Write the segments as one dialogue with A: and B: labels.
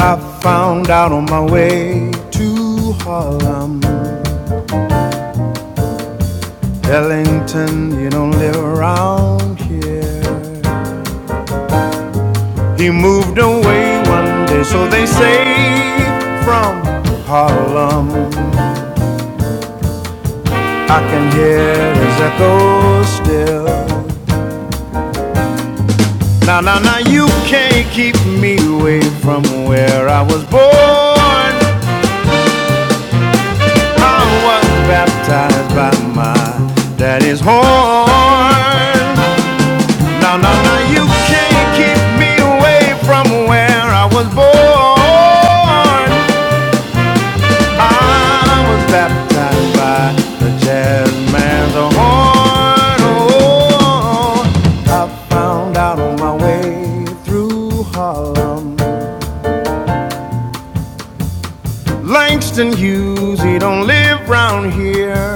A: I found out on my way to Harlem. Ellington, you don't live around here. He moved away one day, so they say, from Harlem. I can hear his echo still. Now, now, now, you can't keep me away from where I was born. I was baptized by my daddy's horn. No, no, no, you can't keep me away from where I was born. I was baptized by the jazz man's horn. Oh, I found out on my way through Harlem. Langston Hughes, he don't live round here.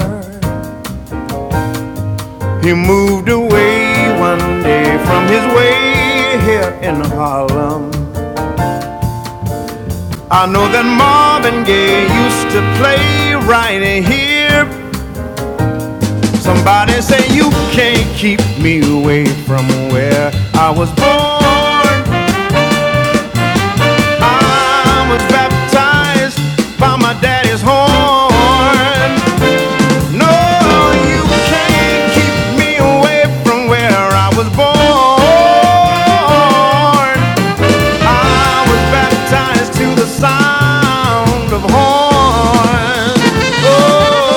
A: He moved away one day from his way here in Harlem. I know that Marvin Gaye used to play right here. Somebody say you can't keep me away from where I was born. I was baptized by my daddy's horn. No, you can't keep me away from where I was born. I was baptized to the sound of horns. Oh,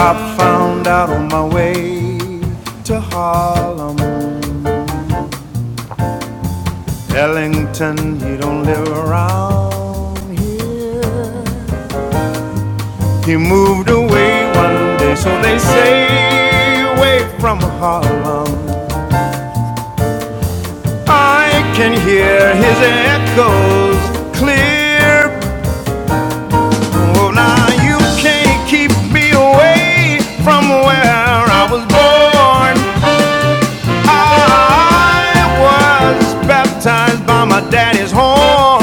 A: I found out on my way to Harlem. Ellington, he don't live around here. He moved away one day, so they say, away from Harlem. I can hear his echoes clear. Oh, now you can't keep me away from where I was born. I was baptized by my daddy's horn.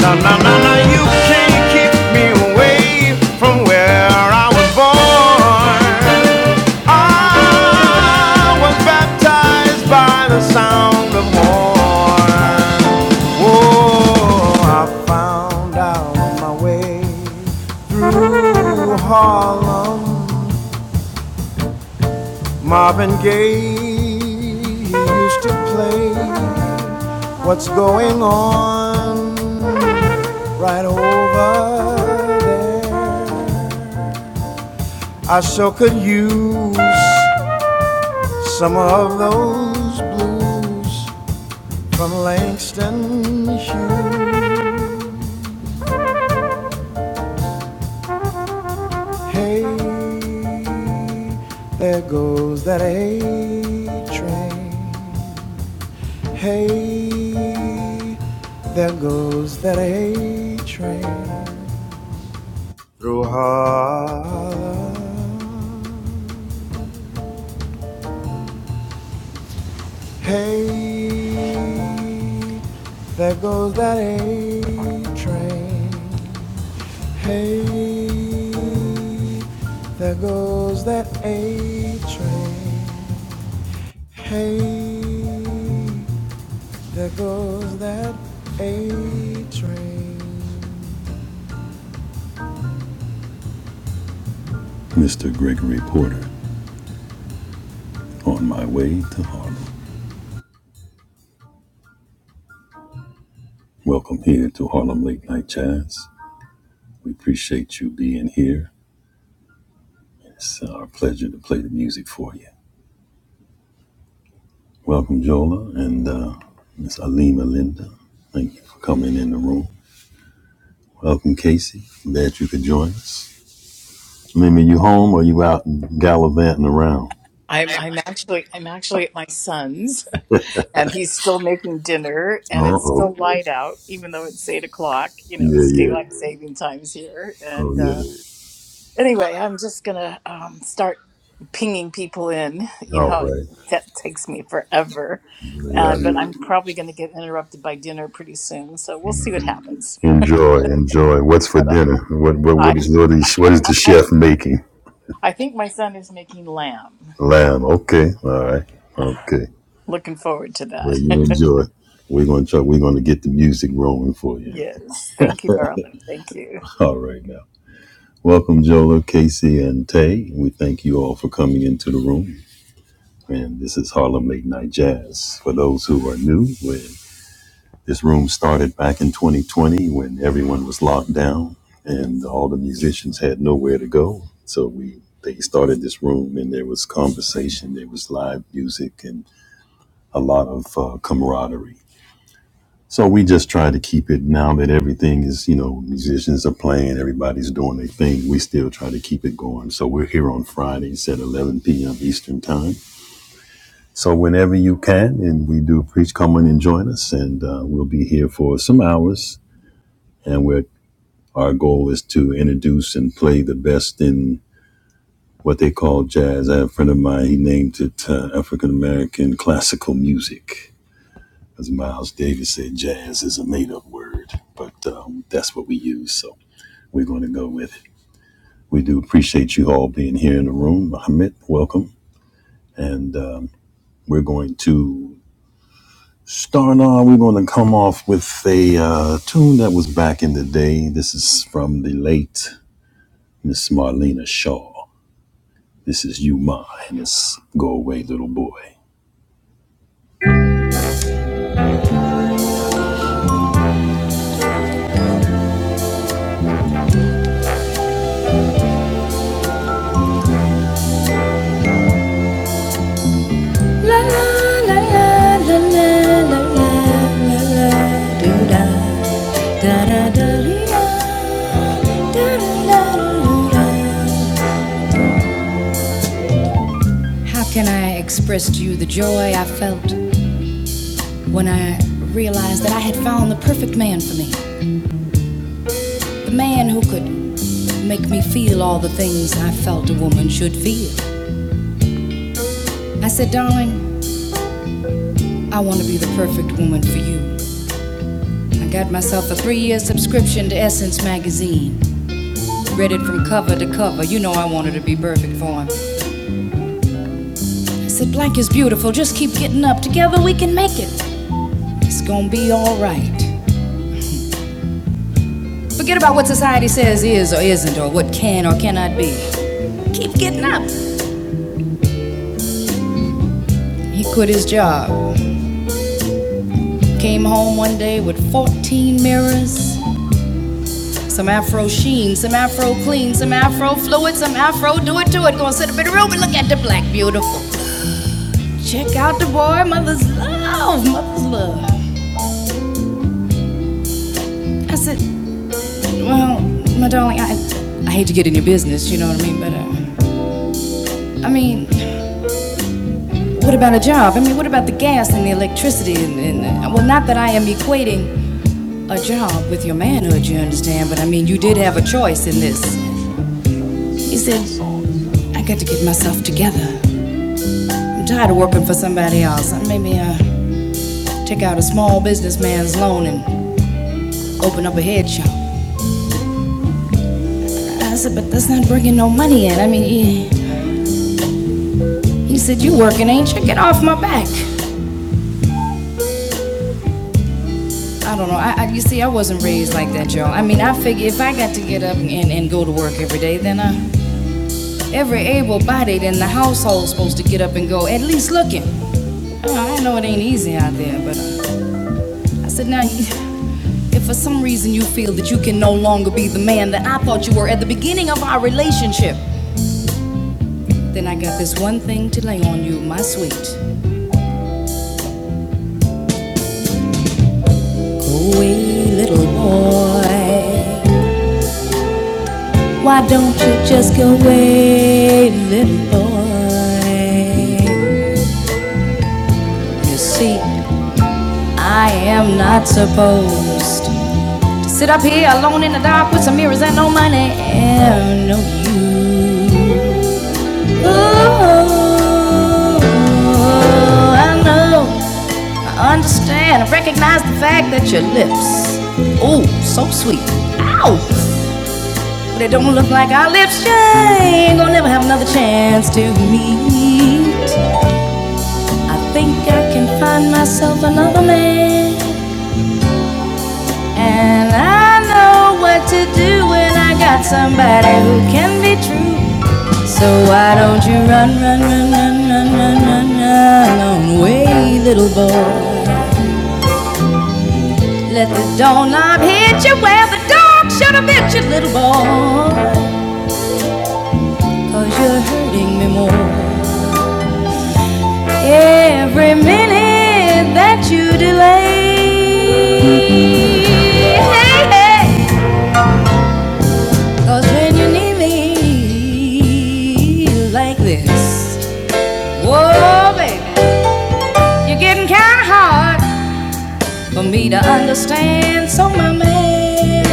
A: No, no, no, no, you can't keep me away from where I was born. I was baptized by the sound of horn. Oh, I found out my way through Harlem Marvin Gaye used to play What's Going On right over there. I so could use some of those blues from Langston Hughes. Hey, there goes that A train. Hey, there goes that A train through Harlem. Hey, there goes that A train. Hey, there goes that A train. Hey, there goes that A train.
B: I'm I'm actually I'm actually at my son's and he's still making dinner and it's still light out even though it's eight o'clock you know it's daylight saving times here and uh, anyway I'm just gonna um, start pinging people in you know that takes me forever uh, but I'm probably gonna get interrupted by dinner pretty soon so we'll see what happens but uh, I I, I think my son is making lamb looking forward to that yes thank you darling thank you.
A: La la la la la la la la do da da da da da da da. How can I express to you the joy I felt when I realized that I had found the perfect man for me? The man who could make me feel all the things I felt a woman should feel. I said, darling, I want to be the perfect woman for you. I got myself a three year subscription to Essence magazine. Read it from cover to cover. You know I wanted to be perfect for him. Said blank is beautiful. Just keep getting up. Together we can make it. It's gonna be all right. Forget about what society says is or isn't, or what can or cannot be. Keep getting up. He quit his job. Came home one day with 14 mirrors, some afro sheen, some afro clean, some afro fluid, some afro do it to it. Gonna sit up in the room and look at the black beautiful. Check out the boy, mother's love, mother's love. I said, Well, my darling, I, I hate to get in your business, you know what I mean? But, uh, I mean, what about a job? I mean, what about the gas and the electricity? And, and uh, well, not that I am equating a job with your manhood, you understand, but I mean, you did have a choice in this. He said, I got to get myself together. I'm tired of working for somebody else. Maybe uh, take out a small businessman's loan and open up a head shop. I said, but that's not bringing no money in. I mean, he, he said, you working, ain't you? Get off my back. I don't know. I, I, you see, I wasn't raised like that, y'all. I mean, I figure if I got to get up and, and go to work every day, then uh, every able-bodied in the household's supposed to get up and go, at least looking. Uh, I know it ain't easy out there, but uh, I said, now, if for some reason you feel that you can no longer be the man that I thought you were at the beginning of our relationship, then I got this one thing to lay on you, my sweet. Go away, little boy. Why don't you just go away, little boy? You see, I am not supposed to sit up here alone in the dark with some mirrors and no money and no you. Ooh, I know, I understand, I recognize the fact that your lips, ooh, so sweet. Ow! But it don't look like our lips, yeah, ain't gonna never have another chance to meet. I think I can find myself another man. And I know what to do when I got somebody who can be true. So why don't you run, run, run, run, run, run, run, run on away, little boy? Let the doorknob hit you where the dog should have bit you, little boy. you you're hurting me more every minute that you delay. Hey, hey. Cause when you need me like this, whoa, baby, you're getting kinda hard for me to understand. So, my man,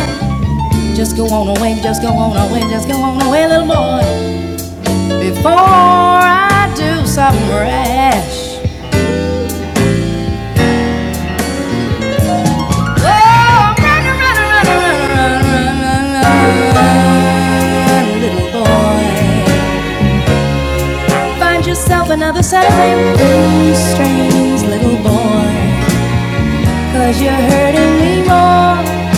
A: just go on away, just go on away, just go on away, little boy, before I do something rash. Whoa, run, run, run, run, run, run, run, run, little boy. Find yourself another set of blue strings, little boy. Cause you're hurting me more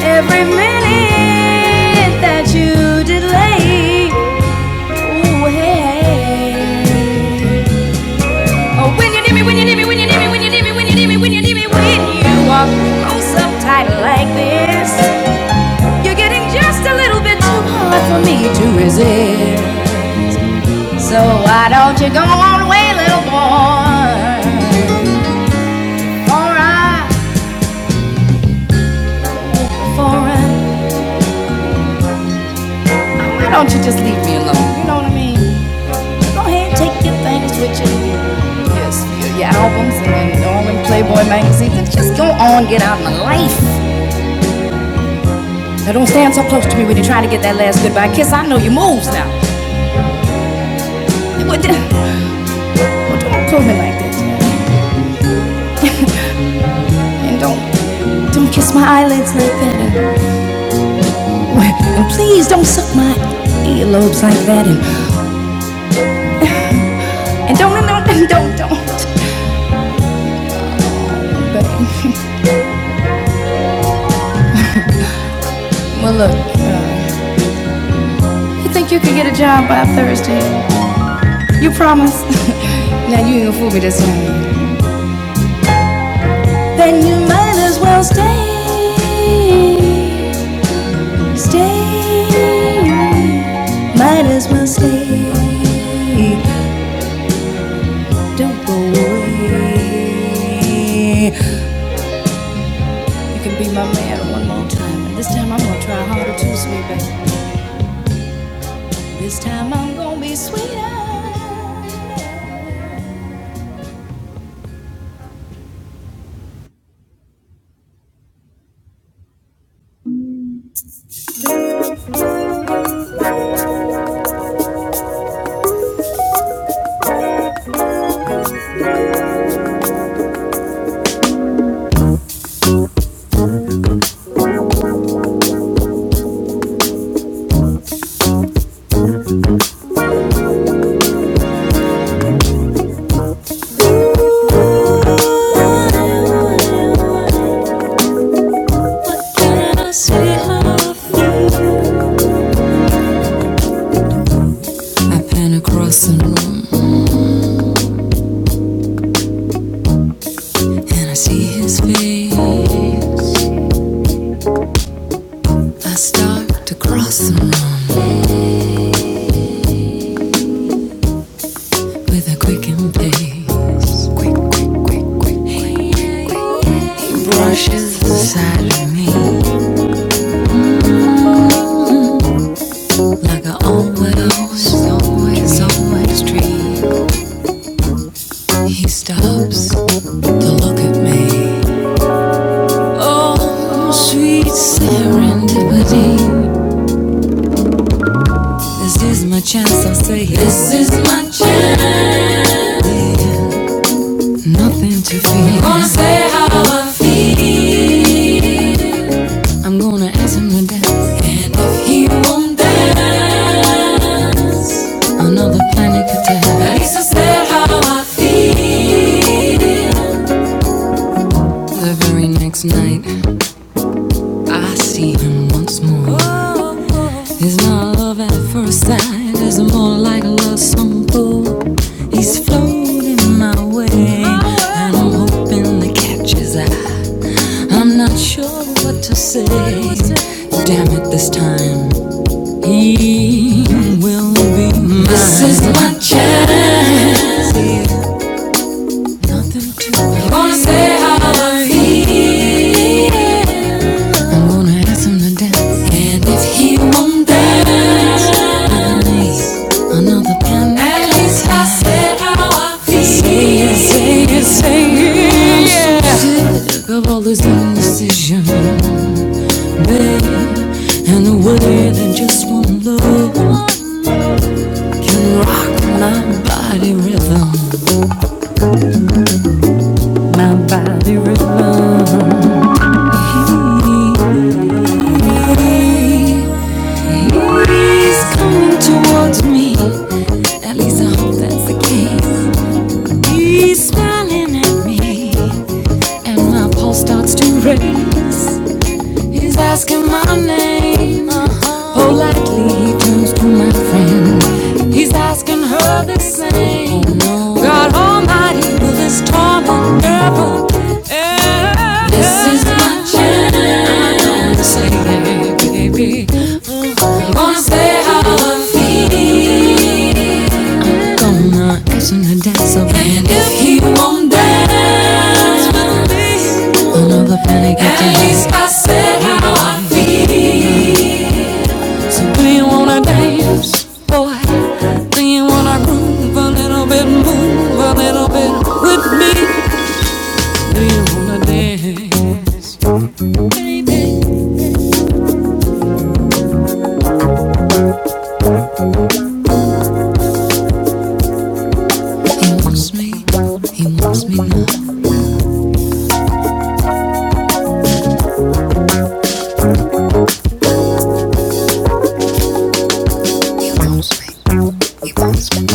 A: every minute that you delay. Ooh, hey. hey. Oh, when you need me when you are close up tight like this, you're getting just a little bit too hard for me to resist. So why don't you go on away, little boy? For I, for I, why don't you just leave me alone? You know what I mean? Go ahead, take your things with you. Yes, your, your albums and all them Playboy magazines. And just go on, get out of my life. Now don't stand so close to me when you're trying to get that last goodbye kiss. I know your moves now. Well, well, don't pull me like this. and don't don't kiss my eyelids like that. And, and please don't suck my earlobes like that. And, and don't, and don't, and don't, don't. But, well, look, uh, you think you can get a job by Thursday? You promise? now you ain't gonna fool me this time. then you might as well stay. Stay. Might as well stay. Don't go away. You can be my man one more time. And this time I'm gonna try harder too, sweet baby. This time I'm gonna be sweeter. And I see his face. I start to cross him. with a quickened pace. Quick, quick, quick, quick, quick. Yeah, yeah, yeah. He brushes the side of me like a almost, always, always dream. He stops to look at me. Oh, sweet serendipity. This is my chance, I say. This is my chance. Nothing to fear. I'm gonna say how I feel. I'm gonna ask him to dance. And if he won't dance, another panic attack. At least I said how I feel. The very next night, I see him once more. It's not love at first sight, it's more like a love song fool. He's floating my way, and I'm hoping to catch his eye. I'm not sure what to say. Damn it, this time. He will be mine. This is my chance. Nothing to I'm gonna say how I feel. I'm gonna ask him to dance. And if he won't dance, I need Another plan. at least I stop feeling. Sick of all this indecision, babe, and the way that just one look can rock my body rhythm, my body rhythm. He's coming towards me. At least I hope that's the case. He's smiling at me, and my pulse starts to race. He's asking my name. Politely he turns to my friend. He's asking her the same. God Almighty, will this torment ever end? This is my chance. Say, baby. Wanna say how I feel. I'm gonna ask him to dance a And if he won't dance with me, Another panic at attack. least I said how I feel. Do you wanna dance, boy? Do you wanna groove a little bit, move a little bit with me? Do you wanna dance? He wants me. He wants me now. He wants me. He wants me.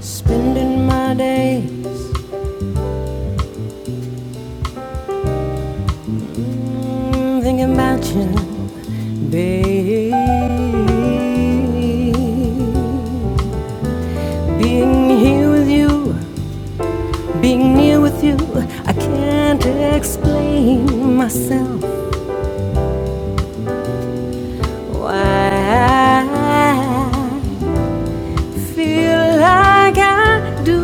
A: Spending my day. I'm thinking about you, babe. Being here with you, being near with you, I can't explain myself why I feel like I do.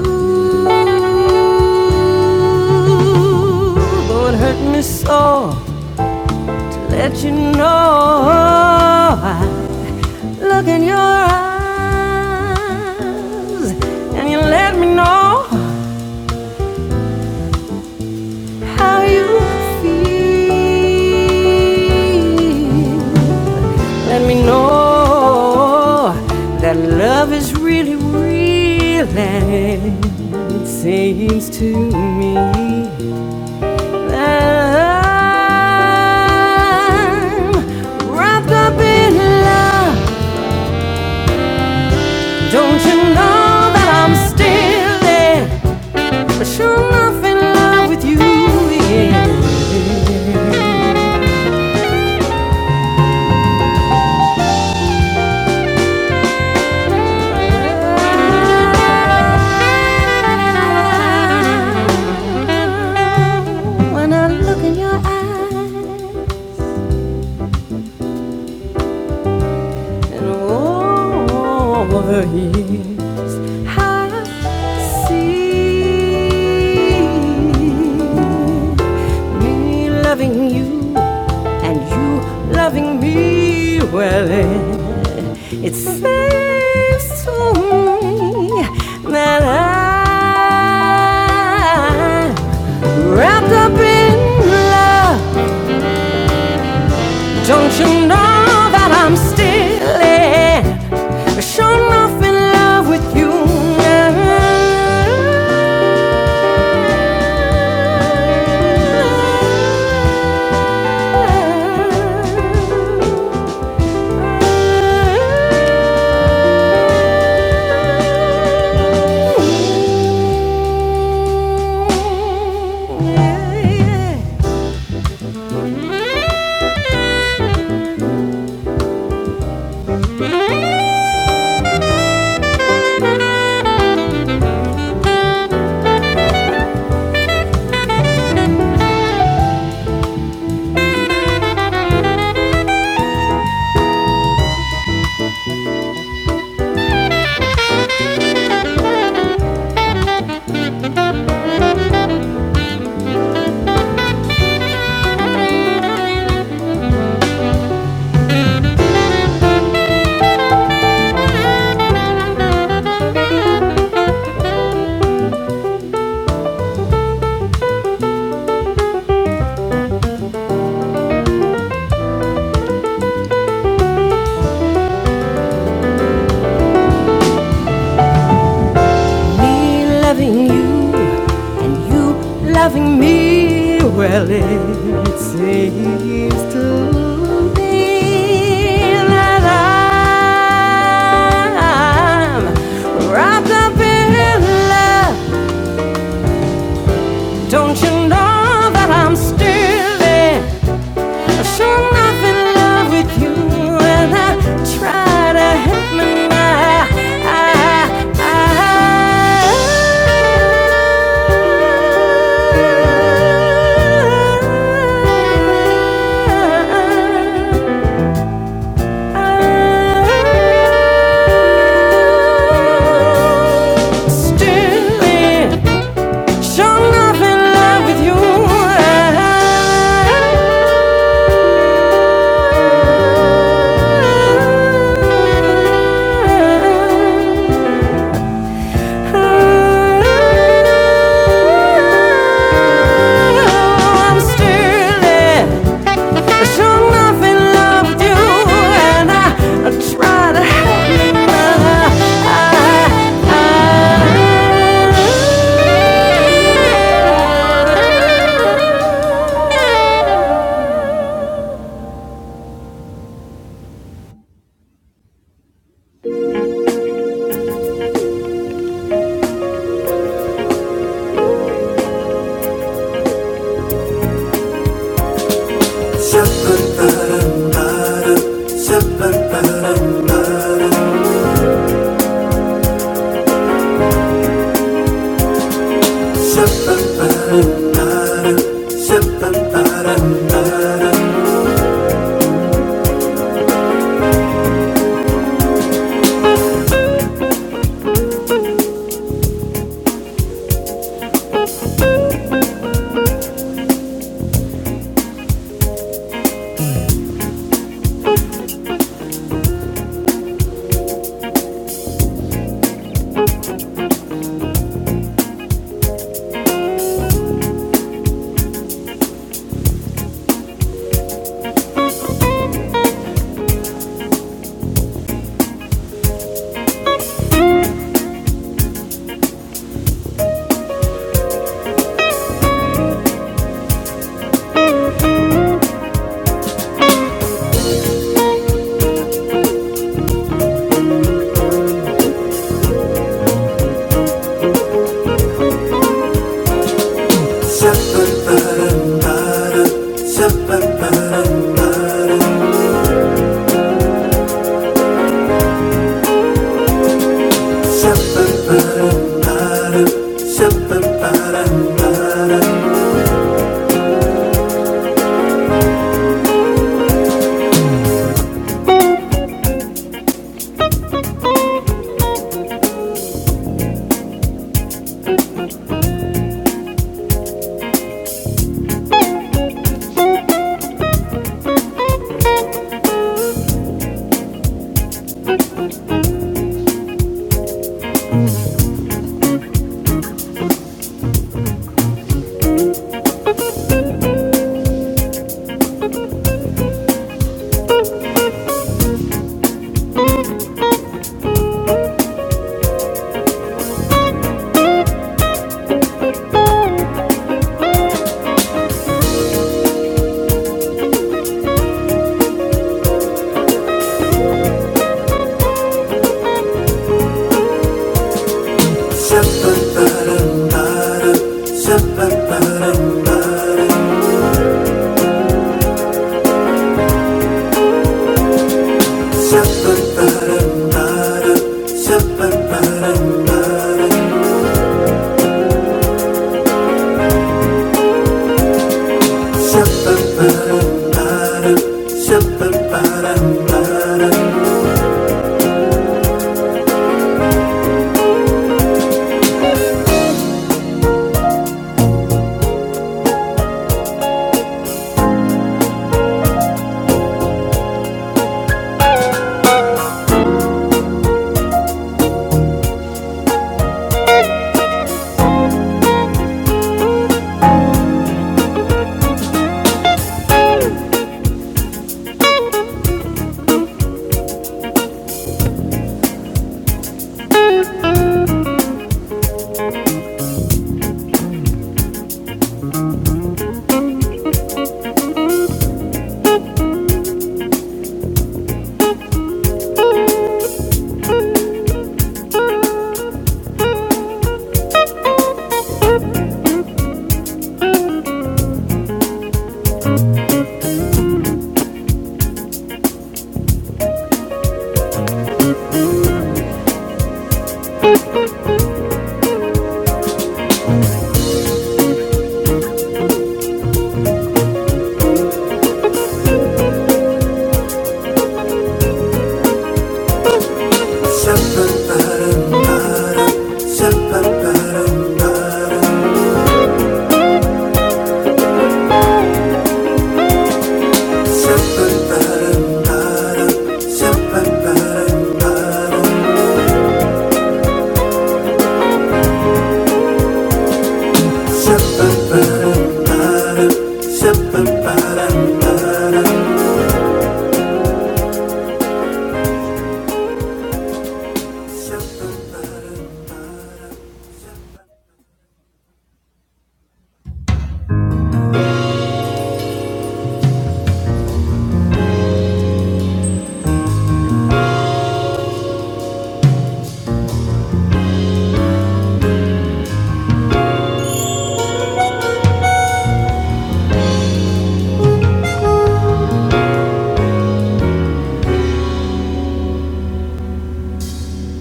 A: Though it hurt me so, let you know I Look in your eyes, and you let me know how you feel. Let me know that love is really real, and it seems to me that I'm wrapped up in love. Don't you know that I'm still there? But sure enough, in love with you, yeah. When I look in your eyes and all over here. me loving you and you loving me. Well, it, it seems to me that I'm wrapped up in love don't you know that I'm still in sure enough in love with you? now? Yeah, yeah. yeah. Me loving you. And you loving me, well, it seems to be that I'm wrapped up in love. Don't you know that I'm still in? Sure, I'm in love with you, and I try to help my mind. Still in, sure enough in love with you. I'm still Sure nothing loved you and I, I try to help you but I, I, I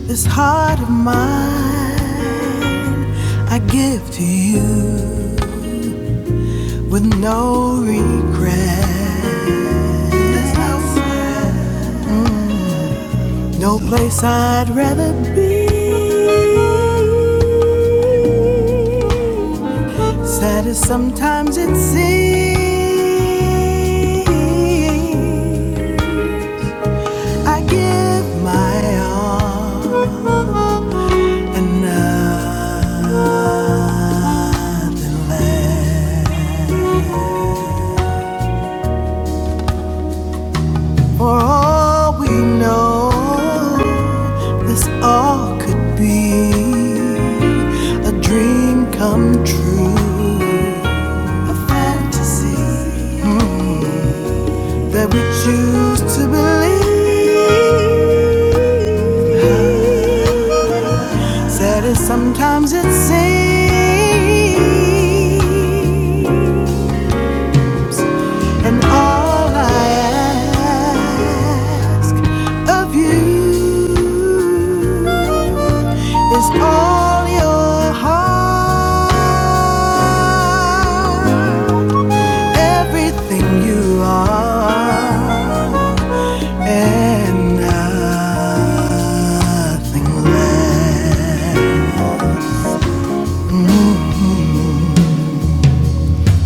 A: This heart of mine I give to you with no regret. No place I'd rather be. Sad as sometimes it seems. I give my all. nothing left. For all we know, this all could be a dream come true, a fantasy mm, that we choose to believe. Sad as sometimes it seems. And all I ask of you is all your heart, everything you are, and nothing less.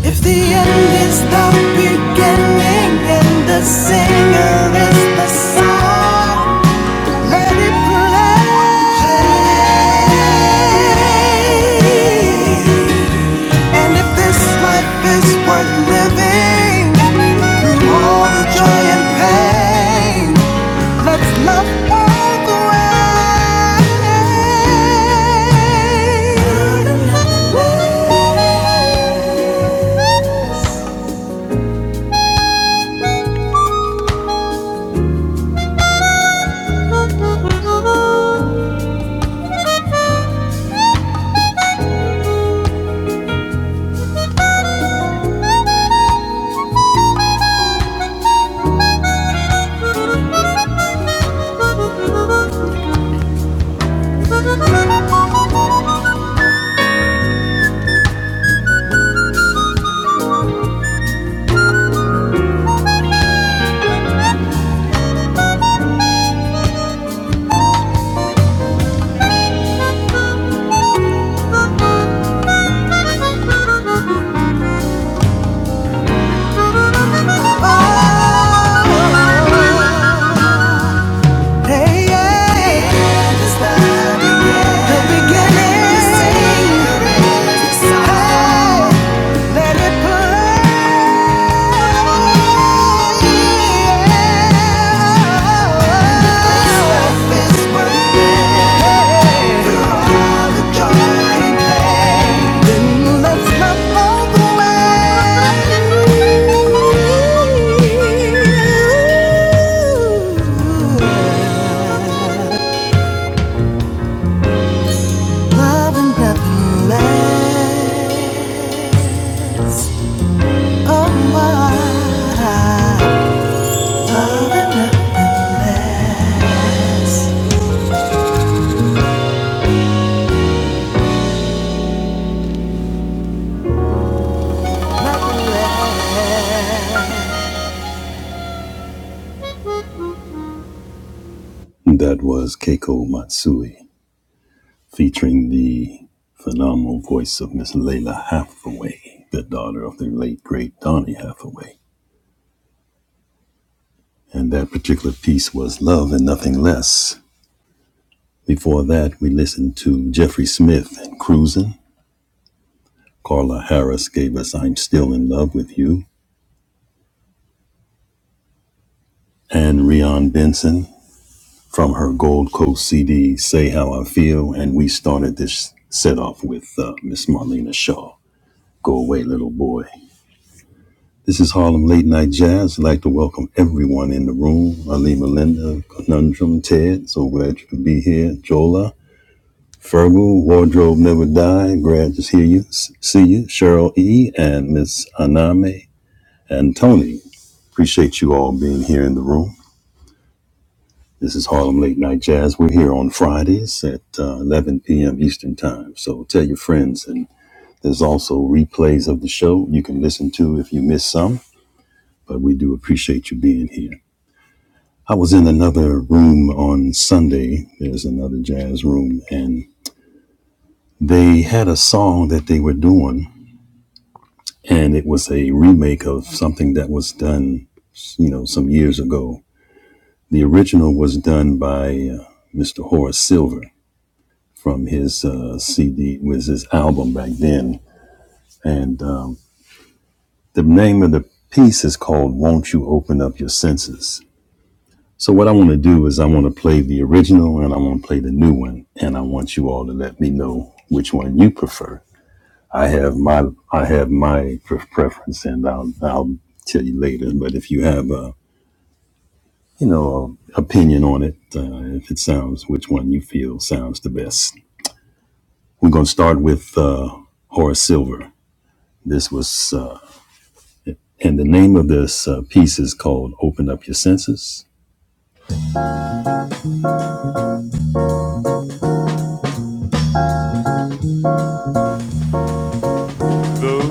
A: If the end is the beginning and the singer is the song. And if this life is worth living, through all the joy and pain, the beginning, let it play. This life is worth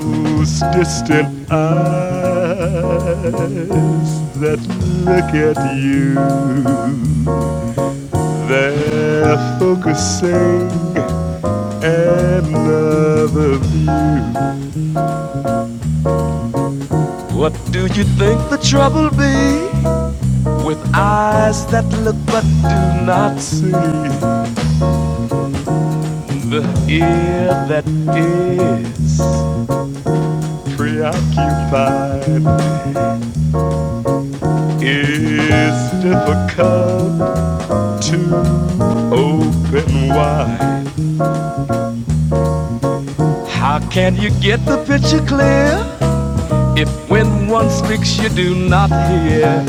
A: Those distant eyes that look at you, they're focusing another view. What do you think the trouble be with eyes that look but do not see? The ear that is preoccupied. It's difficult to open wide. How can you get the picture clear if when one speaks you do not hear?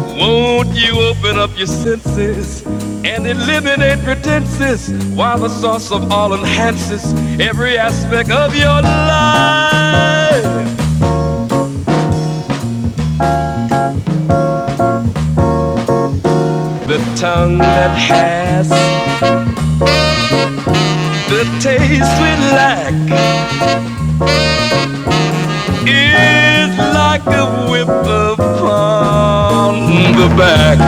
A: Won't you open up your senses and eliminate pretenses while the source of all enhances every aspect of your life? The tongue that has the taste we lack is like a whip upon the back.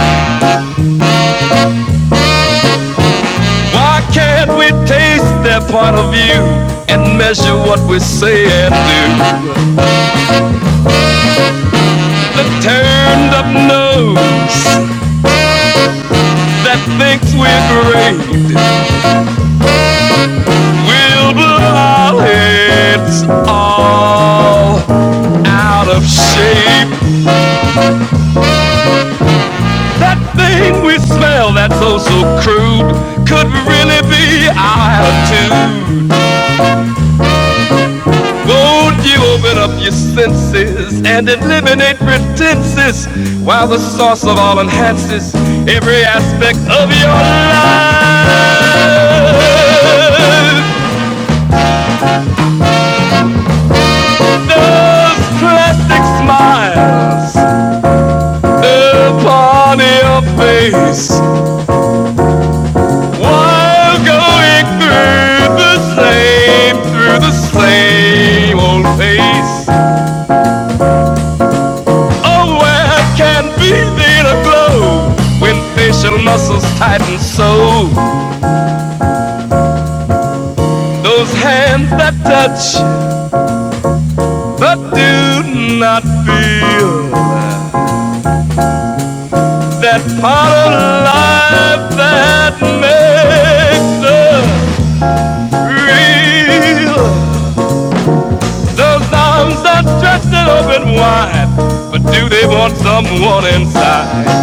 A: Why can't we taste their point of view and measure what we say and do? The turned up nose that thinks we're great will blow our heads all out of shape. That thing we smell that's oh so crude could really be our attitude. Won't you open up your senses and eliminate pretenses while the source of all enhances every aspect of your life? Those plastic smiles upon your face while going through the same, through the same old pace. Oh, where can be the glow when facial muscles tighten so? Those hands that touch but do not feel that part of life that makes us real. Those arms that stretch and open wide, but do they want someone inside?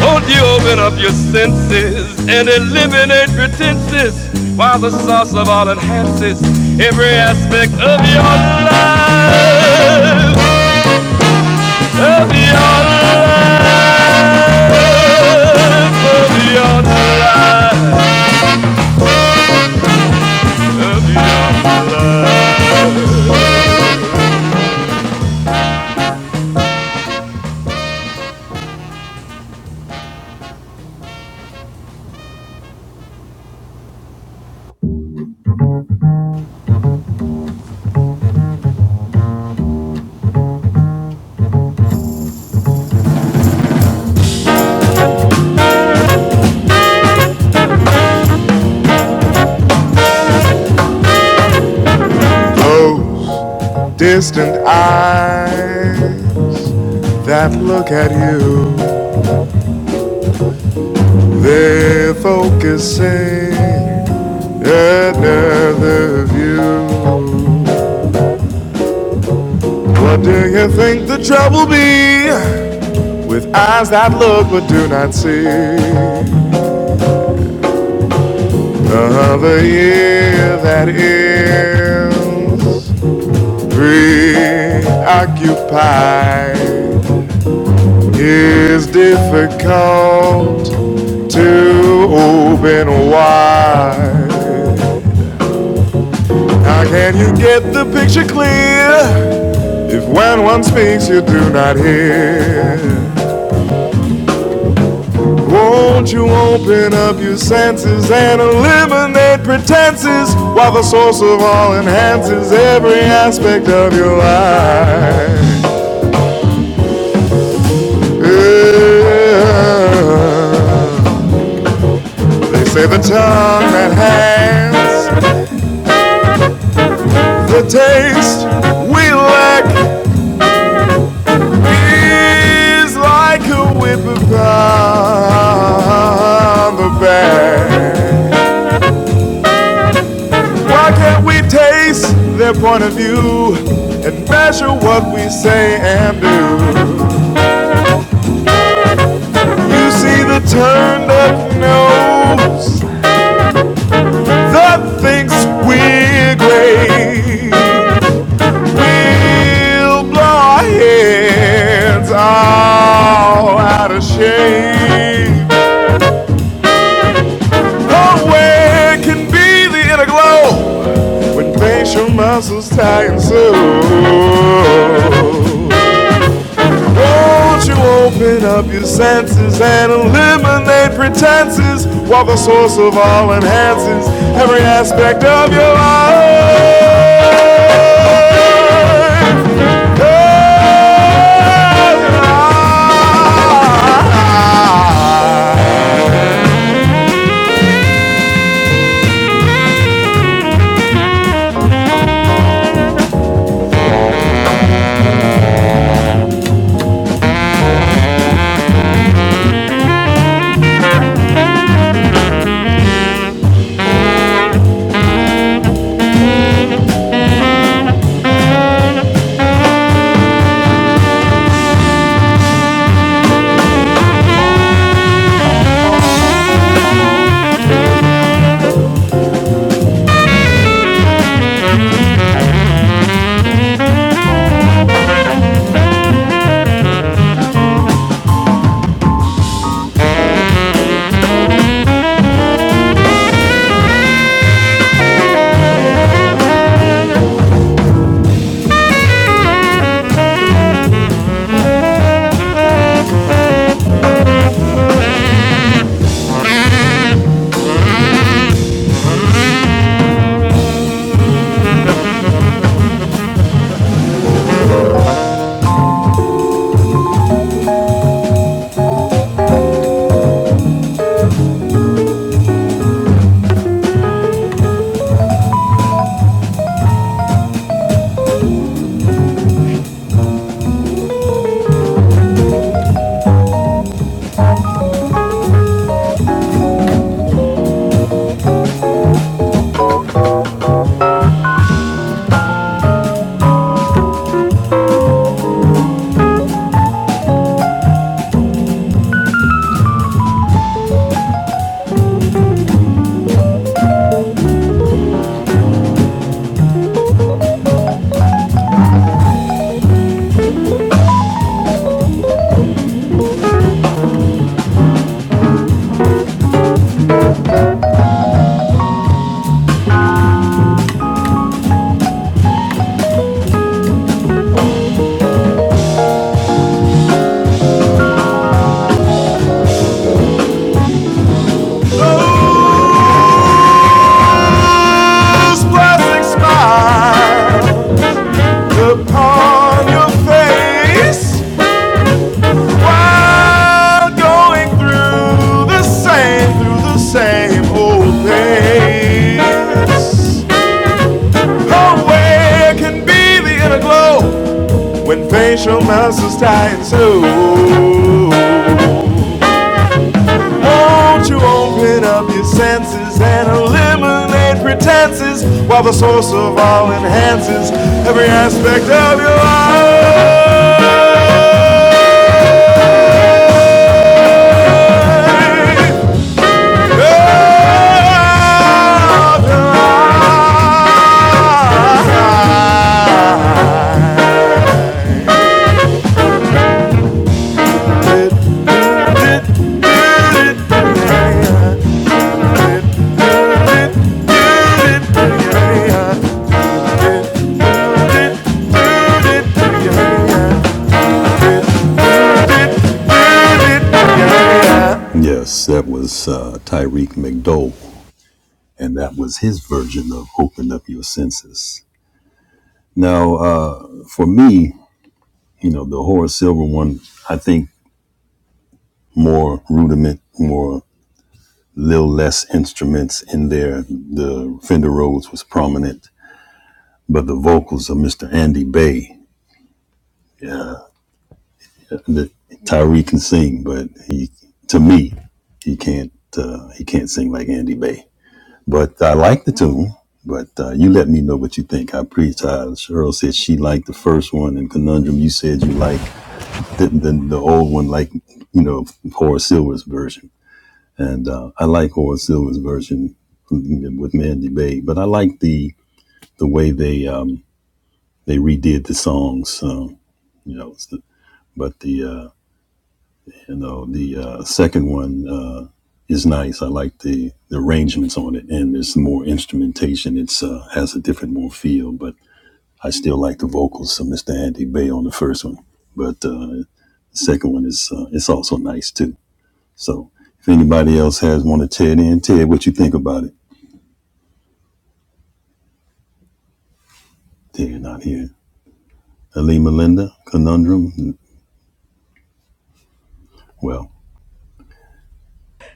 A: Won't you open up your senses and eliminate pretenses while the sauce of all enhances every aspect of your life? Of your life, of your life, of your life. another view. What do you think the trouble be with eyes that look but do not see? Another year that is. Preoccupied is difficult to be. How can you get the picture clear? If when one speaks, you do not hear. Won't you open up your senses and eliminate pretenses while the source of all enhances every aspect of your life? Yeah. They say the tongue that hangs the taste we lack is like a whip upon the back. Why can't we taste their point of view and measure what we say and do? You see the turned up fool that thinks we're great. We'll blow our heads all out of shape. Oh, where can be the inner glow? Makes your muscles tight and sore. Won't you open up your senses and eliminate pretenses? While the source of all enhances every aspect of your life. This plastic smile upon your face while going through the same, through the same old things. No way can be the inner glow when facial mask is tied too. Won't you open up your senses and eliminate pretenses while the source of all enhances every aspect of your life?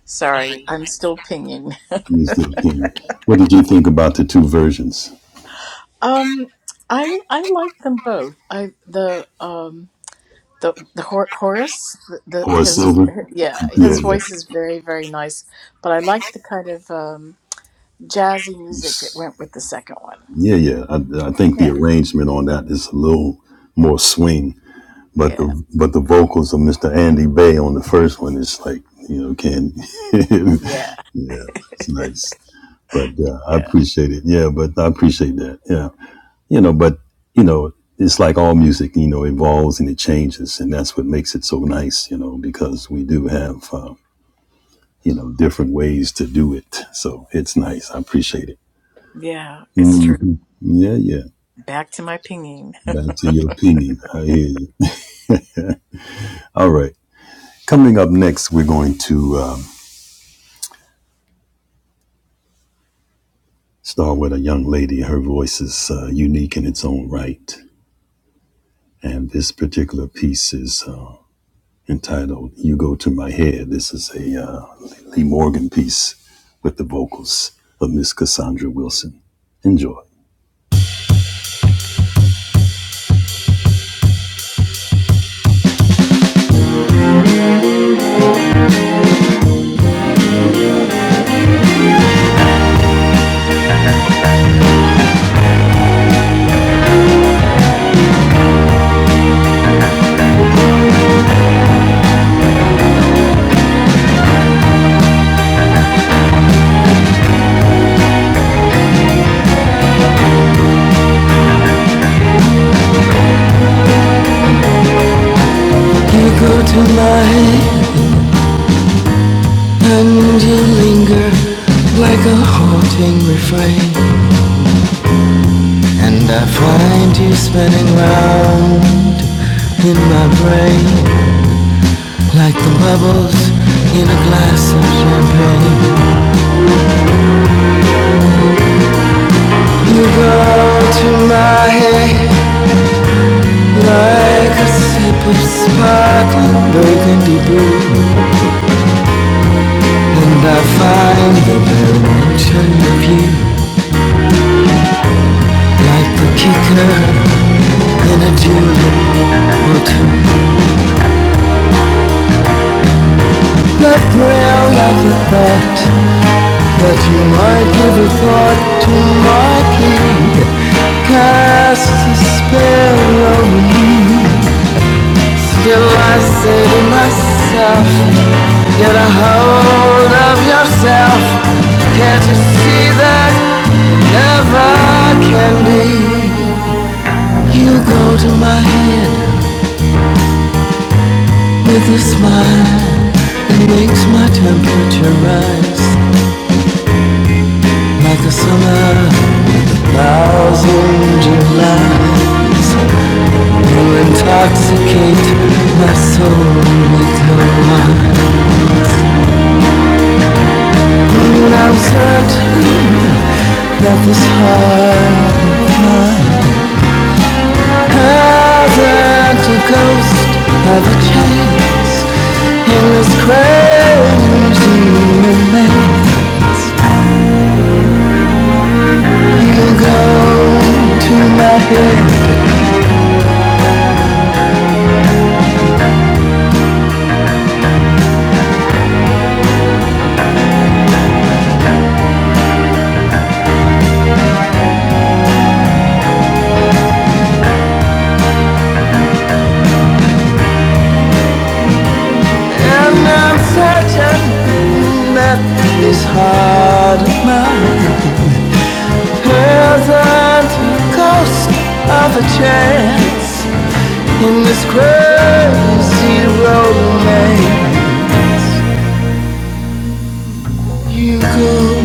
B: Sorry, I'm still pinging. Um, I I like them both. I the um the the Hor- Horace the, the his yeah his voice is very very nice, but I like the kind of um jazzy music that went with the second one. Yeah, yeah, yeah, yeah, yeah. It's true. Back to my pinging.
A: You go to my And you linger like a haunting refrain. And I find you spinning round in my brain like the bubbles in a glass of champagne. You go to my head like a sip of sparkling burgundy brew. And I find the very mention of you like the kicker in a julep or two. The thrill of the thought that you might give a thought to my plea that casts a spell over me. Still I say to myself, get a hold of yourself. Can't you see that it never can be? You go to my head with a smile that makes my temperature rise. Like a summer, with a thousand Julys, you intoxicate my soul with your wines. And I'm certain that this heart of mine hasn't a ghost of a chance in this crazy maze. You go to my head, and I'm certain. that is hard enough. There's a ghost of a chance in this crazy road made you go.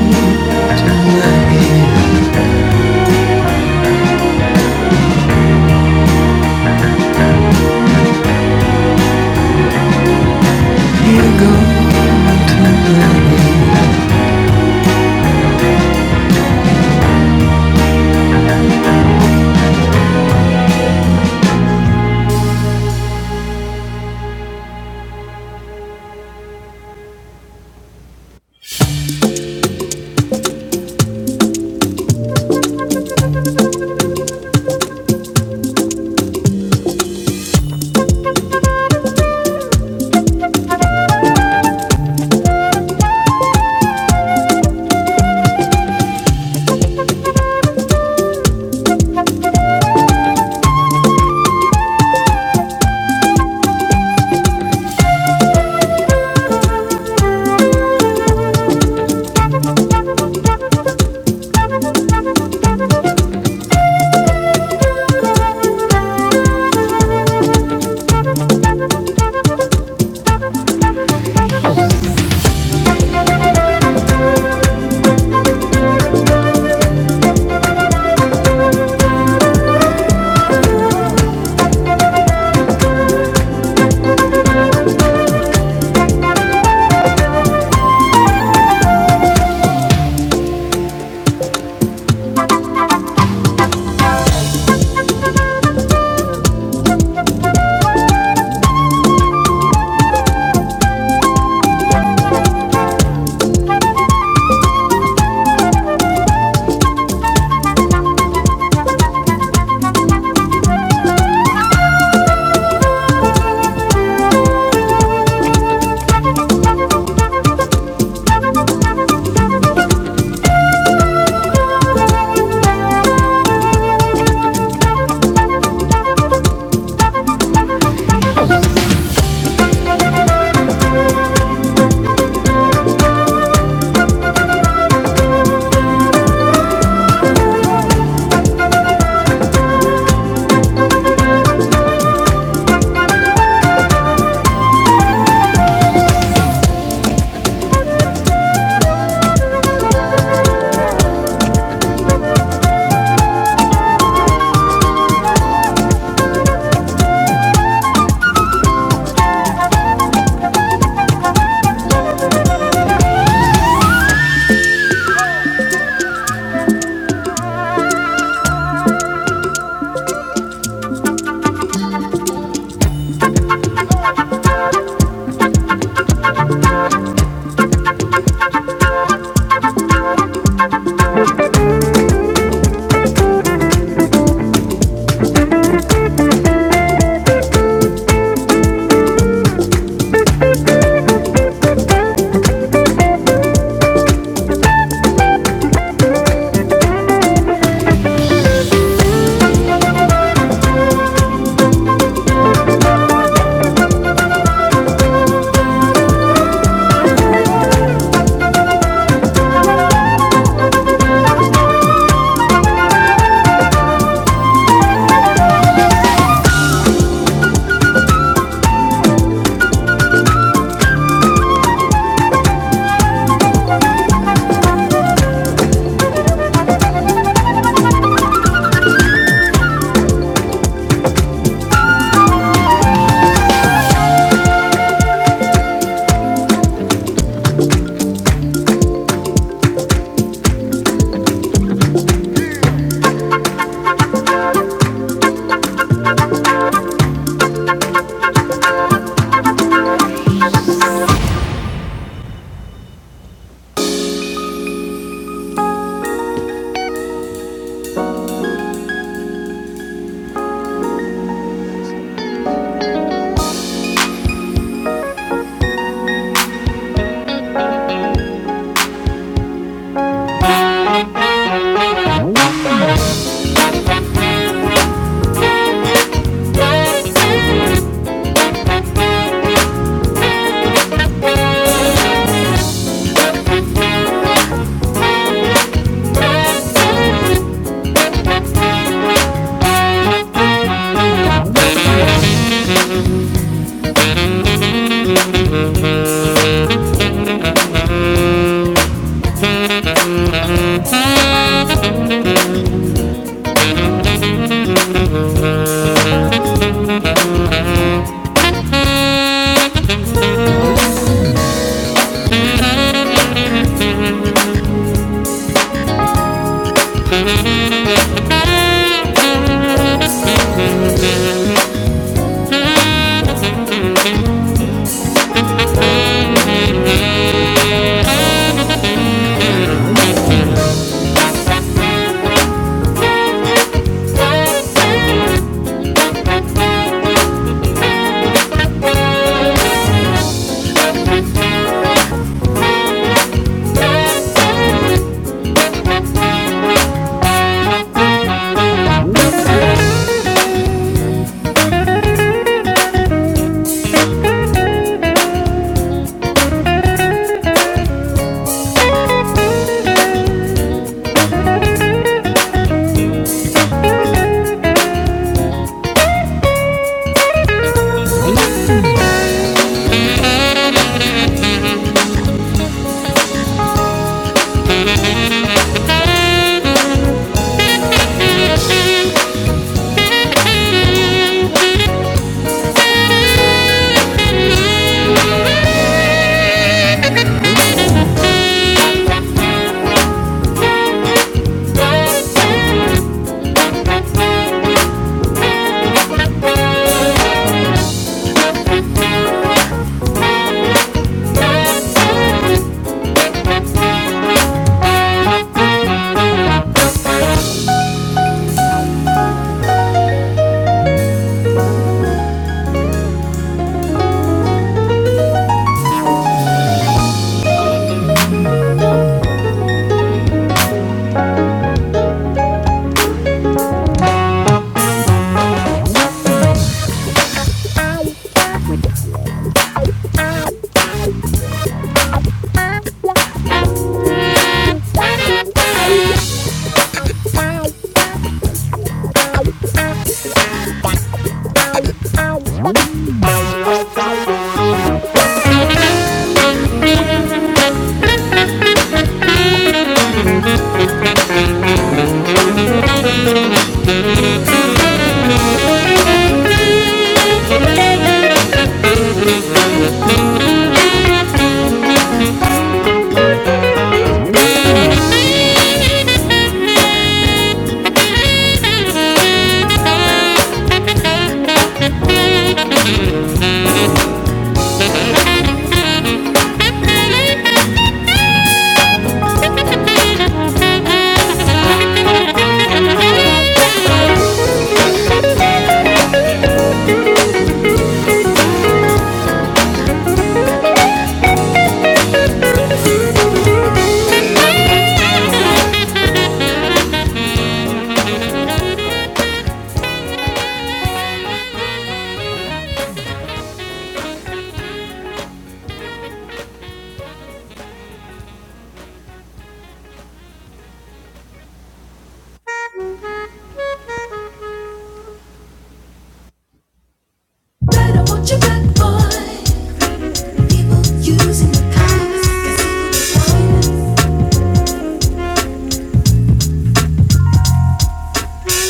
A: People using the cops, cause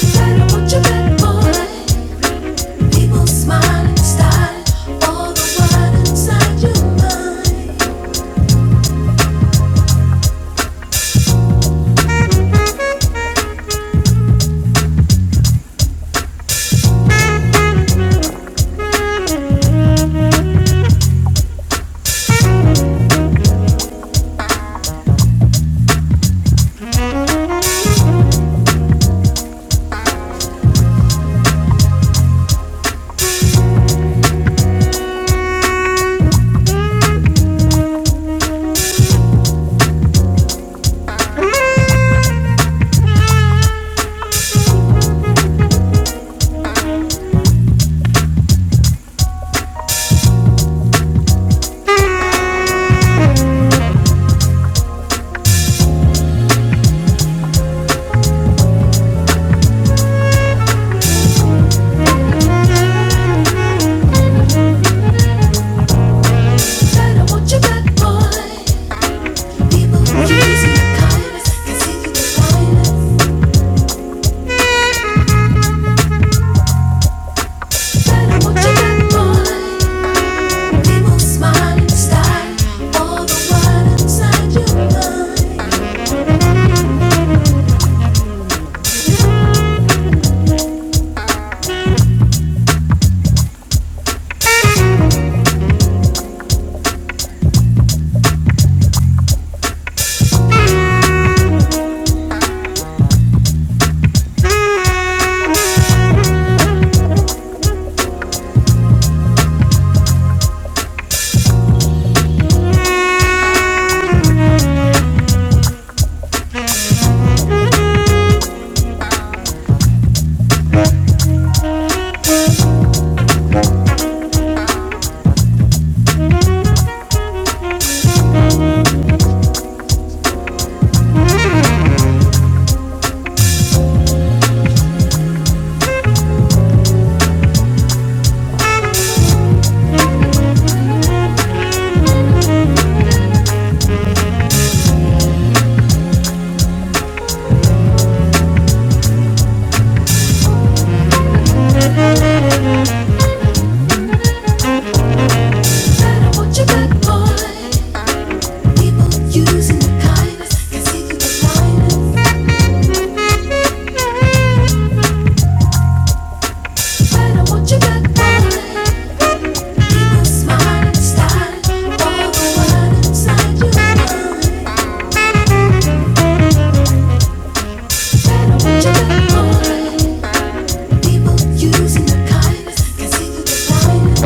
A: people just whining. Better watch your back, boy. People smiling style, all the while inside your mind. Confidence, tell 'em what you got, boy. People smiling style, all the while inside your mind. Tell 'em what you got, boy. People using the kindness, can see through the blindness. Tell 'em what you got, boy. People smiling style, all the while inside your mind. Tell 'em what you got, boy. Using your kindness, can see through the blindness.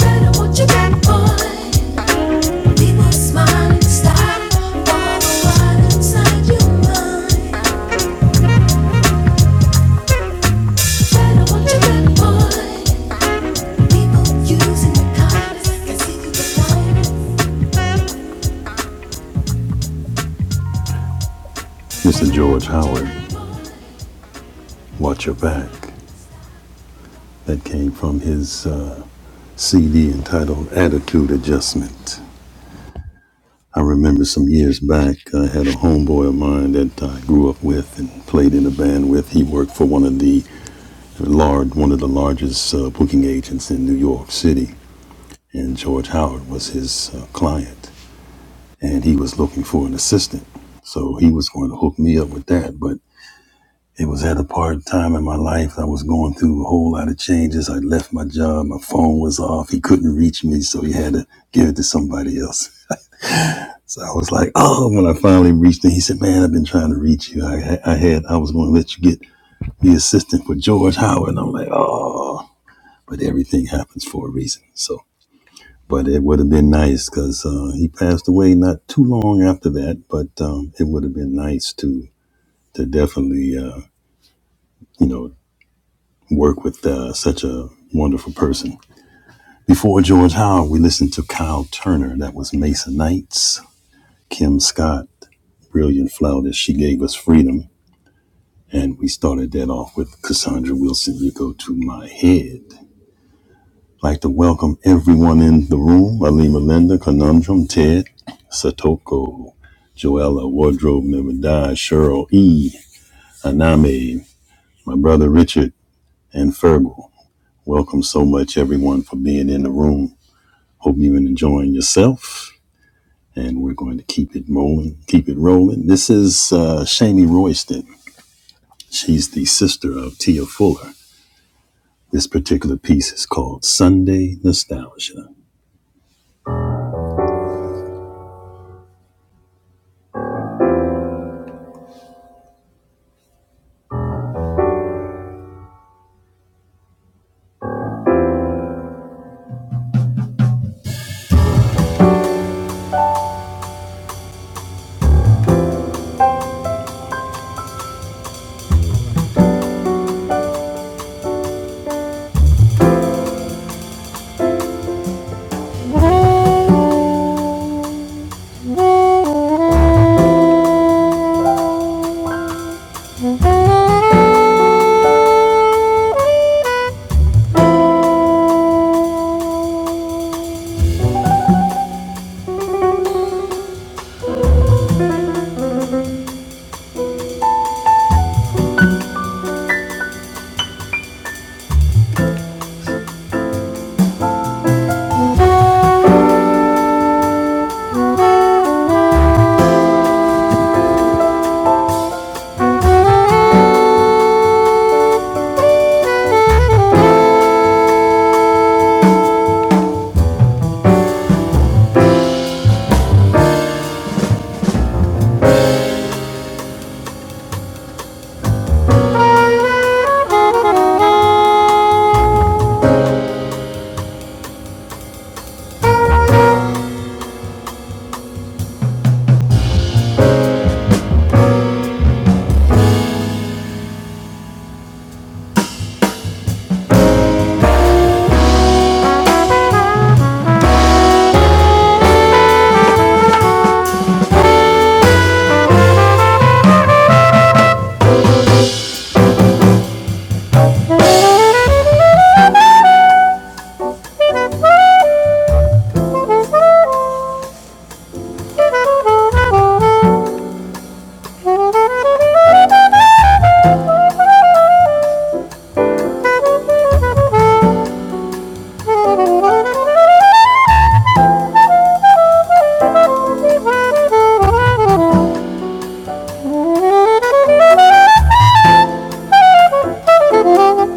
A: Better watch your back, boy. People smiling, starting all the while inside your mind. Better watch your back, boy. People using kindness can see through the lies. Thank you.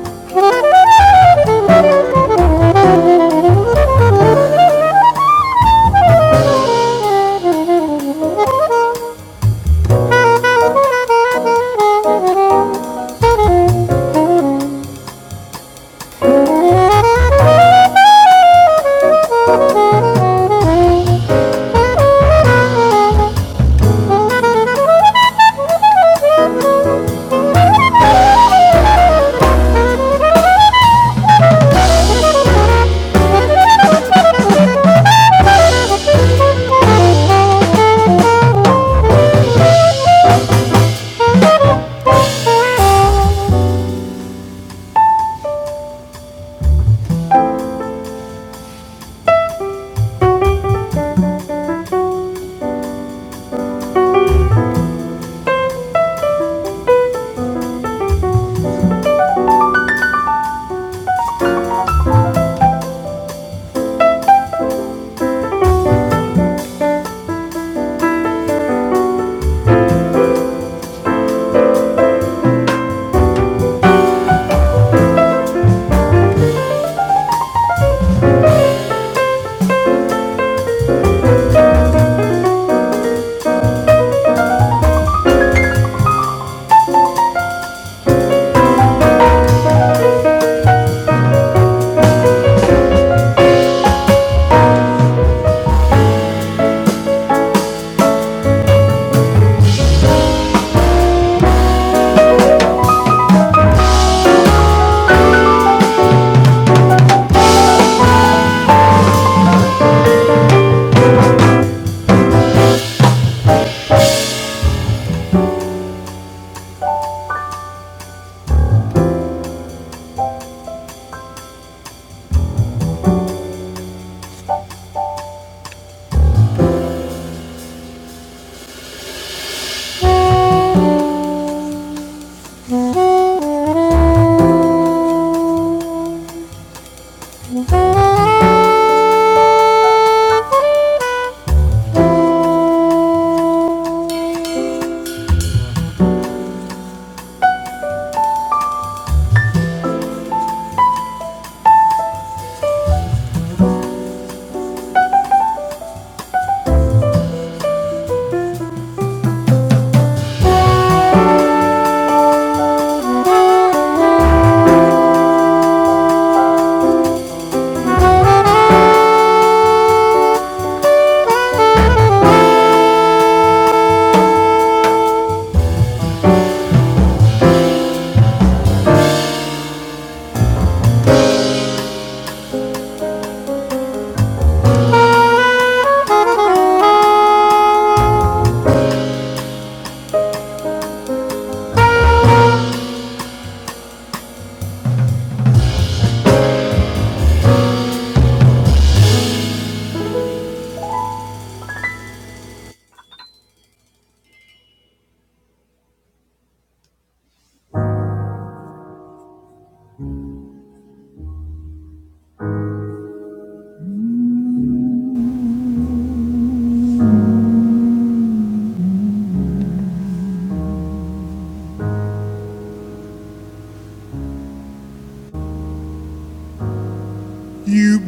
A: You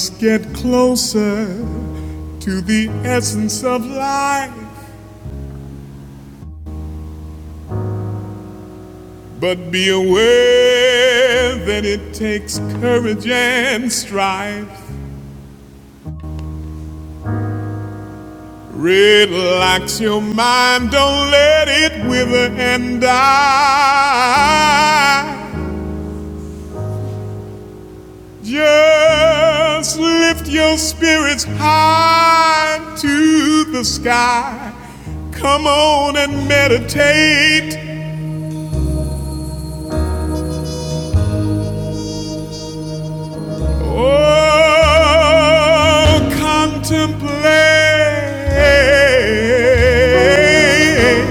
A: must get closer to the essence of life, but be that it takes courage. Strike. Relax your mind. Just lift your spirits high. The soul contemplate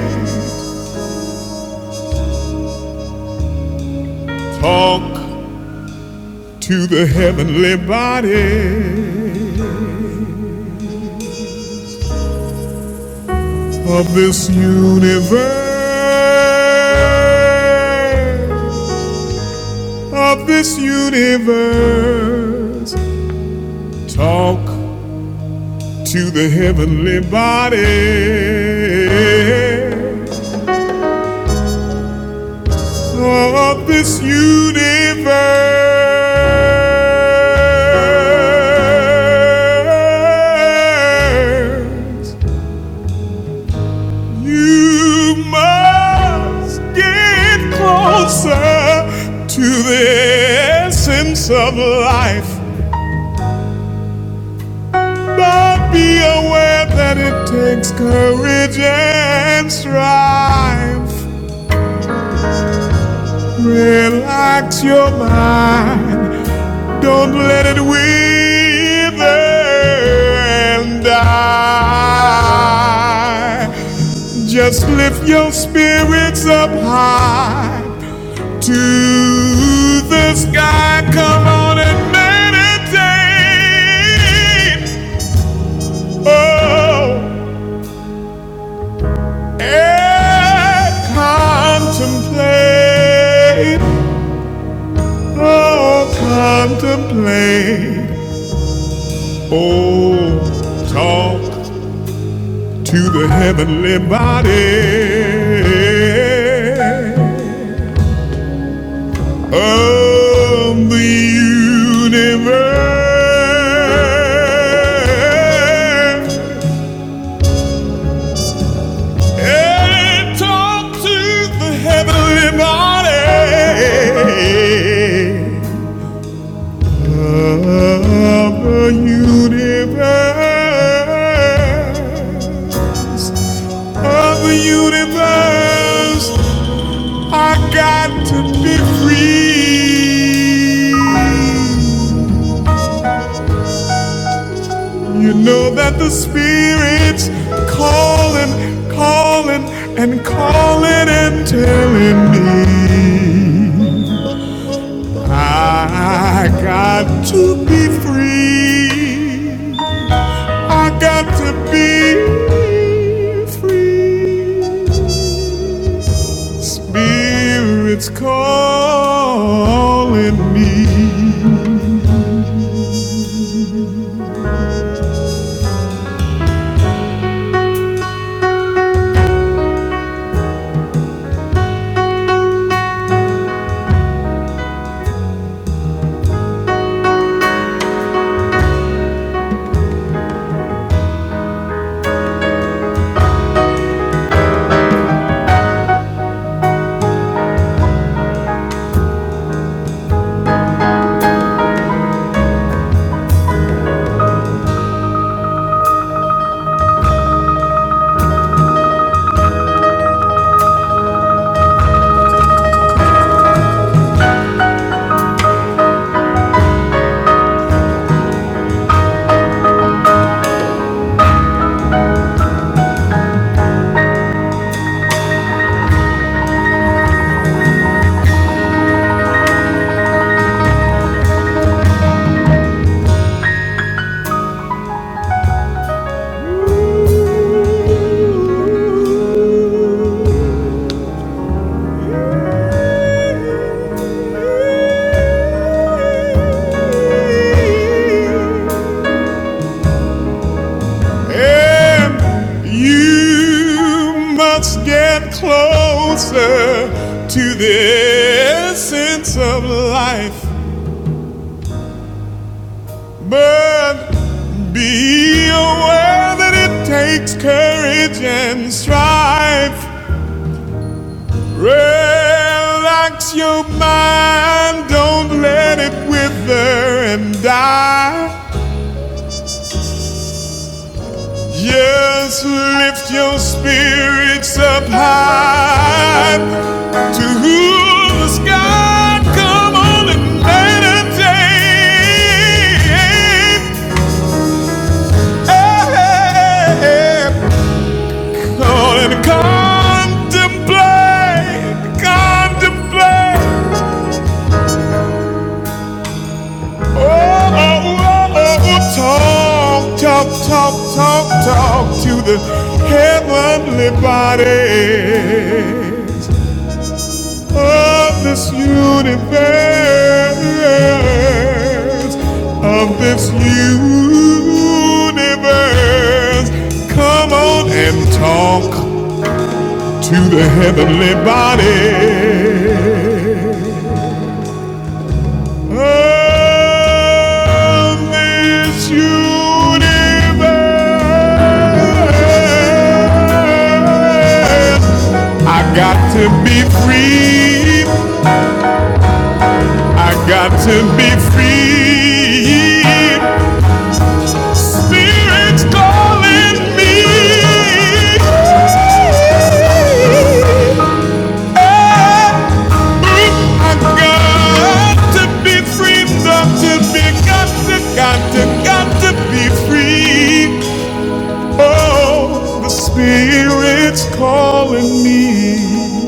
A: to the heavenly body. of this universe, of this universe. Talk to the heavenly body. Be aware that it takes courage and strife. Relax your mind, don't let it wither and die. Just lift your spirits up high to the sky. Come on and meditate. Oh, eh, oh, call heavenly. Of the universe. And talk to the heavenly body. of the universe, of the universe, I got to be free. So that the spirits calling, calling, and calling and telling me I got to be free. I got to be free. Spirit's calling me. You must get closer. Yes, Essence, infest your mind. Don't let it wither and die. Yes, lift your spirits up high to who the sky. Come on and meditate. Lord, and contemplate, contemplate. Oh, oh, oh, oh, oh, talk, talk, talk, talk, talk to the heavenly bodies of this universe, of this universe. Come on and talk. to the heavenly body of this universe. I got to be free. I got to be free. Spirit's calling me to be free. Got to be, got to, got to, got to be free. Oh, the Spirit's calling me.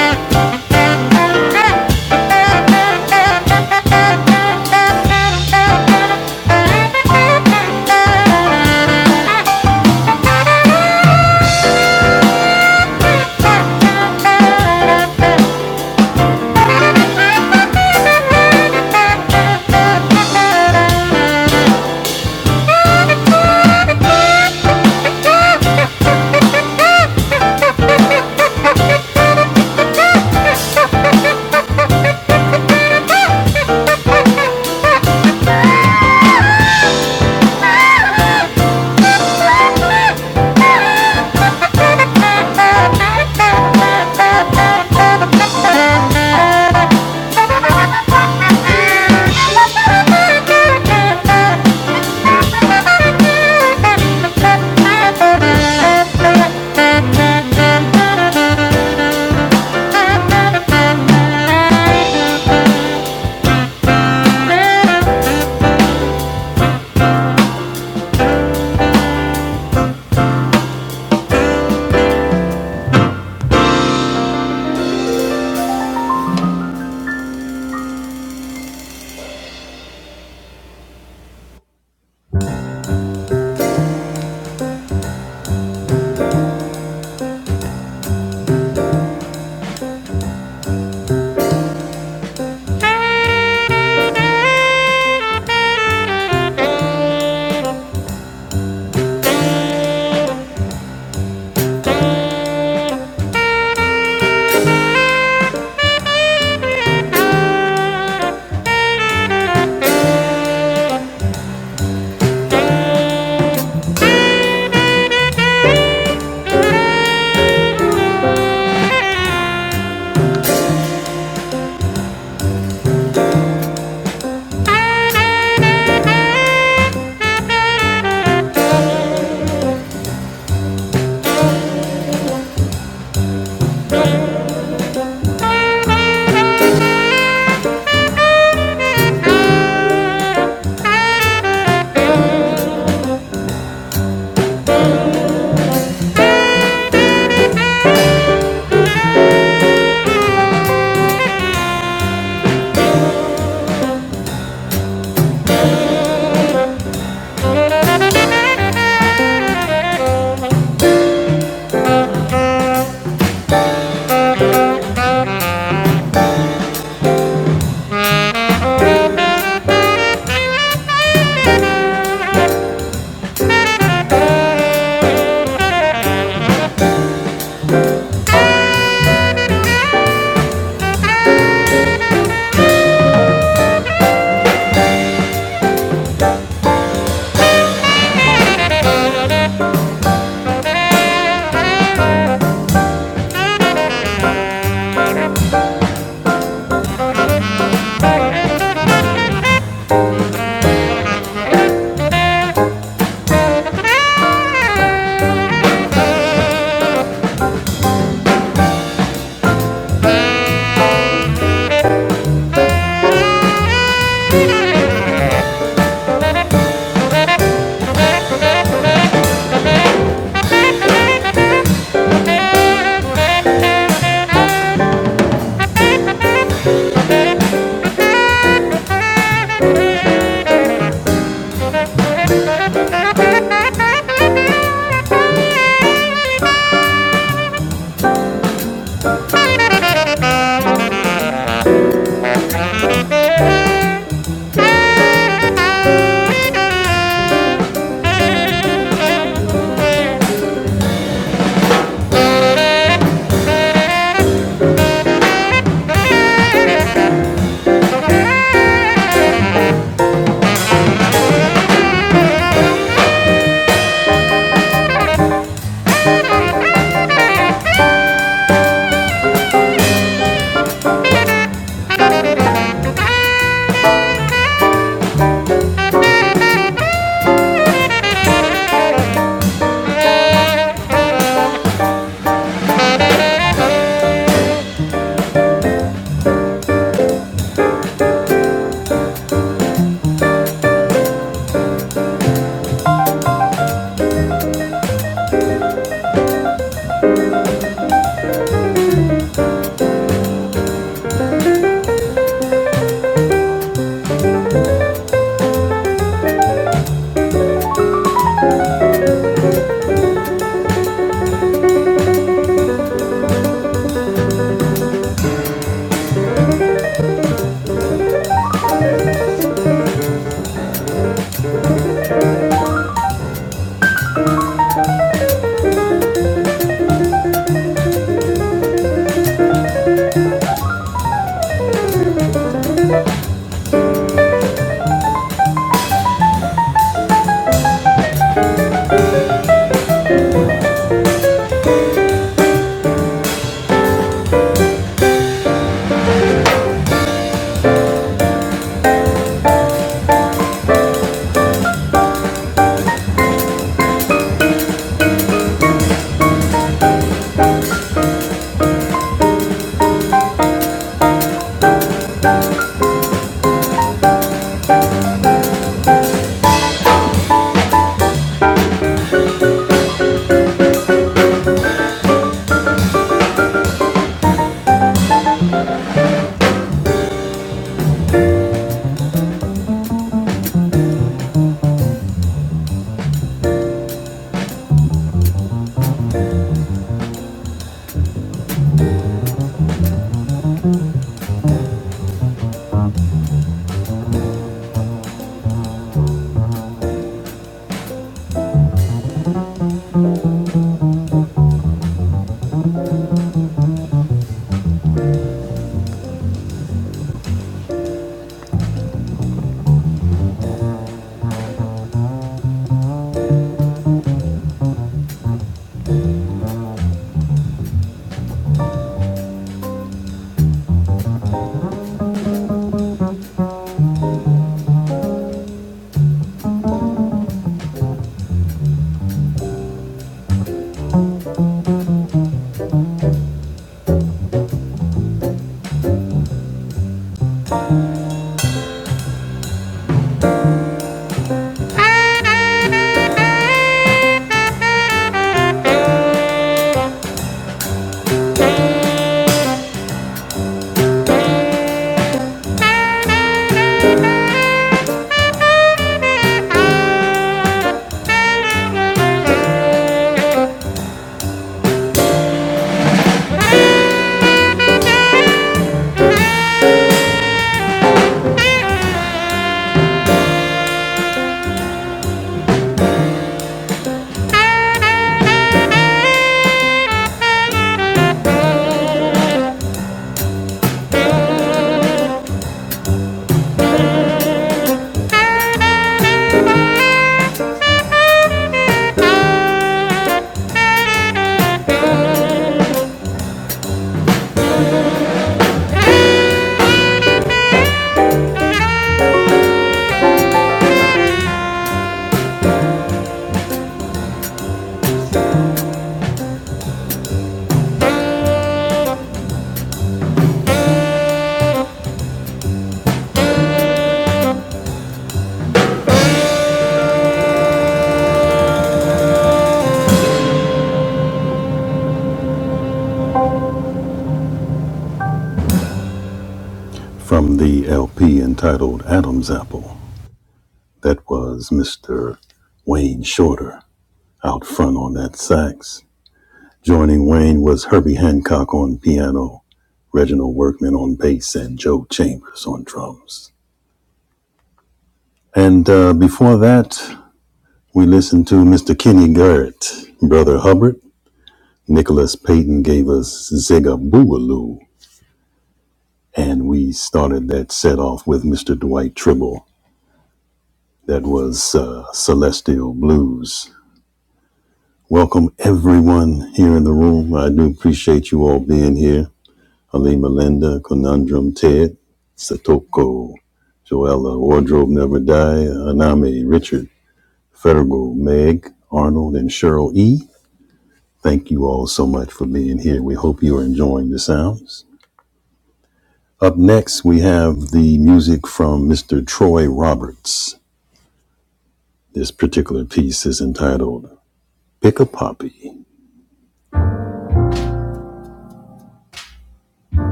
A: Thank you. Thank you. Thank you.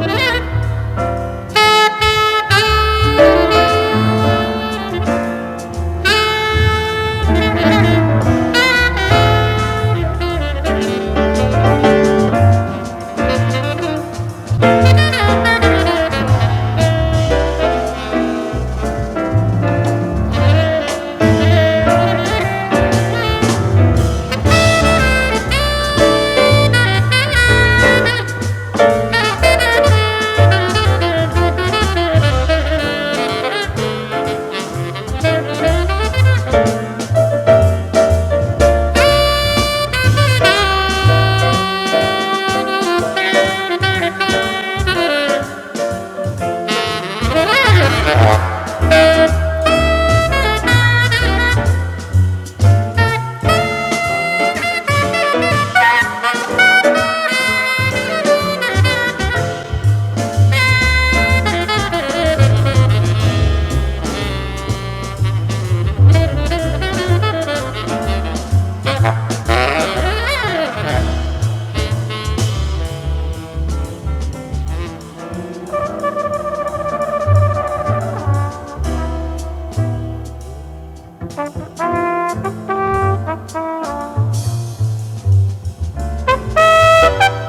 A: Thank Thank Thank you.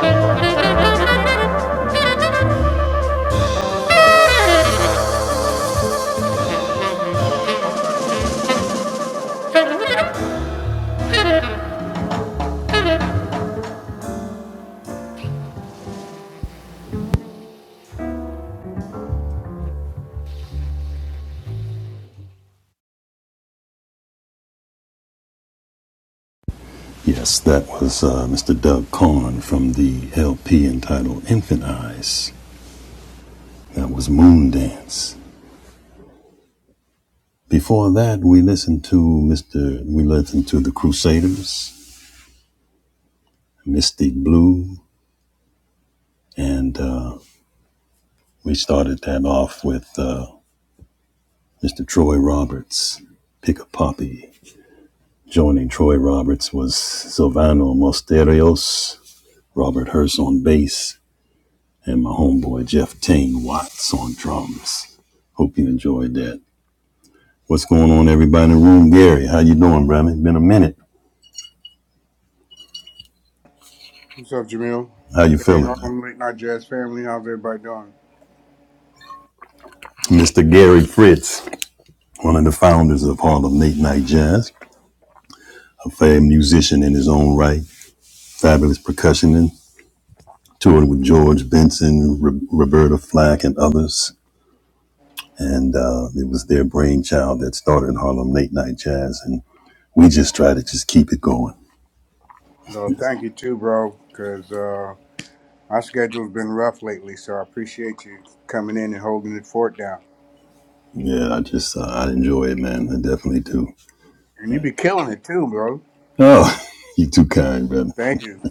A: All I ya, to wanna
C: What's up, Jamil? Hey, Harlem Late Night Jazz family. How's everybody doing? No, thank you too, bro, because uh, my schedule's been rough lately, so I appreciate you coming in and holding the fort down. And you be killing it too, bro. Thank you.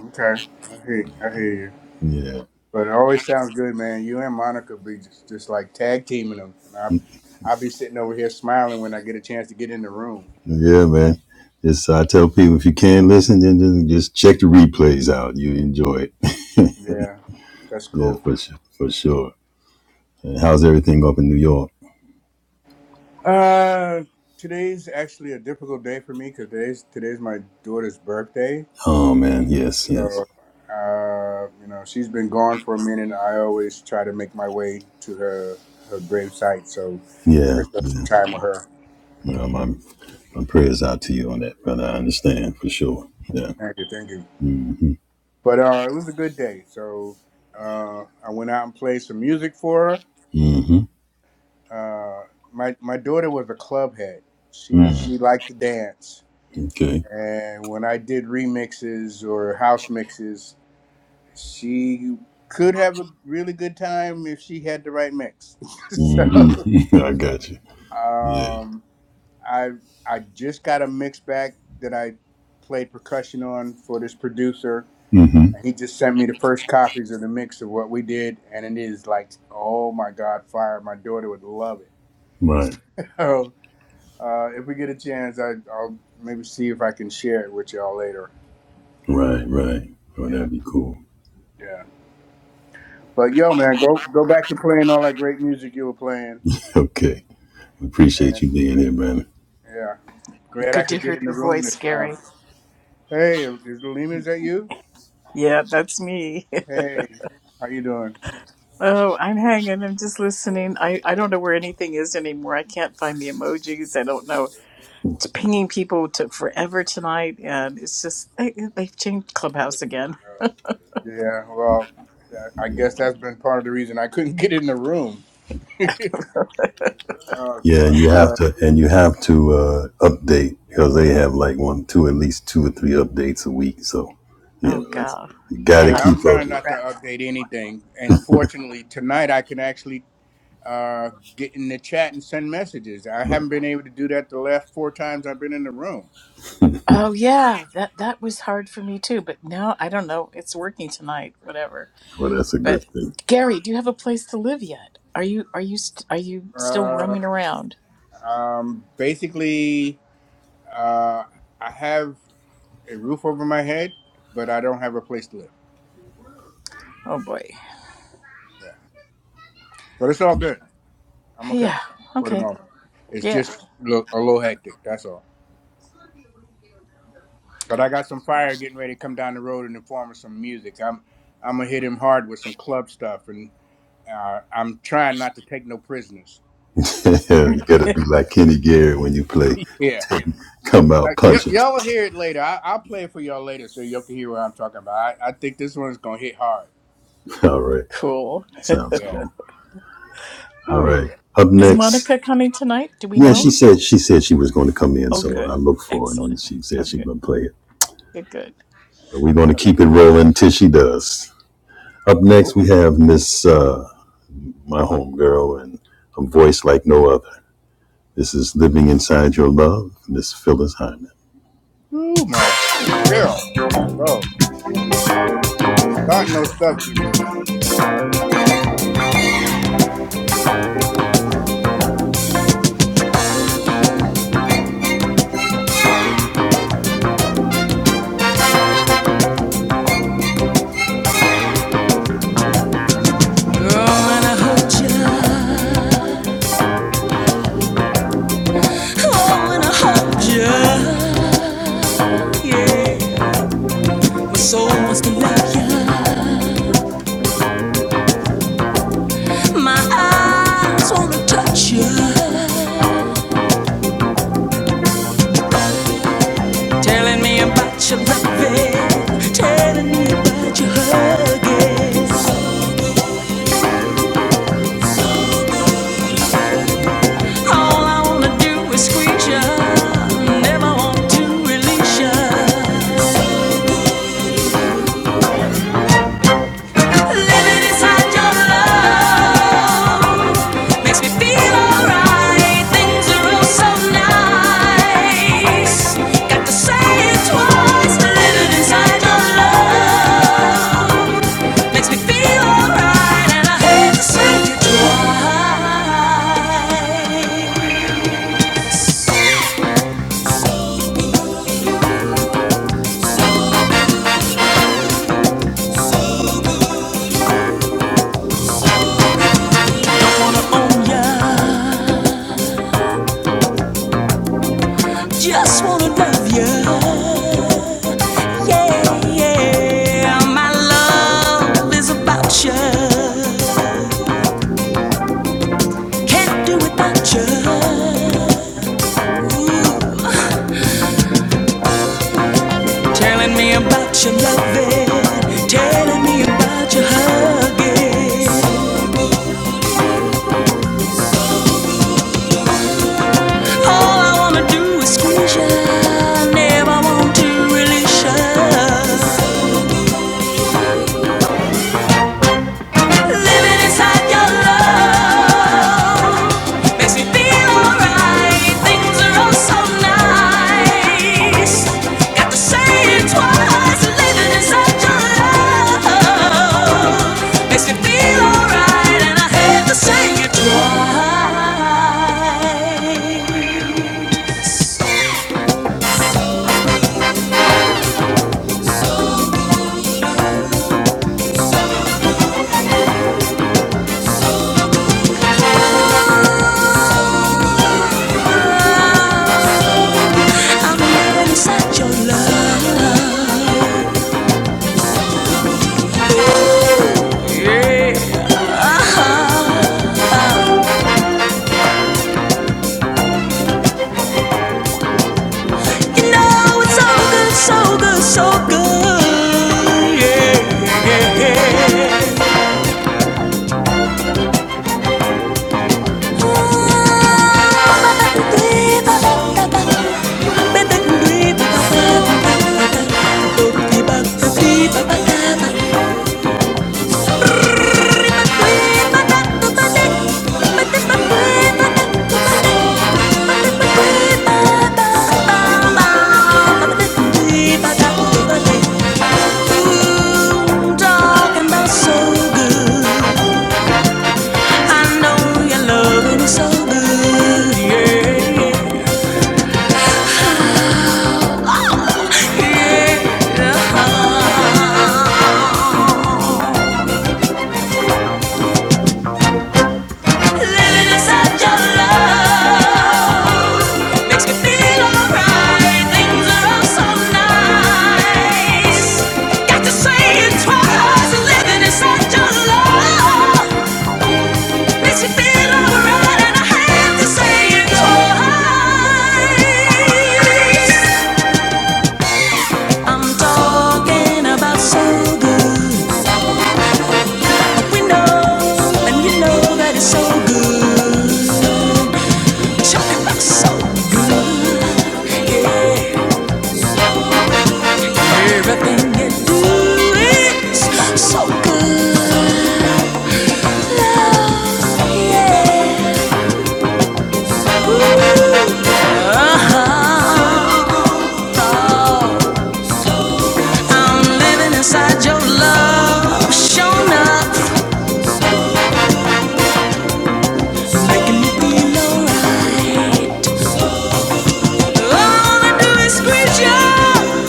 C: Okay, I hear, I hear you. But it always sounds good, man. You and Monica be just, just like tag teaming them. And I, I be sitting over here smiling when I get a chance to get in the room. Yeah, that's cool. Uh, today's actually a difficult day for me because today's today's my daughter's birthday. So, uh, you know, she's been gone for a minute. I always try to make my way to her her grave site, so I can spend some time with her. Thank you, thank you. But uh, it was a good day. So, uh, I went out and played some music for her. Uh, my my daughter was a club head. She she liked to dance, and when I did remixes or house mixes She could have a really good time if she had the right mix. so um, I I just got a mix back that I played percussion on for this producer. And he just sent me the first copies of the mix of what we did, and it is like, oh my God, fire! My daughter would love it. So uh, if we get a chance, I, I'll maybe see if I can share it with y'all later. Yeah, yeah. But yo, man, go go back to playing all that great music you were playing. and. Yeah. Glad I
B: Good to
C: could get
B: hear
C: in the
B: your
C: room
B: voice,
C: this time.
B: Gary.
C: Hey, is Lima, is that you?
B: Yeah, that's me.
C: Hey, how you doing?
B: Oh, I'm hanging. I'm just listening. I, I don't know where anything is anymore. I can't find the emojis. I don't know. It's pinging people took forever tonight, and it's just they, they've changed Clubhouse again.
C: Yeah, well, that- I guess that's been part of the reason I couldn't get in the room. Oh God! But
B: Oh God, can't I?
C: yeah, I'm trying not to
B: crap.
C: update anything. And fortunately, tonight I can actually uh, get in the chat and send messages. I haven't been able to do that the last four times I've been in the room.
B: Oh yeah, that that was hard for me too. But now I don't know. It's working tonight. Whatever. But Gary, do you have a place to live yet? Are you are you st- are you still
C: Uh,
B: roaming around?
C: um, basically, uh, I have. a roof over my head, but I don't have a place to live.
B: Oh boy.
C: Yeah, but it's all good. I'm okay
B: Yeah.
C: for the
B: Okay.
C: moment. It's
B: Yeah.
C: just lo- a little hectic. That's all. But I got some fire getting ready to come down the road in the form of some music. I'm I'm gonna hit him hard with some club stuff, and uh, I'm trying not to take no prisoners. Yeah. Uh, y- y'all will hear it later. I- I'll play it for y'all later so y'all can hear what I'm talking about. I, I think this one's going to hit hard.
B: cool.
C: Yeah.
B: Ooh. Is Monica coming tonight? Do we know? Oh, good. Excellent. Oh, good. Good, good.
C: Cool. Ooh, my girl. Bro, I'm starting no stuff, Jimmy.
A: All do is squeeze ya, Never want to release ya. Living inside your love makes me feel alright. Things are so nice. Got to say it twice. Living inside your love makes me feel alright, and I hate to say it twice. Oh yeah, just wanna love you. Yeah, yeah, my love is about you. Can't do without you. Telling me about your loving. Telling me about your hugging. All I wanna do is squeeze you. Never want to release you. Living inside your love makes me feel alright. Things are all so nice. Got to say it twice. Living inside your love. Makes me feel alright, and I hate to say it twice. Never inside your love. Uh-huh. You know it's so good, so good, so good. Yeah, yeah, yeah. Yeah. So good, yeah, yeah. Living inside your love. Makes me feel alright. Things are so nice. Got to say it twice. Living is such a love. Makes me feel alright, and I have to say it twice. I'm talking about so good. We and you know that it's so good. so good, yeah. Everything you do is so good. Love, yeah. oh, Oh, I'm living inside your love. Showing up, making me feel alright. All I do is squeeze you.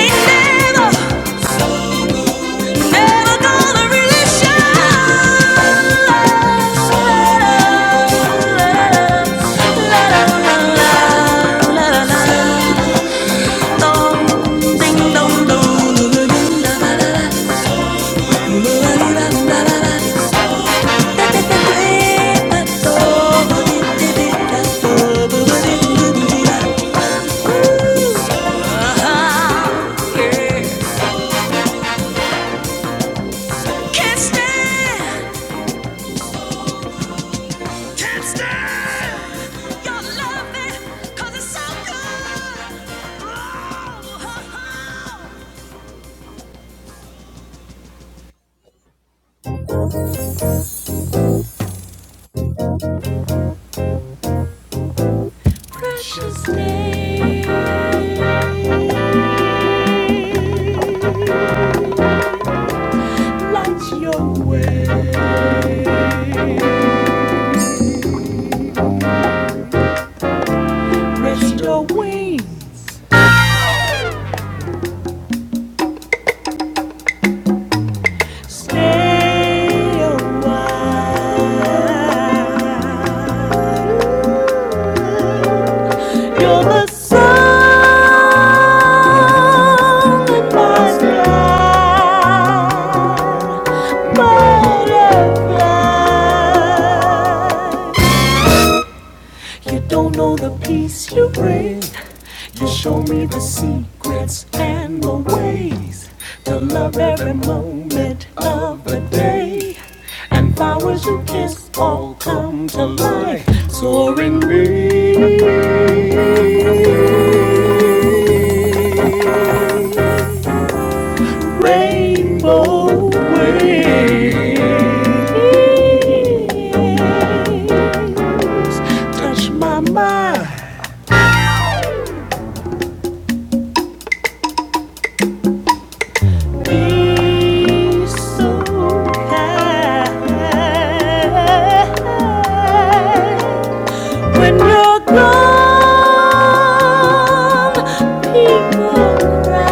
A: Ain't never Never gonna really shine. Ding dong dong. Can't stand. Can't stand your loving 'cause it's so good. Oh, oh, oh. Precious name, light your way, rest your wings. Stay a You're the sun in my sky, butterfly. You don't know the peace you bring. You show me the secrets and the ways to love every moment of the day. Flowers you kiss all come to life, soaring rain- rainbow waves. Touch my mind, be so high. When you're gone, people cry.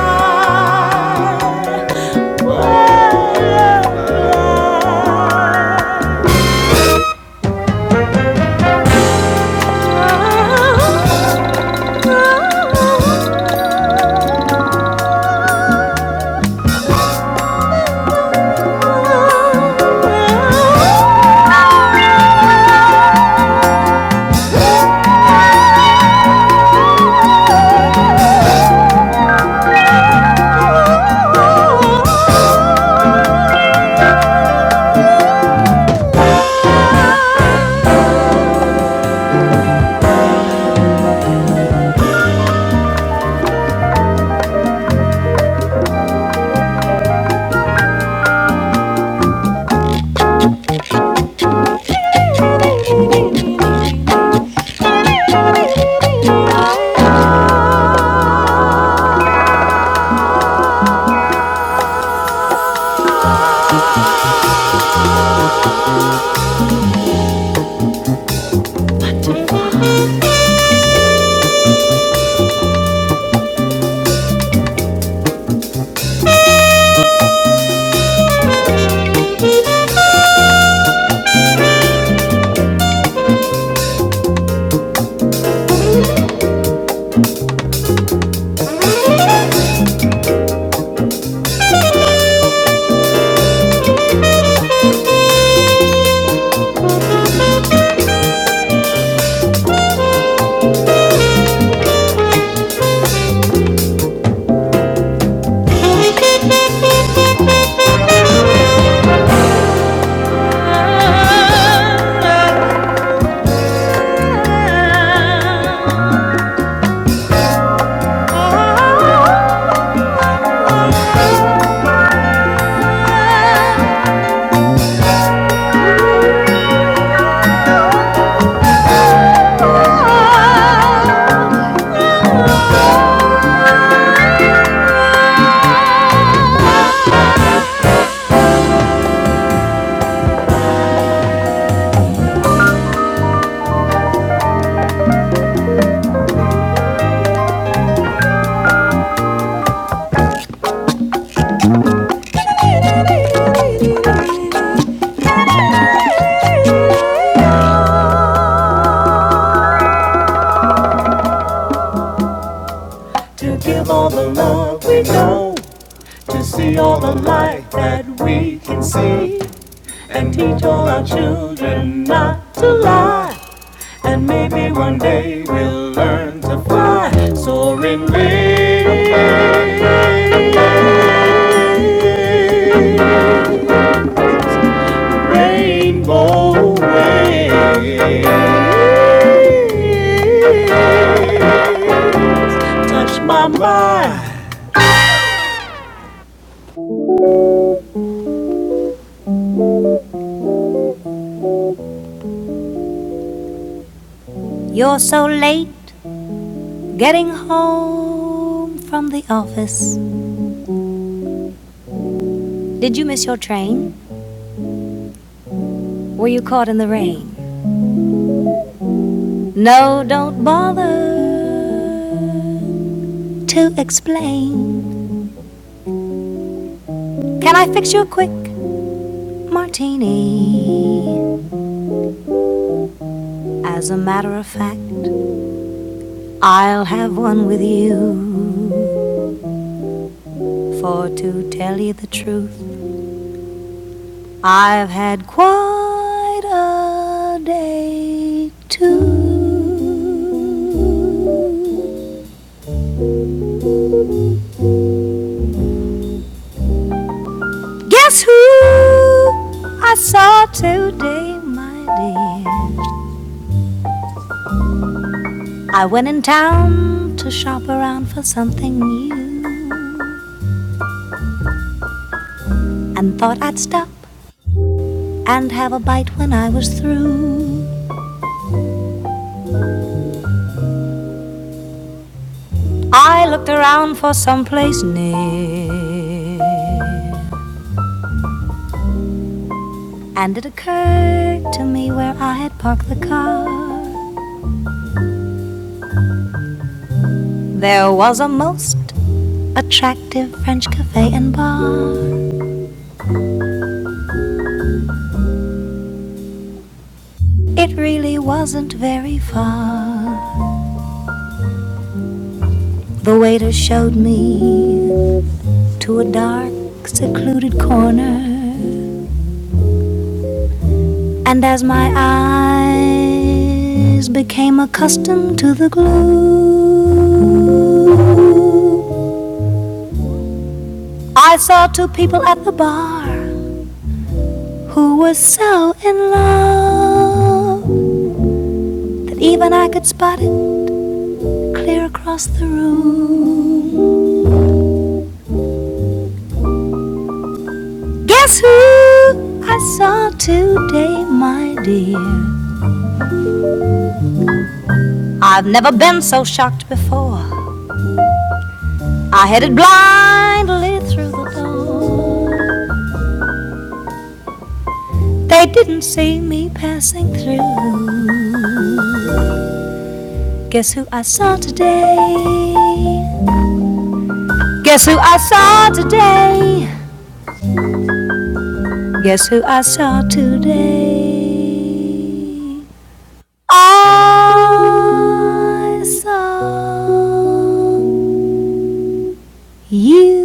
A: Thank you. To give all the love we know, to see all the light that we can see, and teach all our children not to lie. And maybe one day we'll learn to fly, soaring rainbow way. Fly. You're so late getting home from the office. Did you miss your train? Were you caught in the rain? No, don't bother to explain. Can I fix you a quick martini? As a matter of fact, I'll have one with you. For to tell you the truth, I've had quite a day too. Guess who I saw today, my dear? I went in town to shop around for something new and thought I'd stop and have a bite when I was through. I looked around for some place near and it occurred to me where I had parked the car. There was a most attractive French cafe and bar. It really wasn't very far. The waiter showed me to a dark, secluded corner And as my eyes became accustomed to the glow, I saw two people at the bar who were so in love that even I could spot it clear across the room. Guess who I saw today, my dear? I've never been so shocked before. I headed blindly through the door. They didn't see me passing through. Guess who I saw today? Guess who I saw today? Guess who I saw today? I saw you.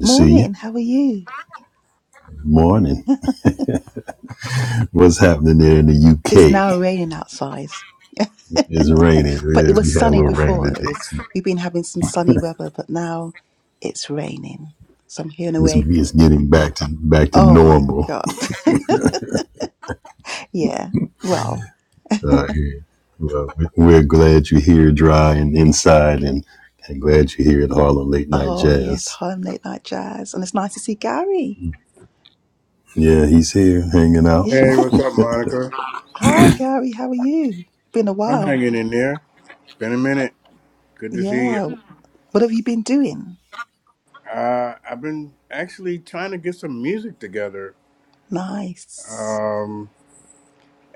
D: Morning, how are you? It's now raining outside, but it was sunny before. It was we've been having some sunny weather, but now it's raining. So I'm here in a way. Oh my god. yeah. Well, oh yes, home late night jazz. And it's nice to see Gary. Yes.
C: Hey, what's up, Monica?
D: Hi Gary, how are you? Been a
C: I'm
D: while.
C: hanging in there. Been a minute. Good to see you.
D: Yeah. What have you been doing?
C: Uh, I've been actually trying to get some music together.
D: Nice.
C: Um,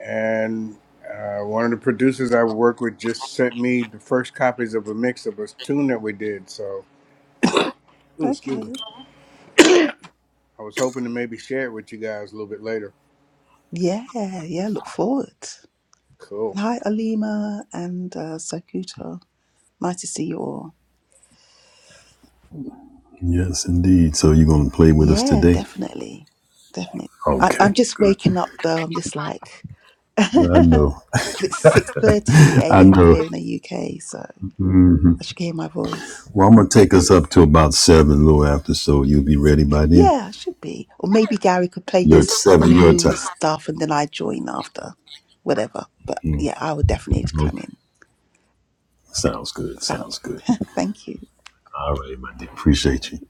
C: and uh, one of the producers I work with just sent me the first copies of a mix of a tune that we did. So, ooh, excuse me.
D: Okay.
C: I was hoping to maybe share it with you guys a little bit later.
D: Yeah, yeah, look forward.
C: Cool.
D: Hi Alima and uh, Sakuto. Nice to see you all. Yeah, definitely. Definitely. I, I'm just waking up though. I'm just like it's 6:30 a.m. in here in the UK, so I should hear my voice. Yeah, I should be. Or maybe Gary could play his new stuff and then I join after. Whatever. But yeah, I would definitely come in. Sounds good. Thank you. Thank you.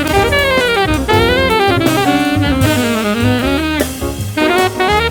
A: Thank you.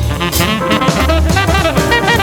E: それでは大悟さん続いての領収書をお選びください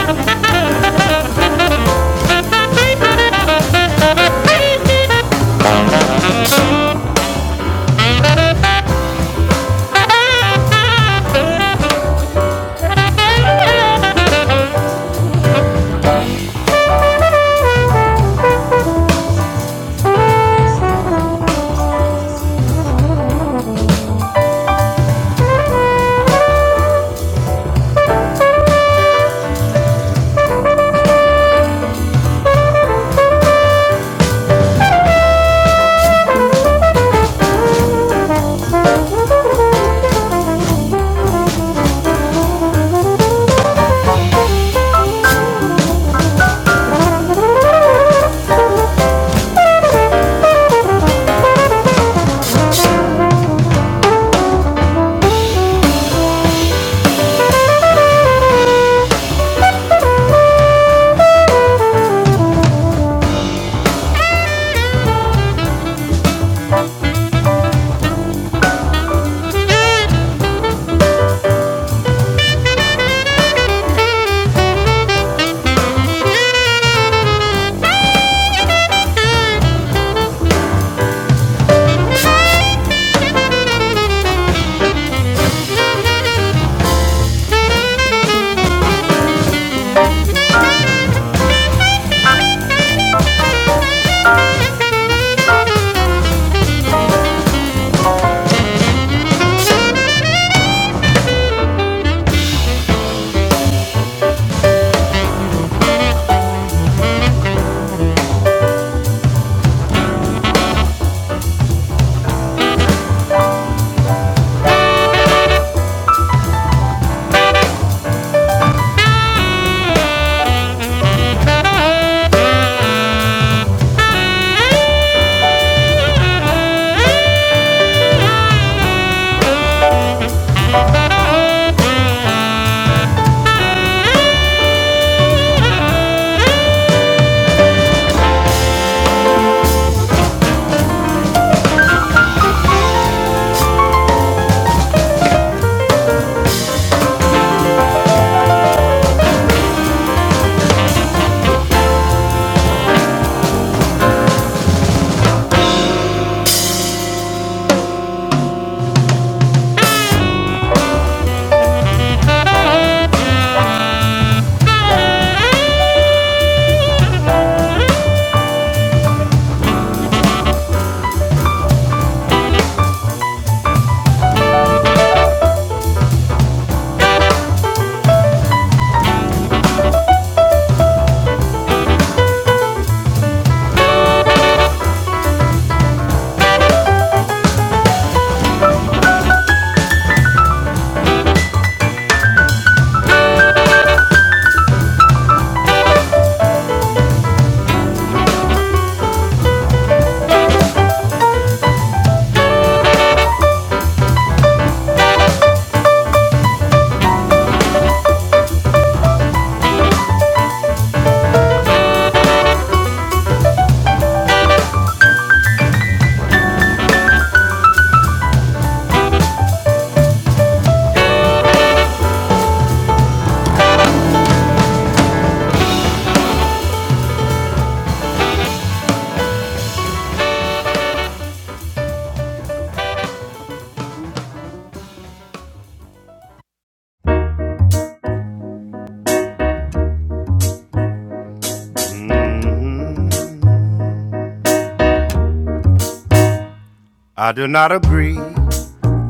A: I do not agree.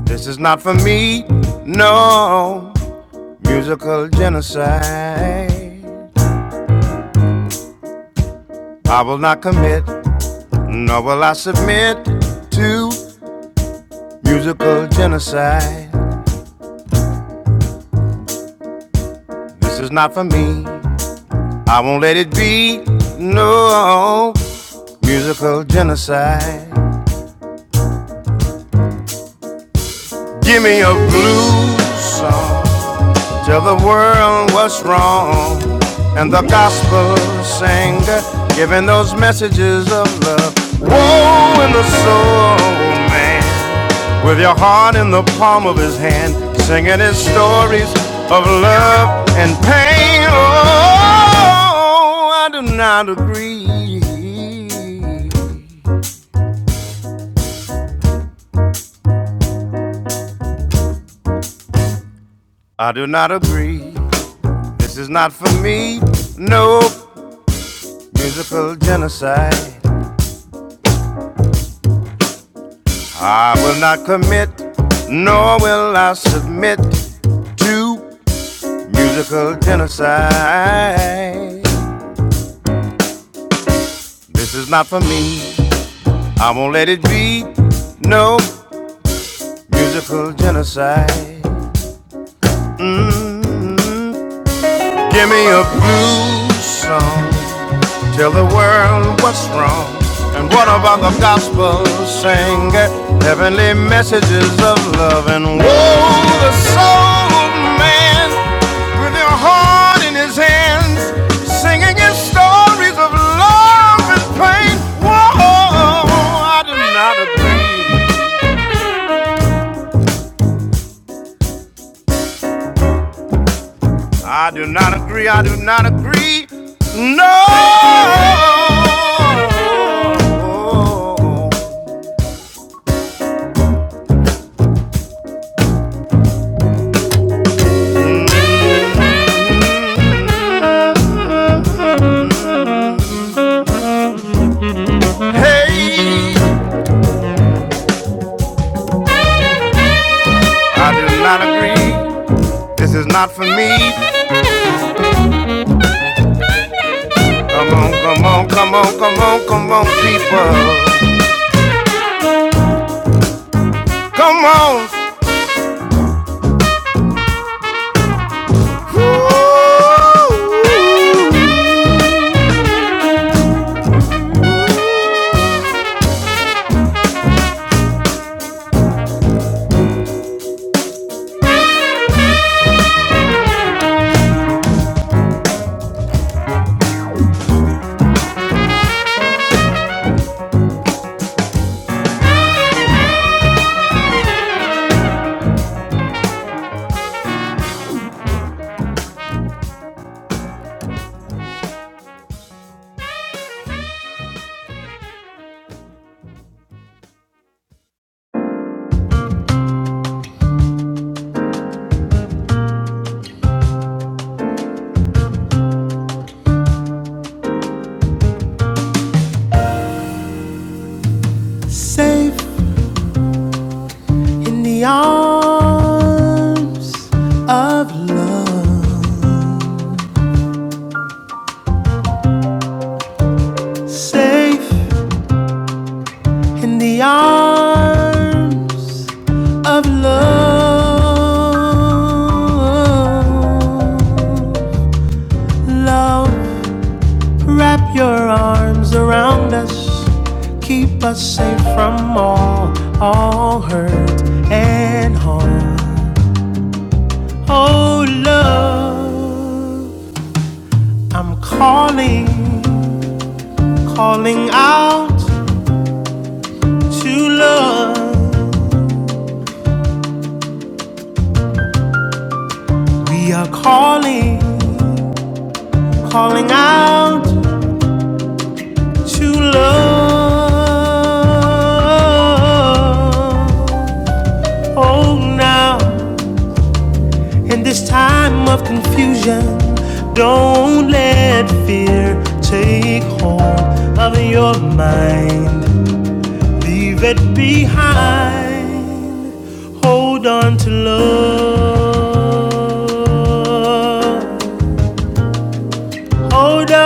A: This is not for me. No musical genocide. I will not commit, nor will I submit to musical genocide. This is not for me. I won't let it be. No musical genocide. Give me a blues song. Till the world was wrong and the gospel singer giving those messages of love woe in the soul man with your heart in the palm of his hand singing his stories of love and pain oh i do not agree i do not agree this is not for me no musical genocide I will not commit, nor will I submit to musical genocide. This is not for me, I won't let it be. No musical genocide. mm Give me a blues song. Tell the world what's wrong and what about the gospel sing heavenly messages of love and woe the soul man with your heart in his hands singing his stories of love and pain. Whoa, I do not agree. I do not agree. I do not agree. No. Hey. I do not agree. This is not for me. Come on, come on, come on, come on, come on, people. Come on. Ooh. Faith, the arms of love. Wrap your arms around us, keep us safe from all, all hurt and harm. Oh, love. I'm calling, calling out to love. We are calling, calling out to love. Oh, now, in this time of confusion, don't let fear take hold of your mind. Leave it behind. Hold on to love. Oh, that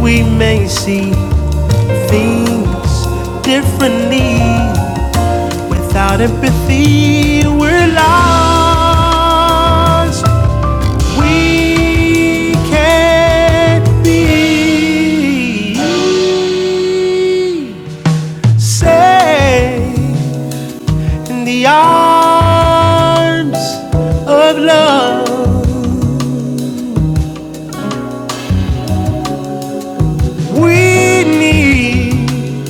A: we may see things differently. Without empathy, we're lost. We can't be saved in the arms of love. We need,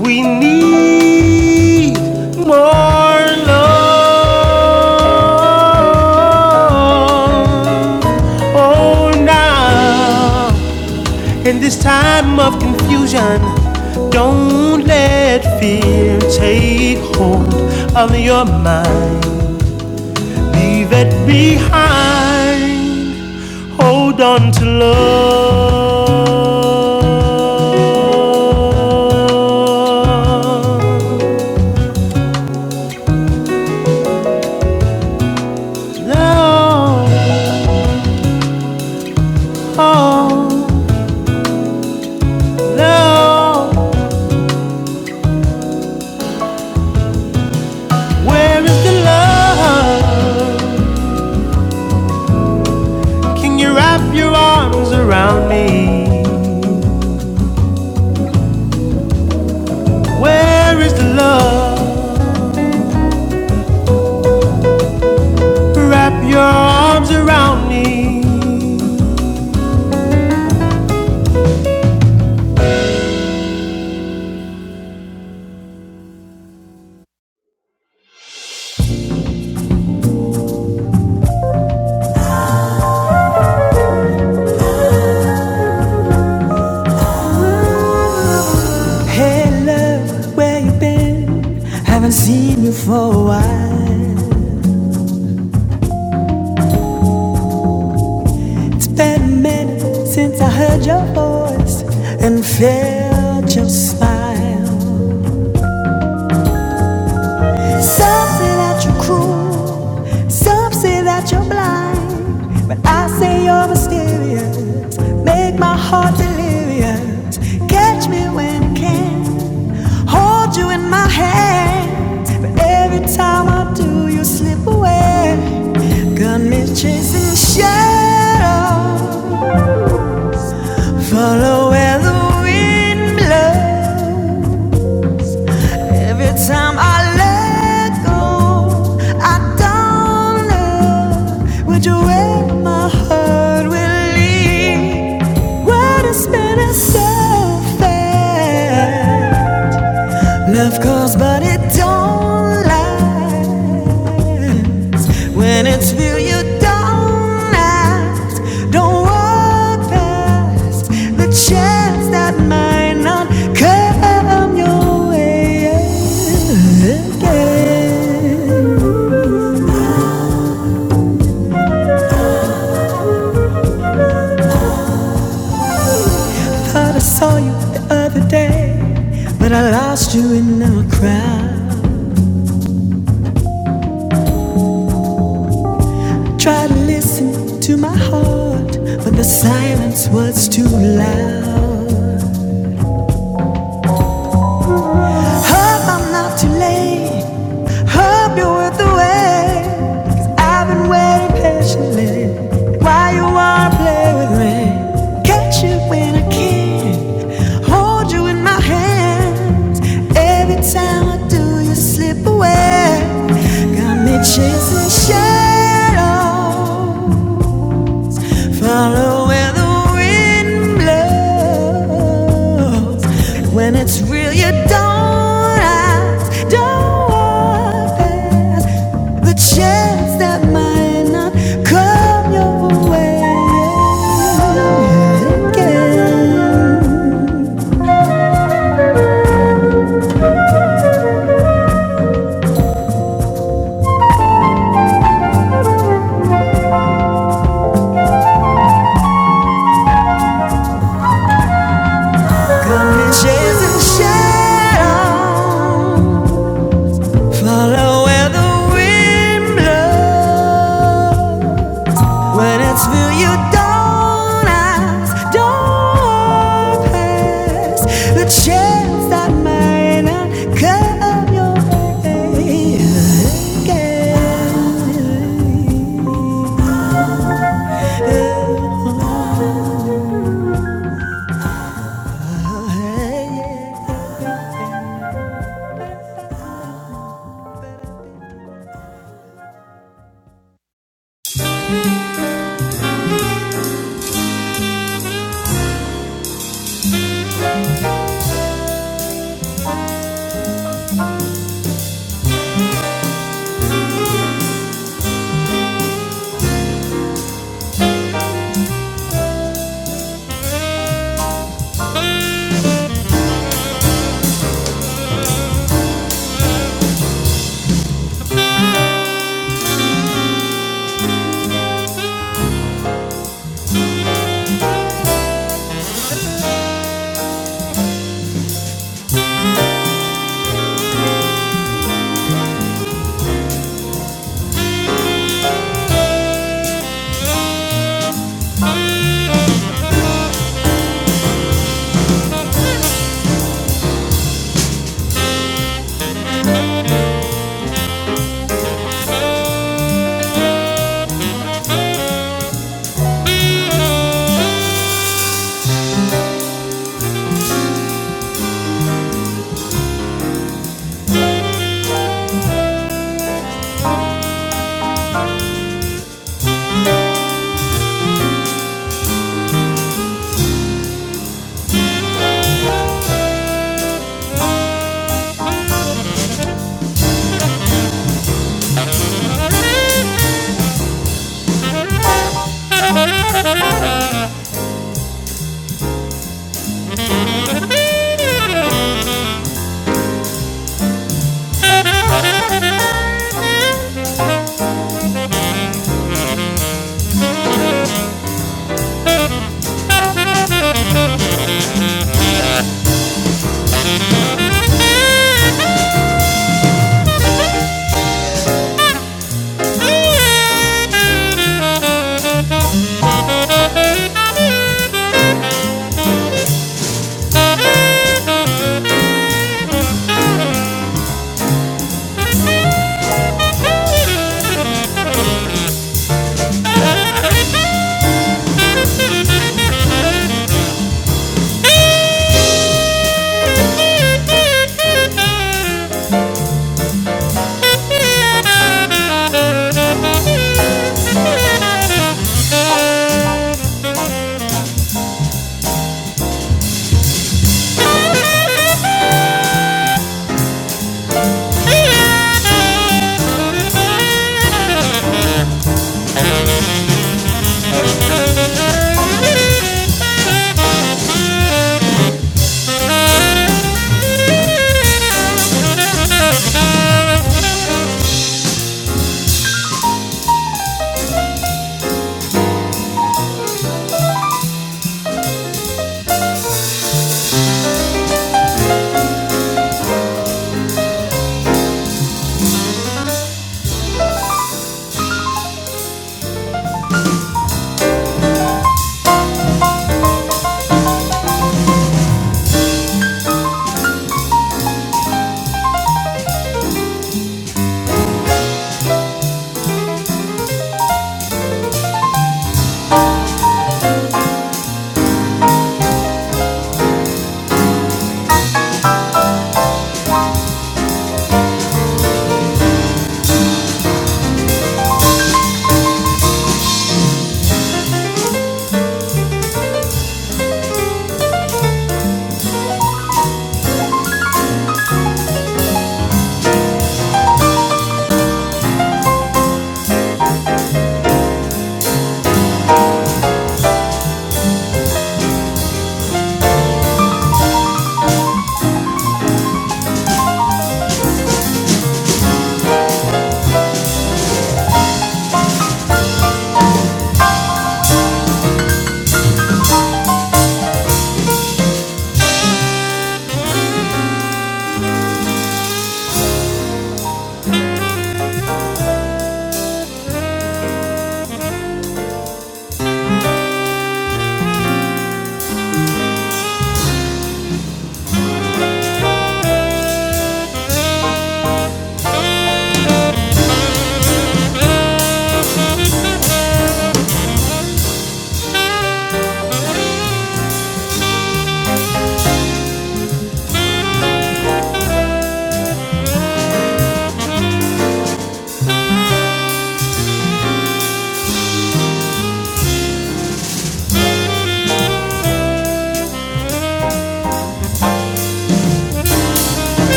A: we need more love. Oh, now, in this time of confusion, don't let fear take hold of your mind. Leave it behind. Hold on to love. Love, oh, love. Where is the love? Can you wrap your arms around me? Where is the love? Wrap your arms around me. Haven't seen you for a while. It's been a minute since I heard your voice and felt your smile. Some say that you're cruel, some say that you're blind, but I say you're mysterious. Make my heart delirious. Catch me when I can, hold you in my hands, but every time I do, you slip away. Got me chasing shadows. Follow where the wind blows. Every time I let go, I don't know which way my heart will lead. Where the spin so fast. Love calls, but it don't last. When it's real, you don't act. Don't walk past the chance that might not come your way again. Thought I saw you the other day, but I lost you in the crowd. Tried to listen to my heart, but the silence was too loud. Hope I'm not too late. Hope you're worth the wait. i I've been waiting patiently. Why you wanna play with me? Catch you when I can. Hold you in my hands. Every time I do, you slip away. Got me chasing shadows. Follow where the wind blows. When it's real, you don't ask, don't walk past the chance that might not come your way again. Isn't shadow. Follow where the wind blows. When it's feel you don't ask, don't pass the chance that might not come your way again.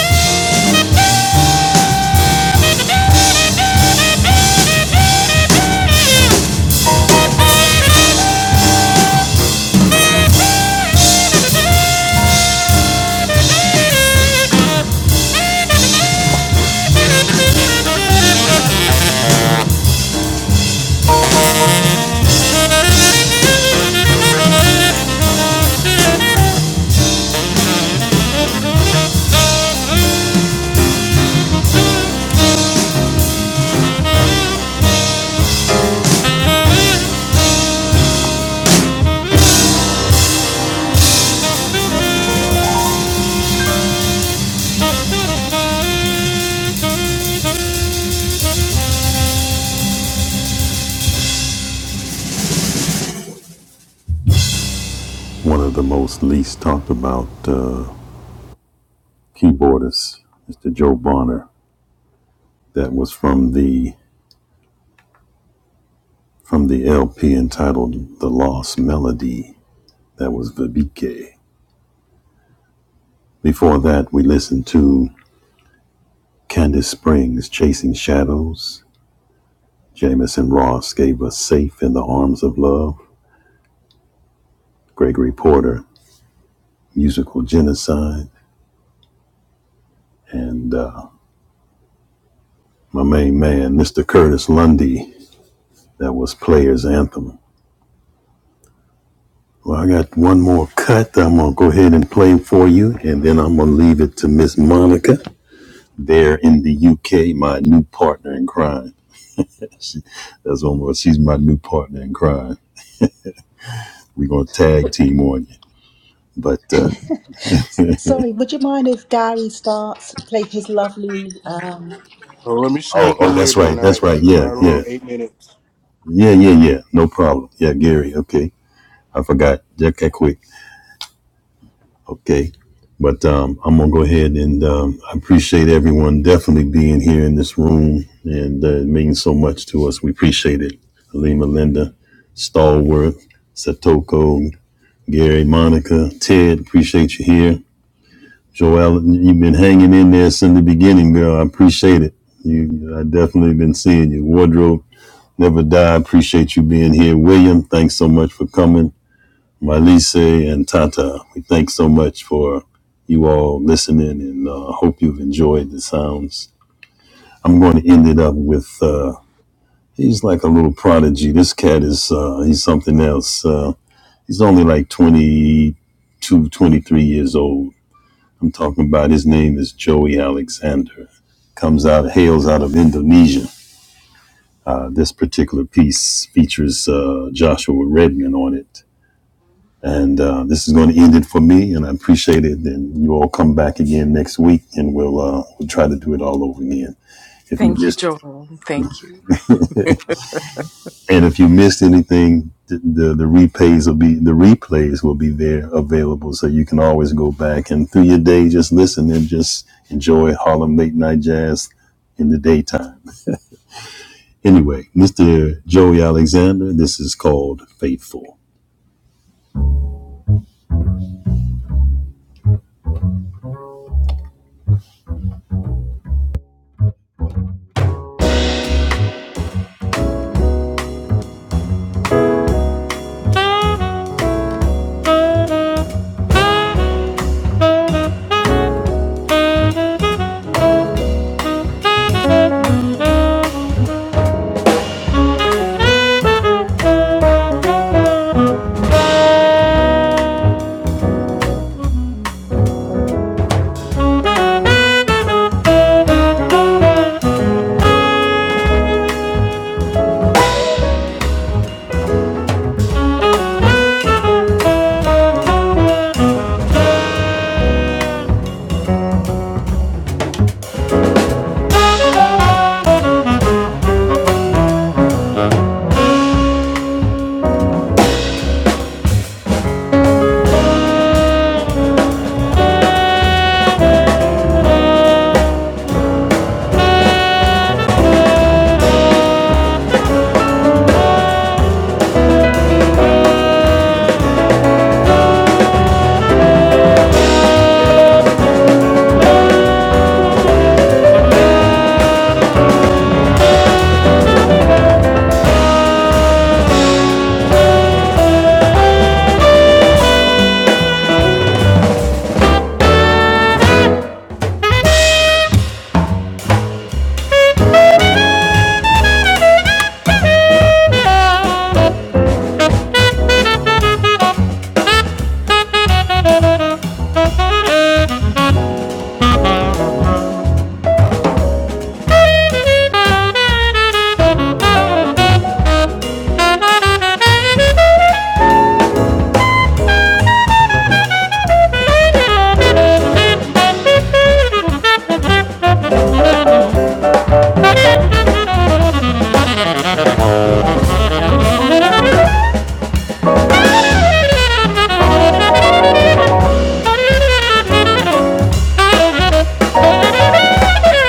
A: Thank
D: W- Sorry, would you mind if Gary starts play his lovely um
C: Well, let me sneak in here tonight with my little eight minutes.
B: Thank you, Joel. Thank you.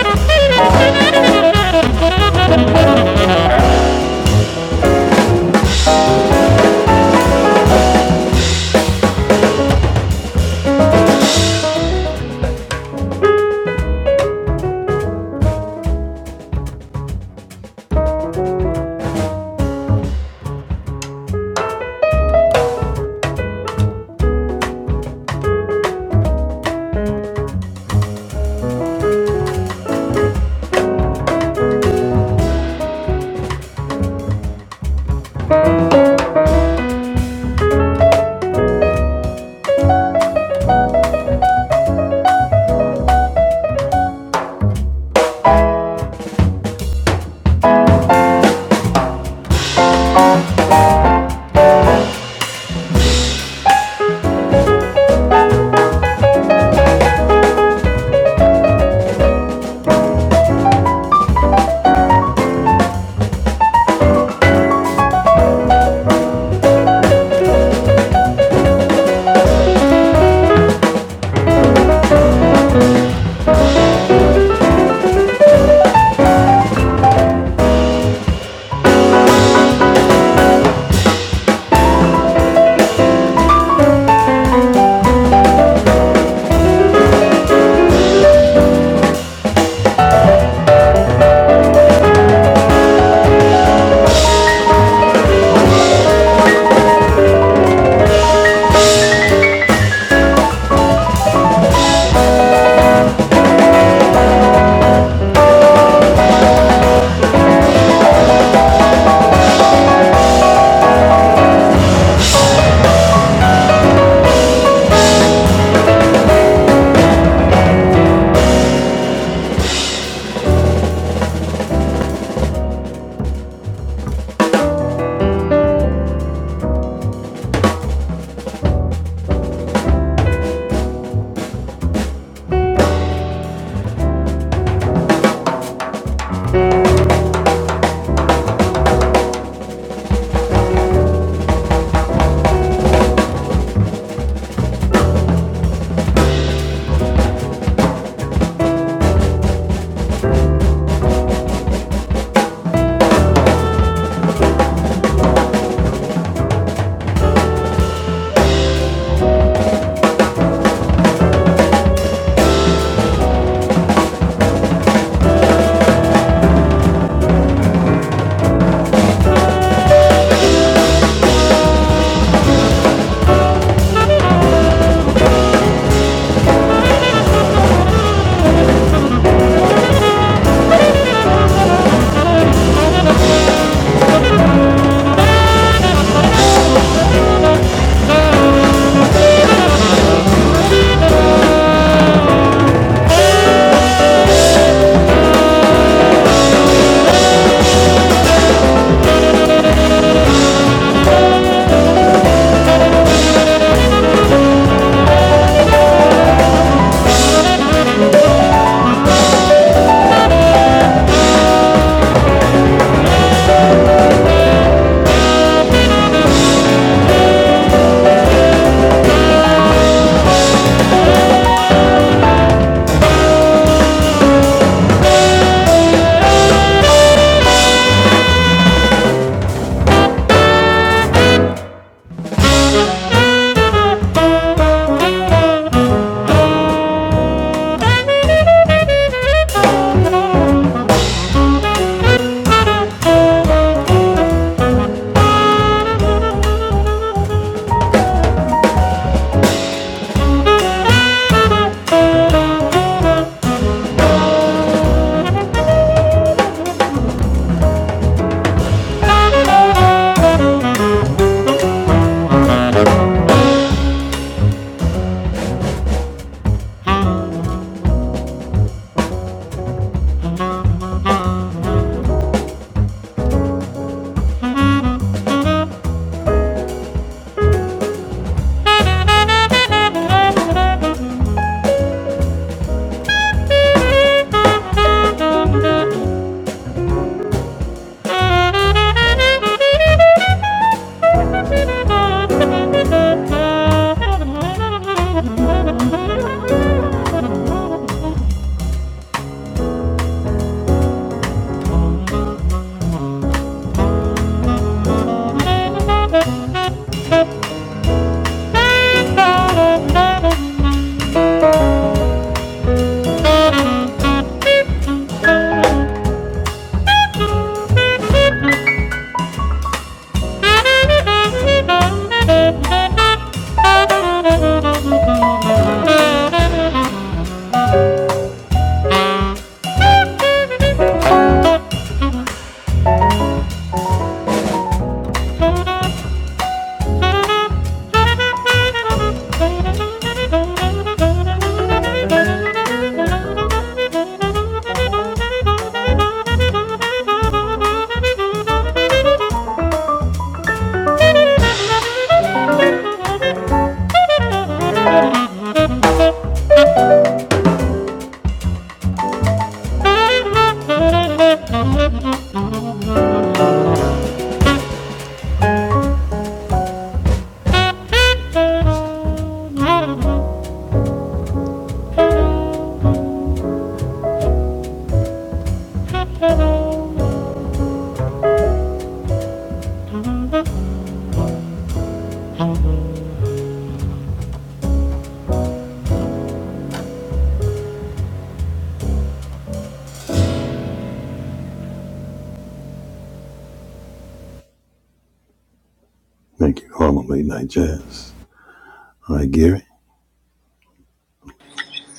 A: you.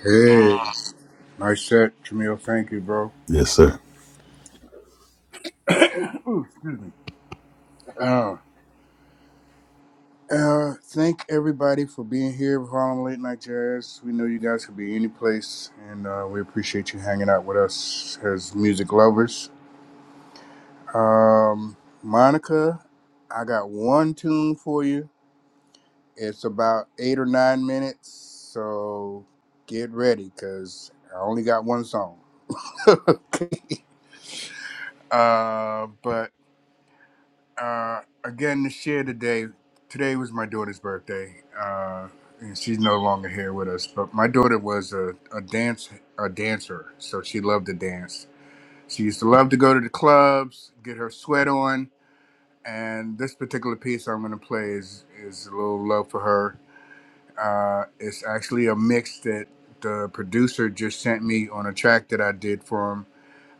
C: Hey, nice set, Jamil. Thank you, bro. Uh, Uh, thank everybody for being here with Harlem Late Night Jazz. We know you guys could be any place, and uh, we appreciate you hanging out with us as music lovers. Um, Monica, I got one tune for you. It's about eight or nine minutes, so get ready because I only got one song. okay. Uh, but uh, again this year today. Today was my daughter's birthday, uh, and she's no longer here with us. But my daughter was a, a dance a dancer, so she loved to dance. She used to love to go to the clubs, get her sweat on. And this particular piece I'm going to play is is a little love for her. Uh, it's actually a mix that the producer just sent me on a track that I did for him.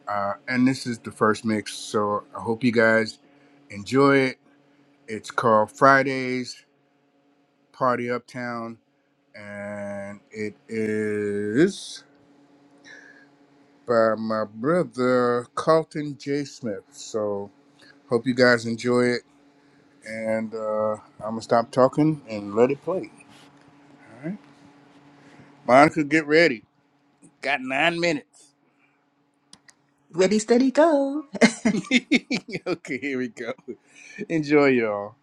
C: Uh, and this is the first mix, so I hope you guys enjoy it it's called Fridays Party Uptown, and it is by my brother Carlton J. Smith. So, hope you guys enjoy it, and uh, I'm gonna stop talking and let it play. All right, Monica, get ready. Got nine minutes.
D: ready steady go?
C: okay, here we go. Enjoy, y'all.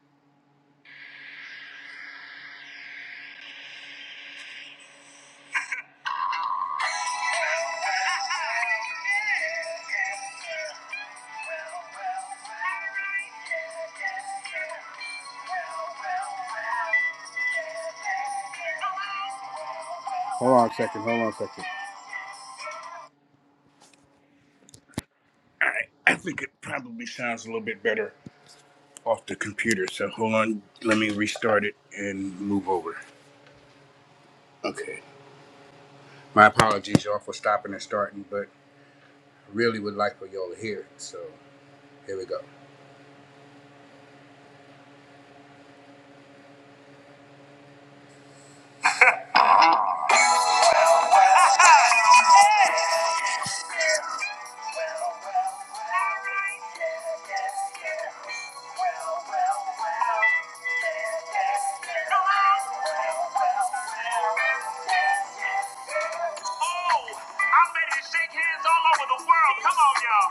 C: Hold on a second. Hold on a second. All right, I think it probably sounds a little bit better off the computer. So hold on, let me restart it and move over. Okay. My apologies, y'all, for stopping and starting, but I really would like for y'all to hear it. So here we go. Oh, I'm ready to shake hands all over the world. Come on, y'all.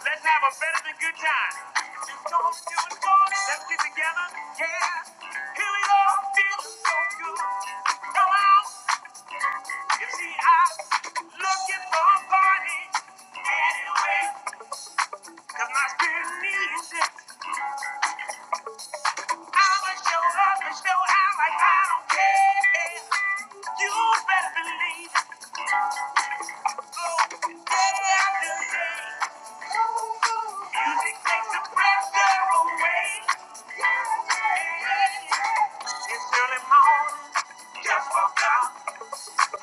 C: Let's have a better than good time. Let's get together. Yeah. Here we go. Feeling so good. Come on. You see, I'm looking for a party anyway, 'cause my spirit needs it. I'ma show up and show out like I don't care. You better believe it. Go day after day. Music takes the pressure away. It's early morning, just woke up.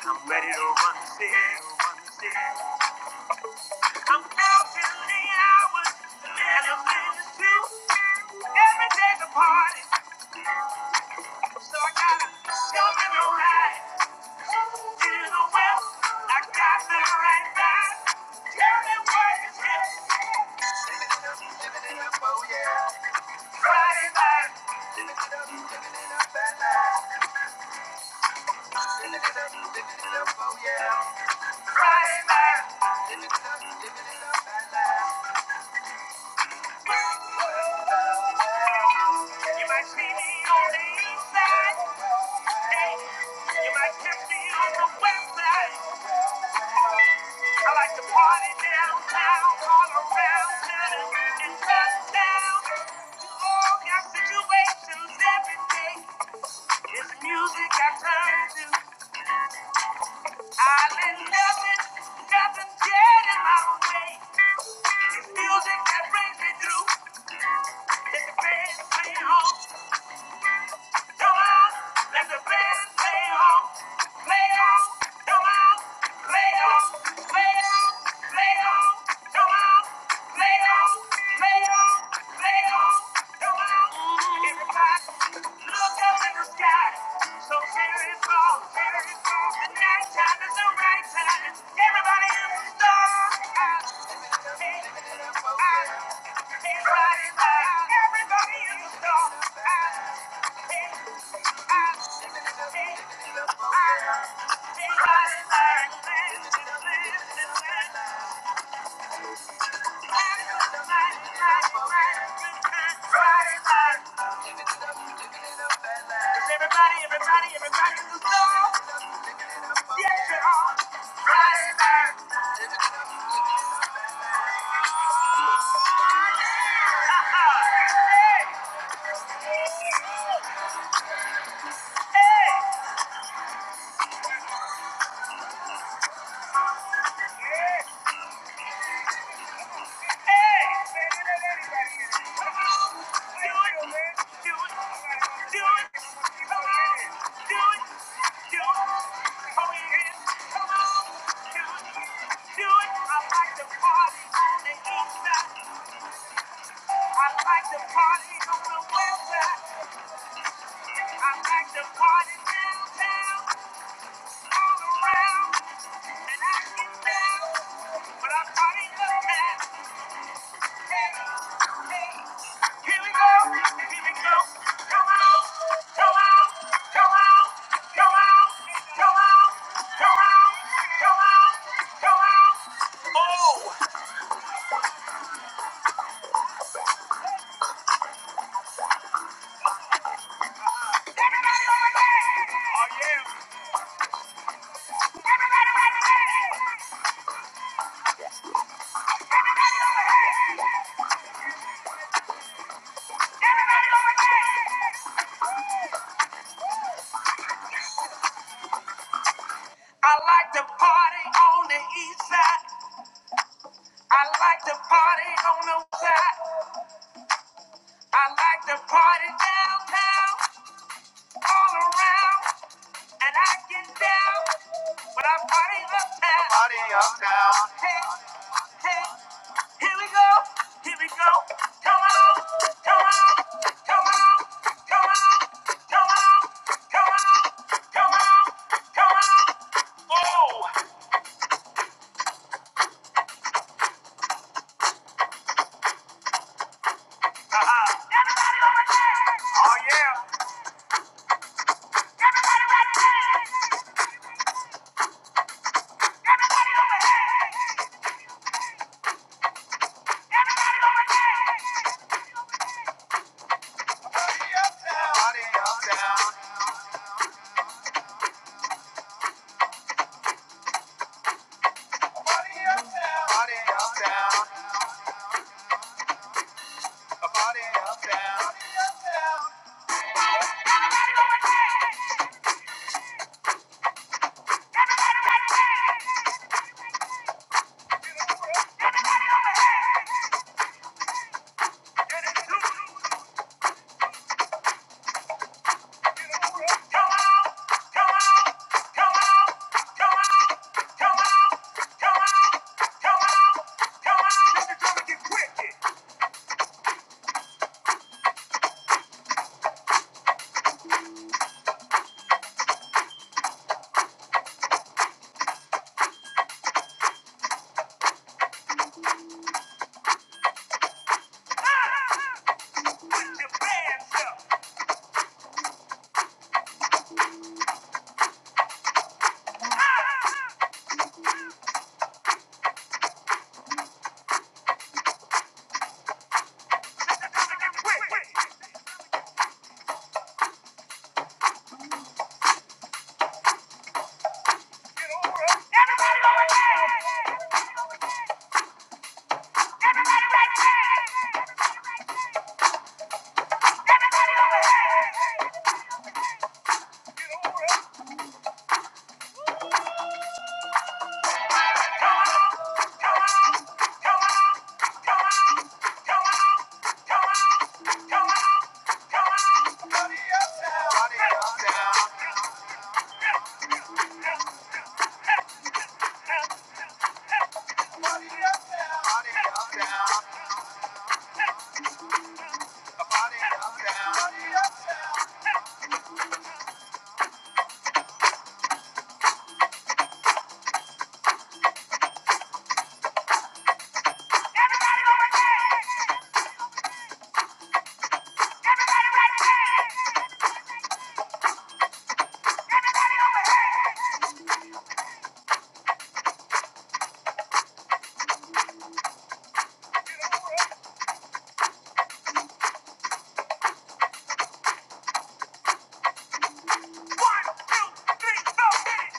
C: I'm ready to run, see, run, see. I'm counting the hours to manifest the truth. Every day's a party, so I gotta show them the right. To the west, I got the right vibe. Tell me what it is. Friday night, Friday night. You might see me on the east side. Hey, you might catch me on the west side. I like to party downtown, all around town, and just down. You all got situations every day. It's music I turn to. I let nothing, nothing get in my way. It's music that brings me through. It's the best thing on. Come on, let the band play on, play on. Come on, play on, play on, play on. Come on, play on, play on, play on. Come on, everybody, look up in the sky. So cherry fall, cherry fall. The night time is the right time. Everybody in the stars. Everybody, in the stars. Everybody, everybody, everybody, just go. Yes, you are. Friday night. Hey, hey. hey. But I'm partying up now. Come on. Come on. Come on. Come on. Come on. Come on. Come on. Come on. Oh. Oh yeah. I like to party on the east side. I like to party on the west side. I like to party downtown, all around, and I get down. But I party uptown. Party up. Here we go. Here we go. Come on. Come on. Come on. Come on. Come on. Come on. Come on. Come on. Oh. Oh yeah. Party Party up down. Party up down. Party up down. Party up Party up down. Everybody over here! One, two, three, four, hit it!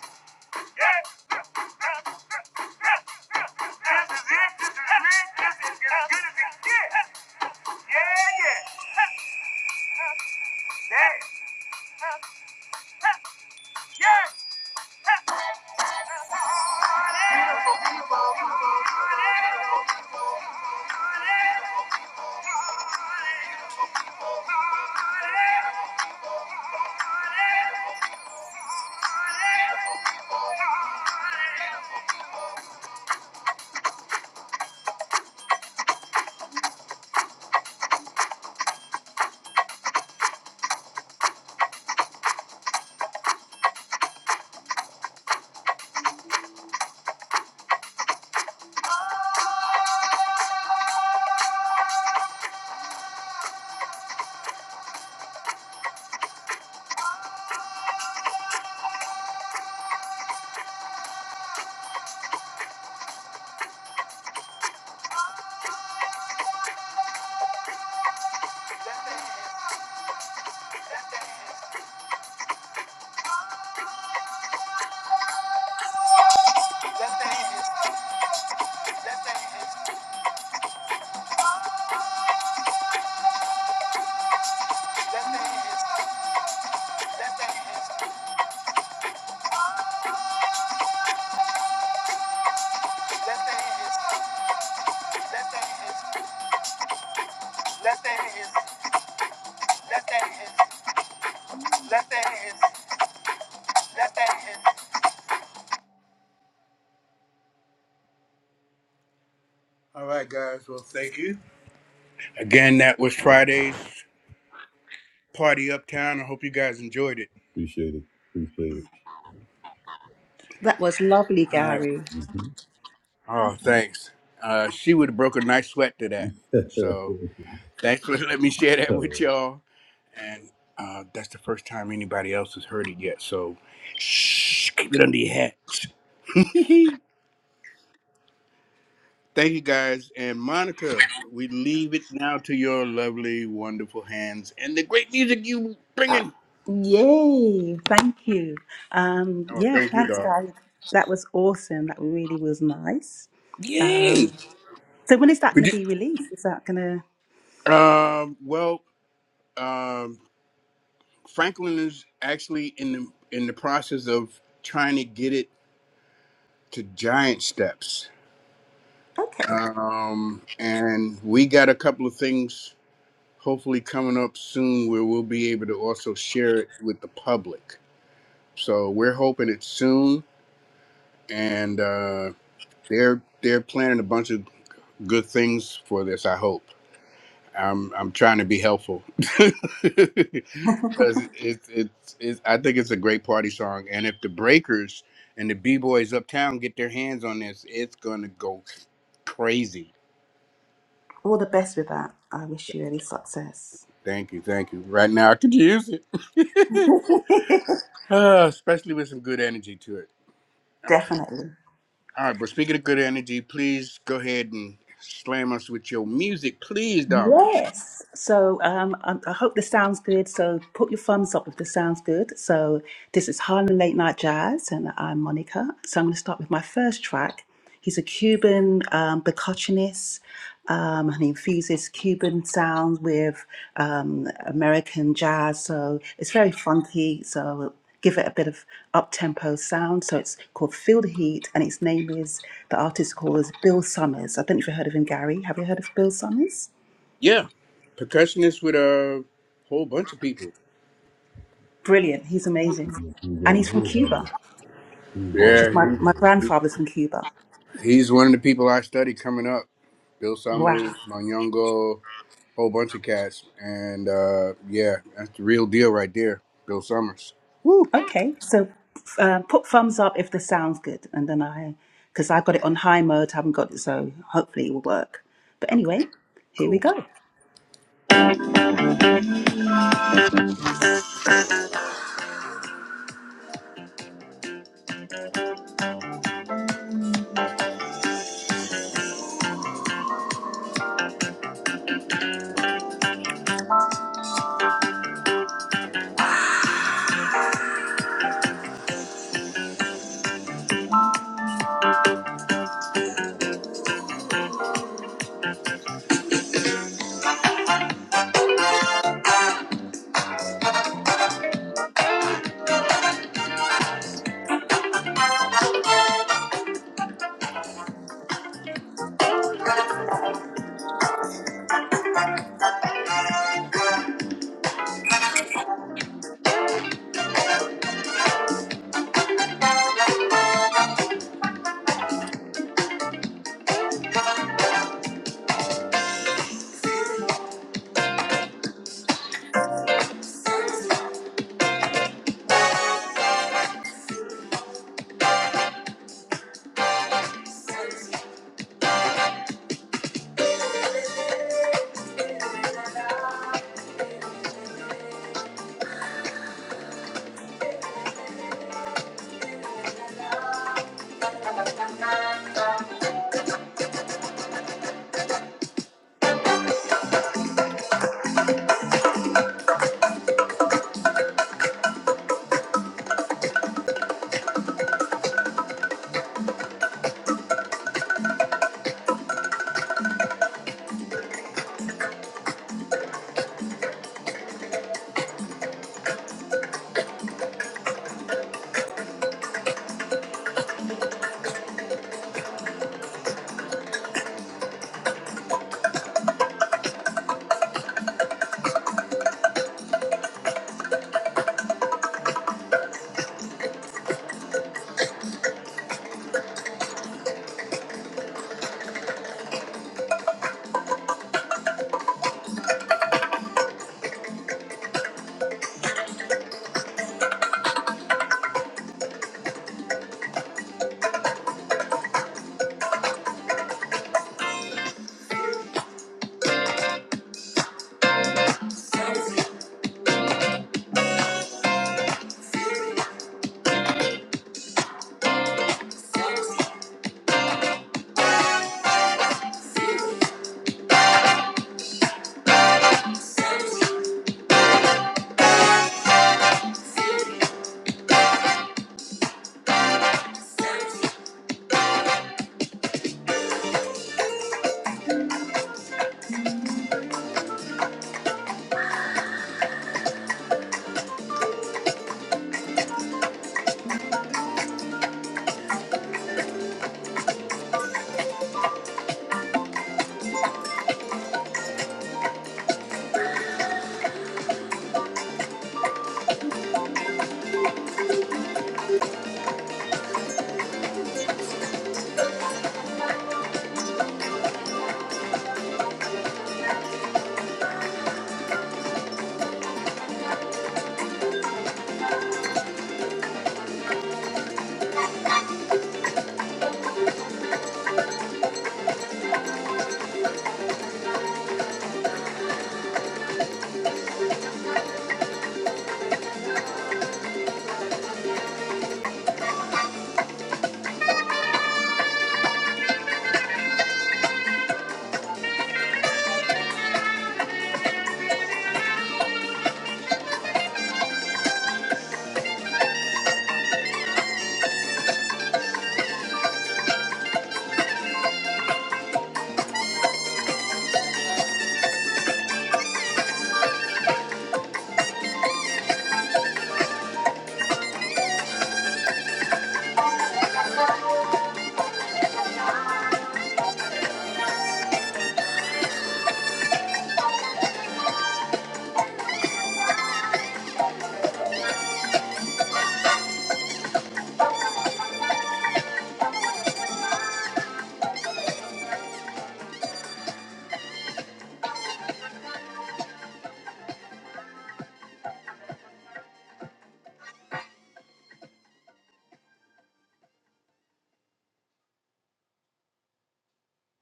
C: All right, guys. Well, thank you. Again, that was Friday's party uptown. I hope you guys enjoyed it.
D: that was lovely,
C: All right.
D: Gary.
C: Oh, thanks. Uh, she would have broke a nice sweat to that. So thanks for letting me share that with y'all. And uh, that's the first time anybody else has heard it yet. So shh, keep it under your hats. Thank you guys. And Monica, we leave it now to your lovely, wonderful hands and the great music you
D: Uh,
C: bringing.
D: yay! Thank you. Um,
C: Oh,
D: yeah,
C: thank you,
D: thanks,
C: dog.
D: guys. That was awesome. That really was nice. Um, so when is that
C: Could
D: going to be released? Is that going
C: you? Um. Well. Um. Franklin is actually in the in the process of trying to get it to giant steps.
D: to? Okay.
C: Um, and we got a couple of things hopefully coming up soon where we'll be able to also share it with the public. So we're hoping it's soon, and uh, they're they're planning a bunch of good things for this. I hope. I'm I'm trying to be helpful because it's it's it's I think it's a great party song, and if the Breakers and the B Boys Uptown get their hands on this, it's gonna go crazy.
D: All the best with that. I wish you any success.
C: Thank you, thank you. Right now, I could use it, Ah, especially with some good energy to it. Okay,
D: Definitely.
C: all right. But speaking of good energy, please go ahead and slam us with your music, please, darling.
D: Yes. So um, I, I hope this sounds good. So put your thumbs up if this sounds good. So this is Harlem Late Night Jazz, and I'm Monica. So I'm going to start with my first track. He's a Cuban um, percussionist, um, and he infuses Cuban sounds with um, American jazz. So it's very funky. So give it a bit of up tempo sound. So it's called Feel the Heat, and its name is the artist called is Bill Summers. I don't know if you've heard of him, Gary. Have you heard of Bill Summers?
C: Yeah, percussionist with a whole bunch of people.
D: Brilliant. He's amazing. And he's from Cuba, which is
C: Yeah,
D: my, my grandfather's from Cuba.
C: He's one of the people I study coming up. Bill
D: Wow.
C: Summers, Manyongo, whole bunch of cats. And uh, yeah, that's the real deal right there. Bill Summers. Woo!
D: Okay. So uh, put thumbs up if this sounds good. And then I, because I got it on high mode, haven't got it, so hopefully it will work. But
C: Okay,
D: anyway, here we
C: cool.
D: go.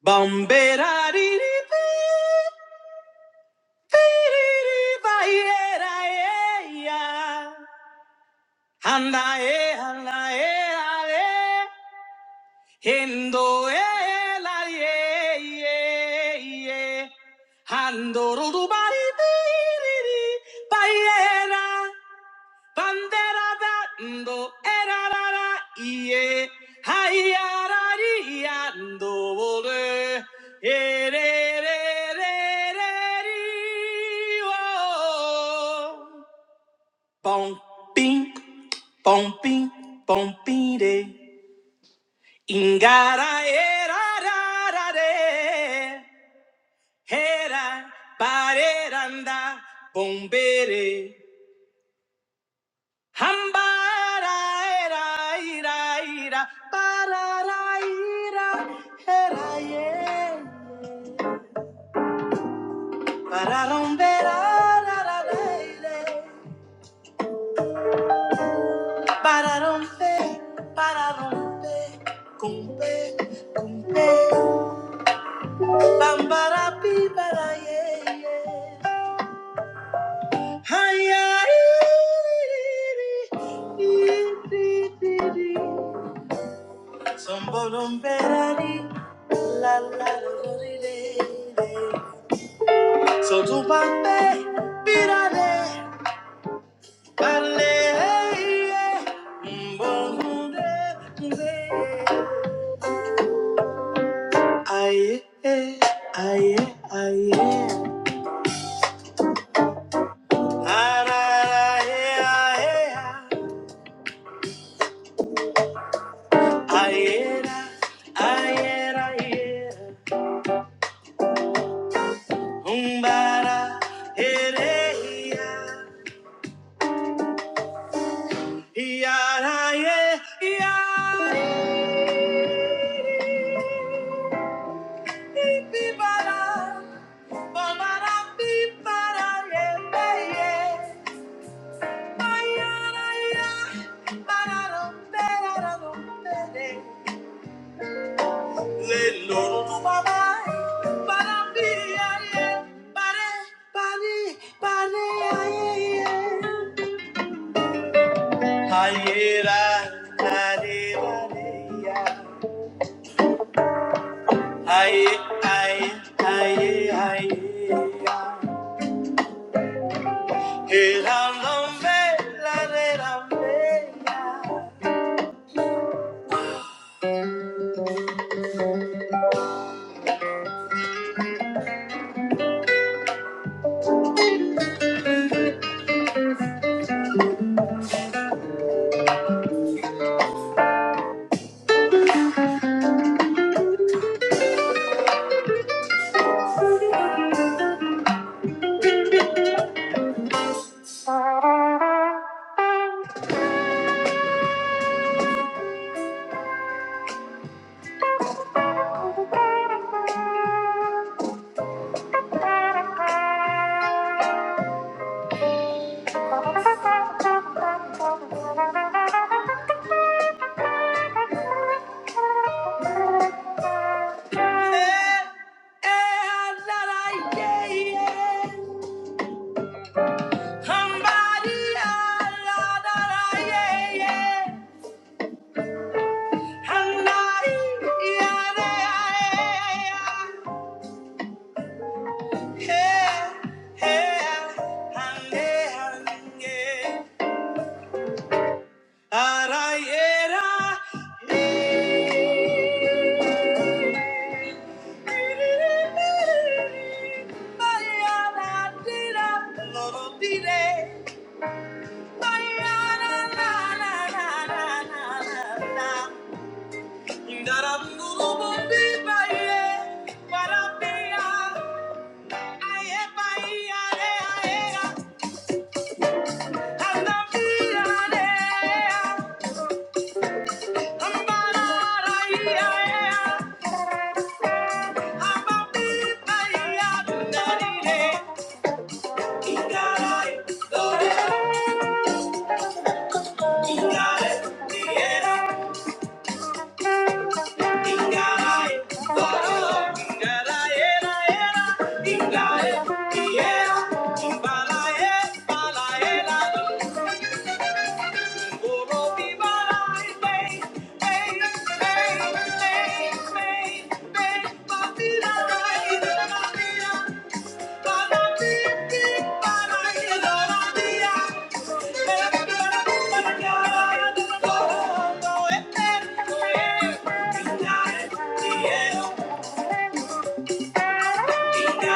D: Bombera Handae, handae, ale, hendo e la ye, ye, ye, hando rubari, Bandera dando, erarara, ie, haiarari, ando, ole, erererereri, oh. Bom, bim, bom, bim, bom, bim, de. Ingara, erararare, hera, bareranda, bombere. Hambaraeraera, bararaera, heraie, bararomberararareire, bararompe, bararompe, cumpe, cumpe, bambarapi, baraieiei. Ai, ai, ri, ri, ri, ri, ri, ri, ri. Somebody, better la la la, so tu pape, pirale, parle, mbongunde, mbe. Aye, aye, aye, aye, aye, aye, aye, aye, umbara, ere, Yaraye, yaraye, pipara, pamara, pipara, yepeye. Mayaraya, marara, perara, rompere. Lelo, babae, parapiriaye, pare, pari, pare, aye, aye. Ayera, nare, ya. Aye, aye, aye, aye, ya. El alomé, la de la mea. Eh, eh, la la, yeah, yeah. Somebody, ah, la la la, yeah, yeah. Somebody, yeah, yeah, yeah, yeah. Eh, eh, and, eh, and, yeah. Ah, yeah, la. You Got it, you got it, yeah. Yeah. Yeah.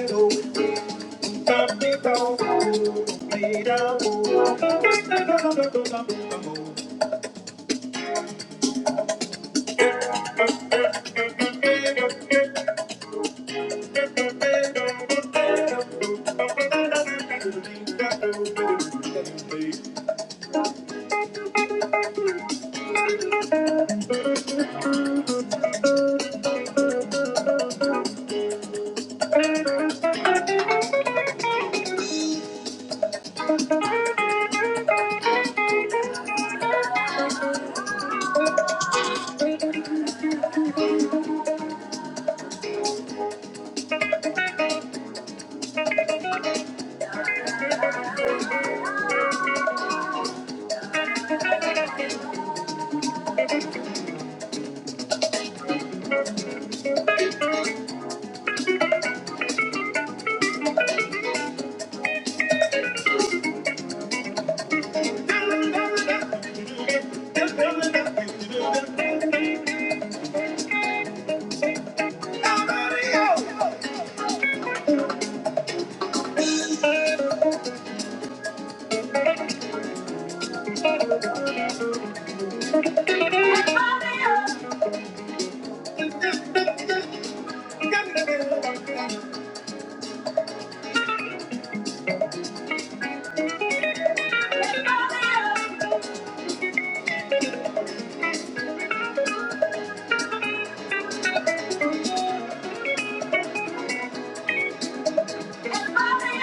D: Yeah. Everybody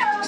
D: up!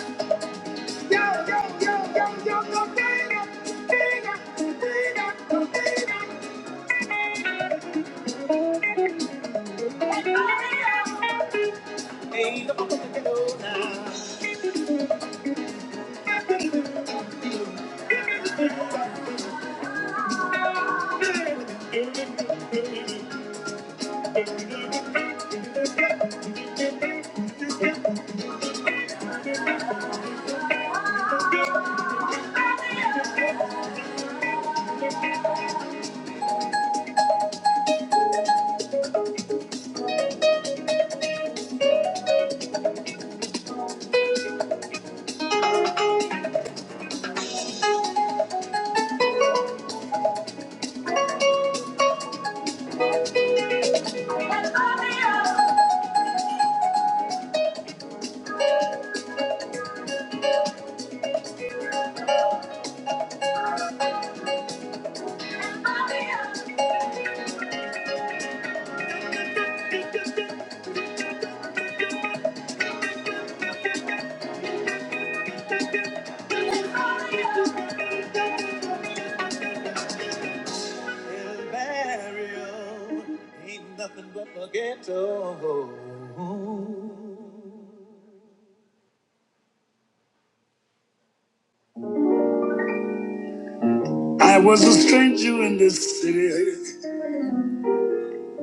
D: I was a stranger in this city,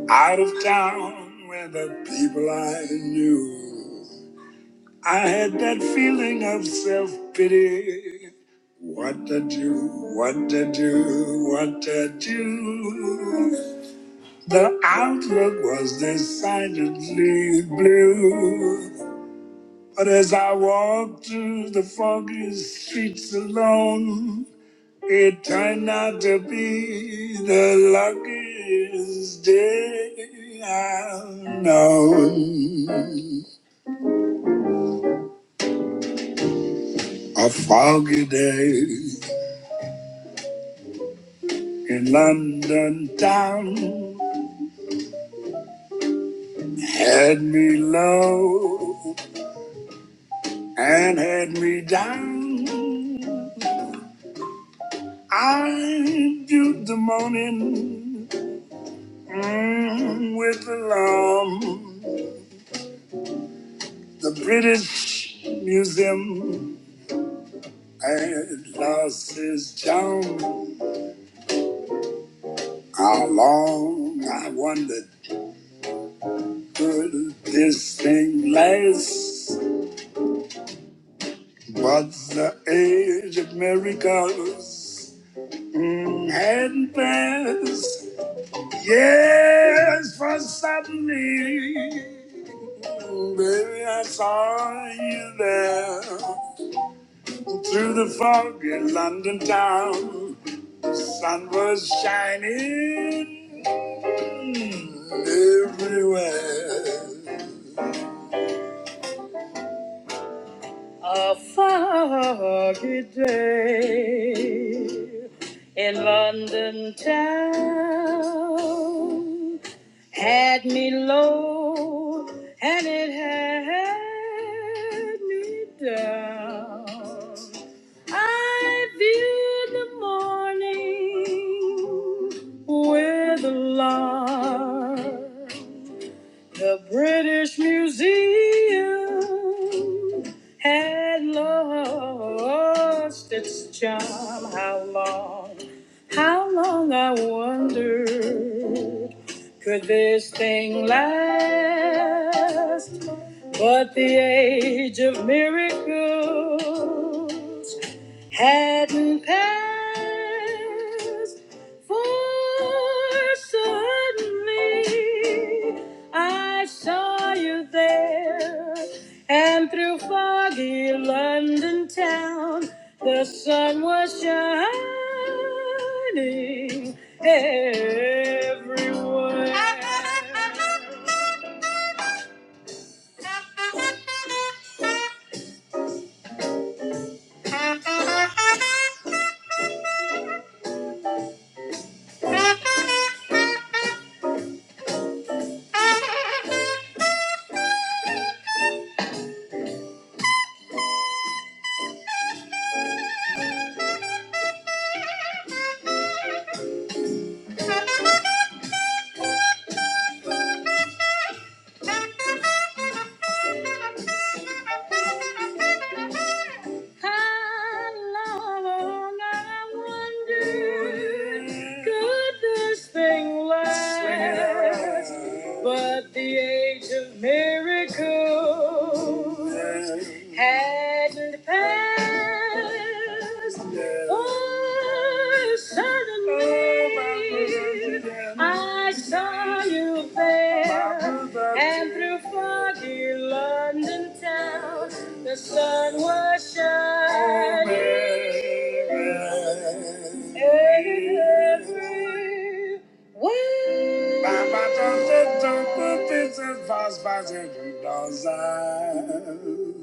D: out of town where the people I knew. I had that feeling of self pity. What to do, what to do, what to do. The outlook was decidedly blue. But as I walked through the foggy streets alone, it turned out to be the luckiest day I've known. A foggy day. In London town, had me low and had me down. I viewed the morning mm, with alarm. The British Museum had lost its charm. How long I wondered could this thing last? But the age of miracles Happiness, yes, for suddenly, baby, I saw you there through the fog in London town. The sun was shining everywhere. A foggy day in London town. Had me low and it had me down. I viewed the morning with alarm. The British Museum had lost its charm. How long, how long I wondered could this thing last but the age of miracles? hadn't passed. For suddenly I saw you there, and through foggy London town, the sun was shining everywhere. But the age of miracles hadn't passed. Oh, Yes, Suddenly, I saw you there, and through foggy London town, the sun was shining. Every Papa don't don't put this in fast fashion does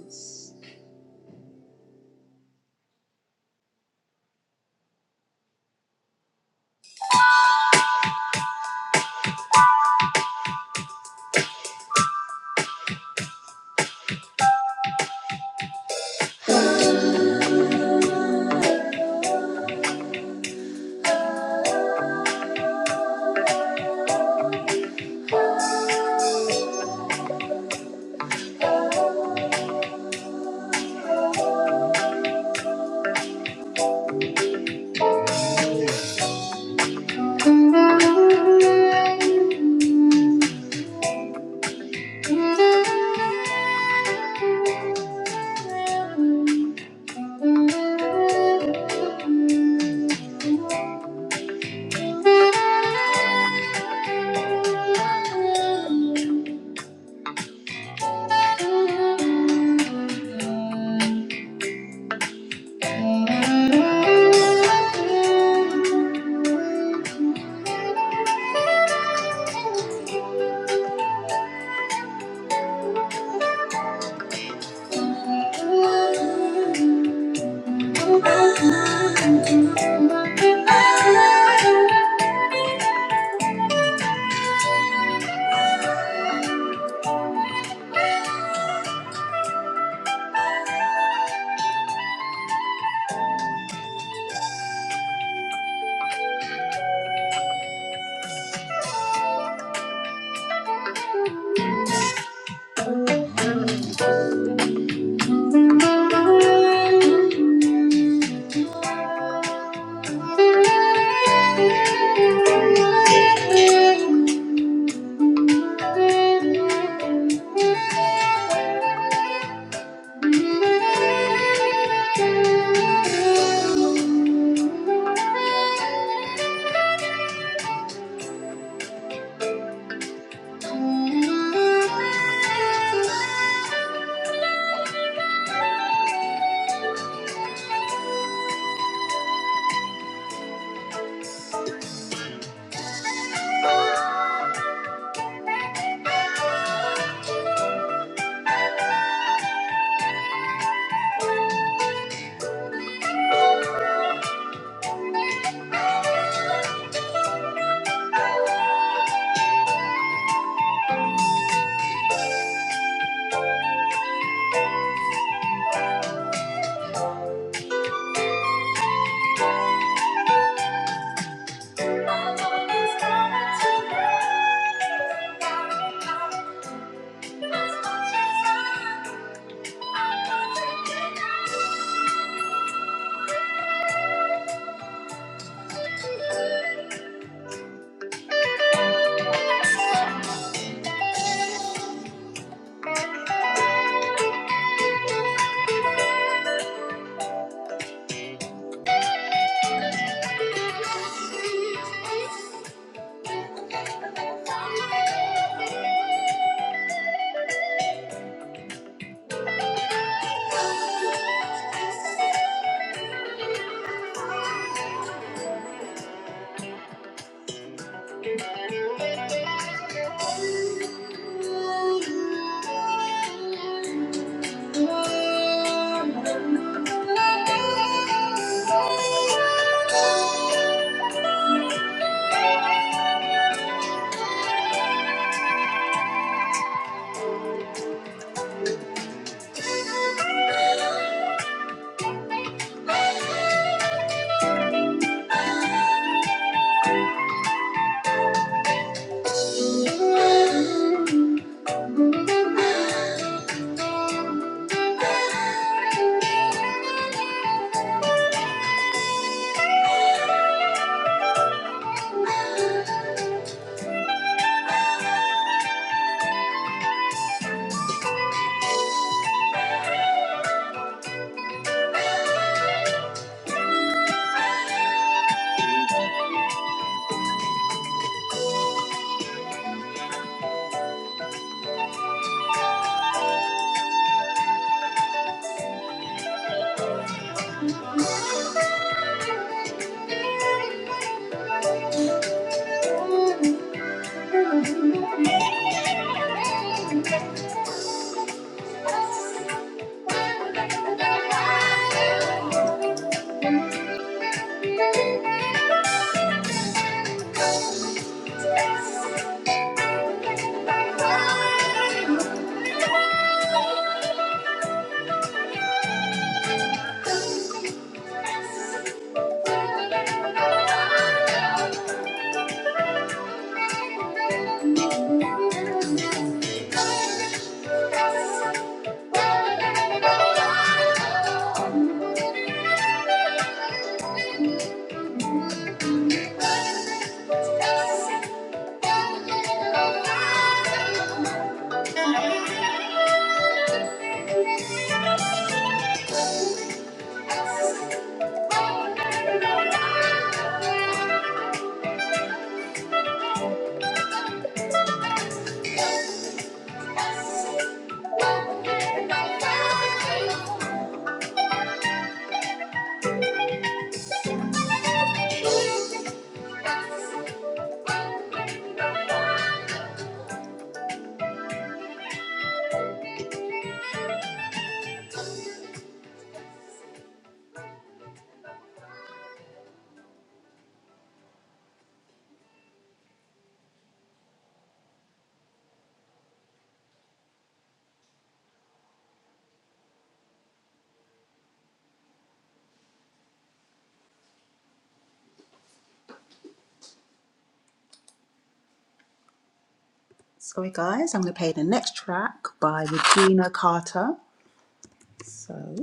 D: us. Thank you. Thank you. Thank you. Thank you. Sorry, guys, I'm going to play the next track by Regina Carter. So.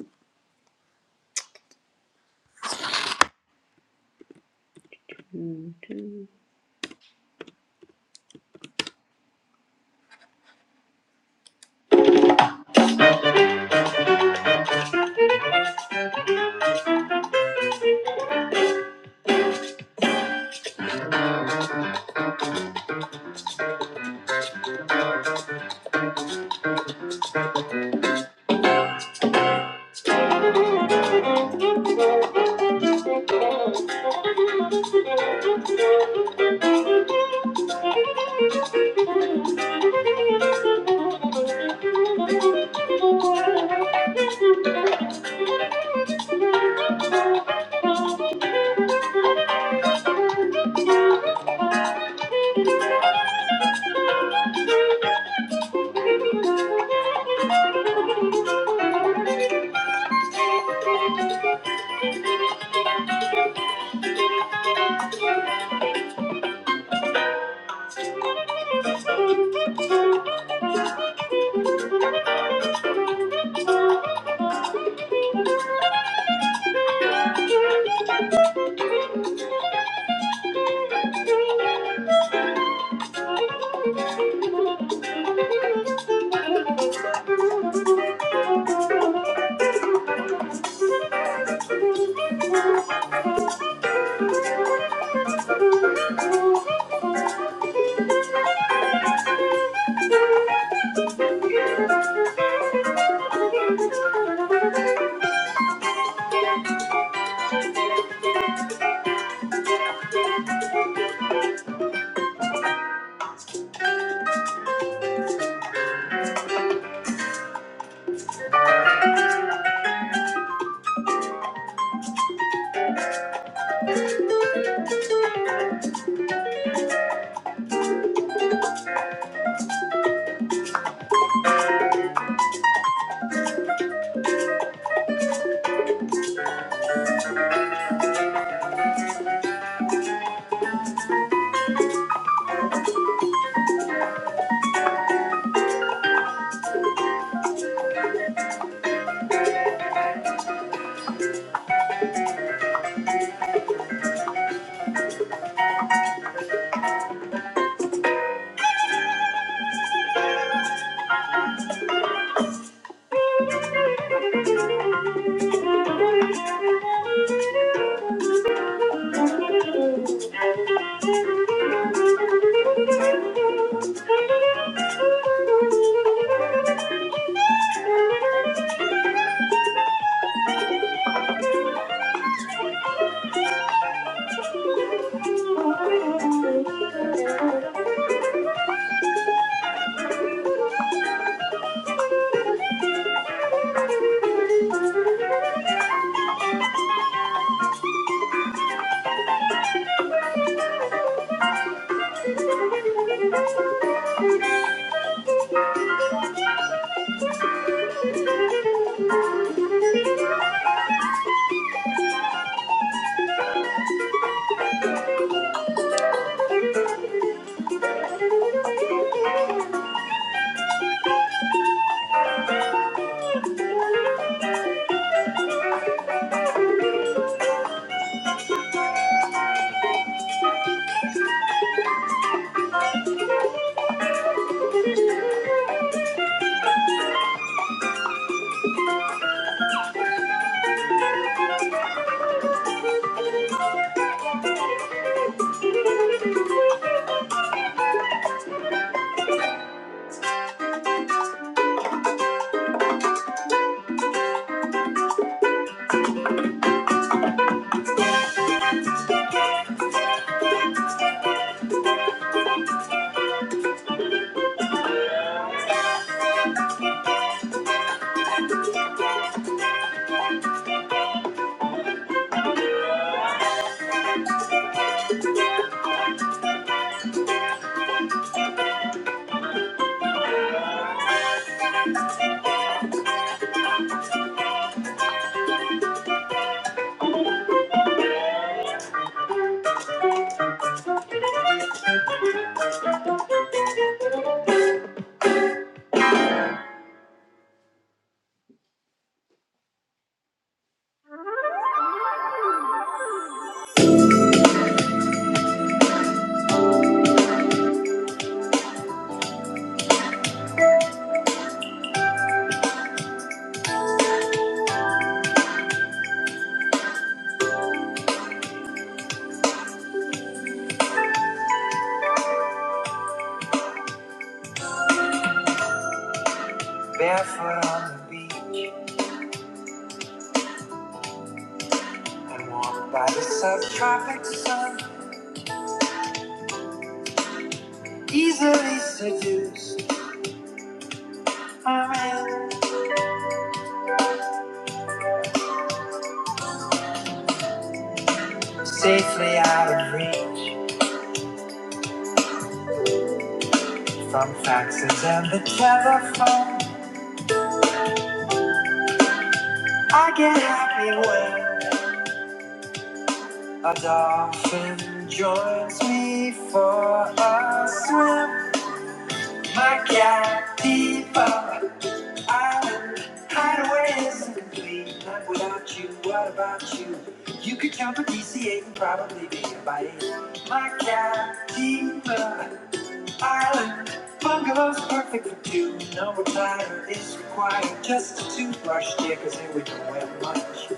D: Barefoot on the beach and warmed by the subtropic sun, easily seduced. Safely out of reach from faxes and the telephone. I get happy when a dolphin joins me for a swim. My cat, Diva, island hideaway is complete. Not without you, what about you? You could jump a DC-8 and probably be a bite. My cat, Diva. Ireland, bungalows perfect for two. No retire is required. Just a toothbrush, dear, cause here we don't wear much.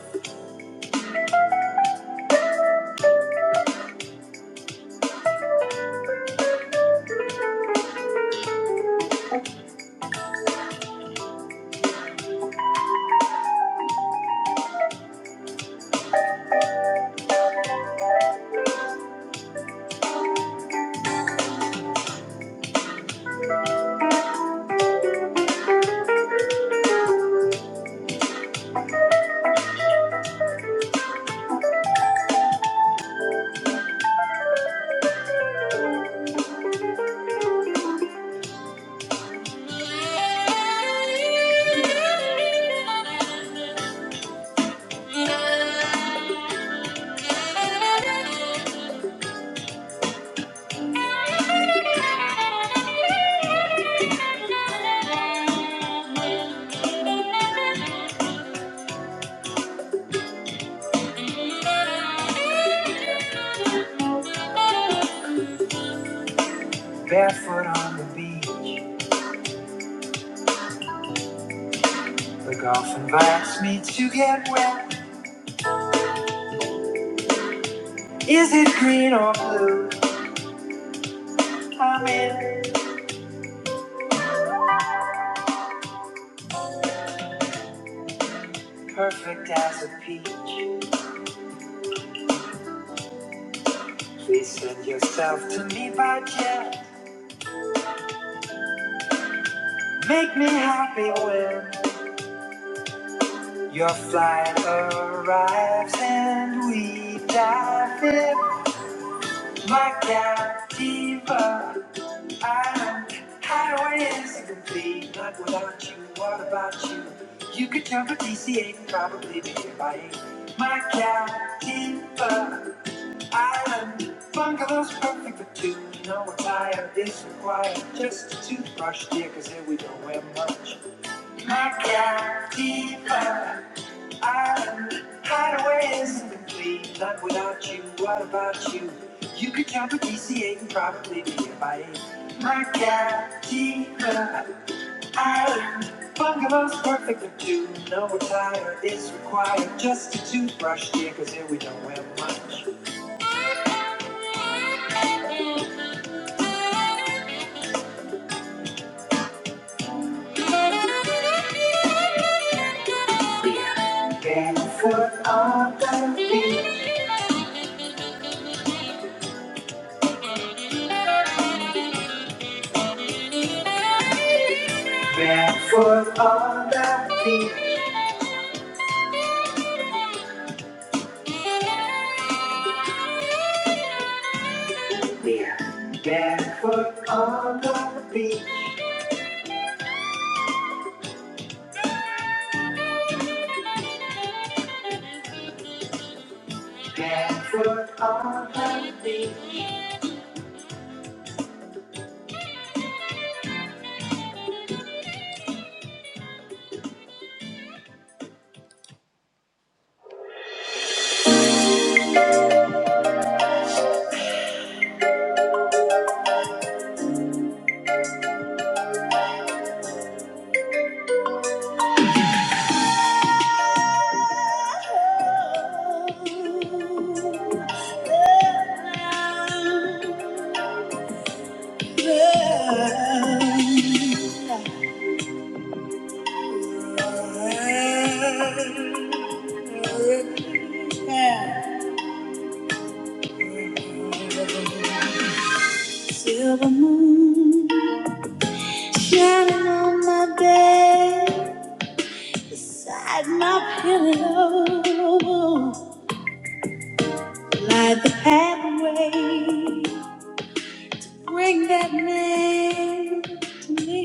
D: Barefoot on the beach, The golf invites me to get wet. Is it green or blue? I'm in, perfect as a peach. Please send yourself to me by jet. Make me happy when your flight arrives and we dive in like that diva. I'm highways incomplete, not without you. What about you? You could jump a DC-8 and probably be a bite. My Captiva Island bungalow's perfect for two. No attire is required, just a toothbrush, dear, 'cause here we don't wear much. My Captiva I'm hideaways in the clean, not without you. What about you? You could jump a DCA and probably be a bite. My cat, Diva, island. Bungalow's perfect for two. No attire is required. Just a toothbrush, dear, cause here we don't wear much. Barefoot on the beach. Barefoot on the beach. Getting on my bed at my pillow. Light the pathway. Bring that man to me.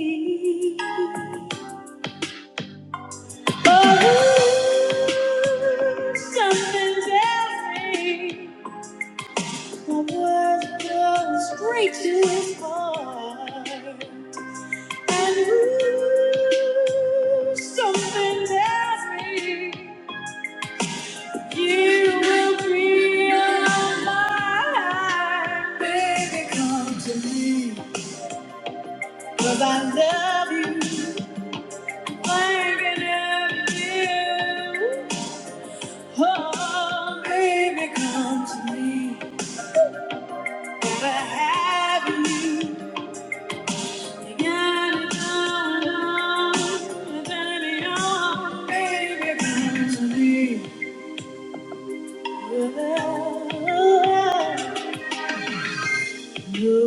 D: Oh, something tells me my words go straight to his heart. Ooh, Something tells me you will be on my mind, Baby, come to me, 'cause I love you. I can love you. Oh, baby, come to me. Gotta have you. You got it going on. Turn me on. Baby, come to me. You're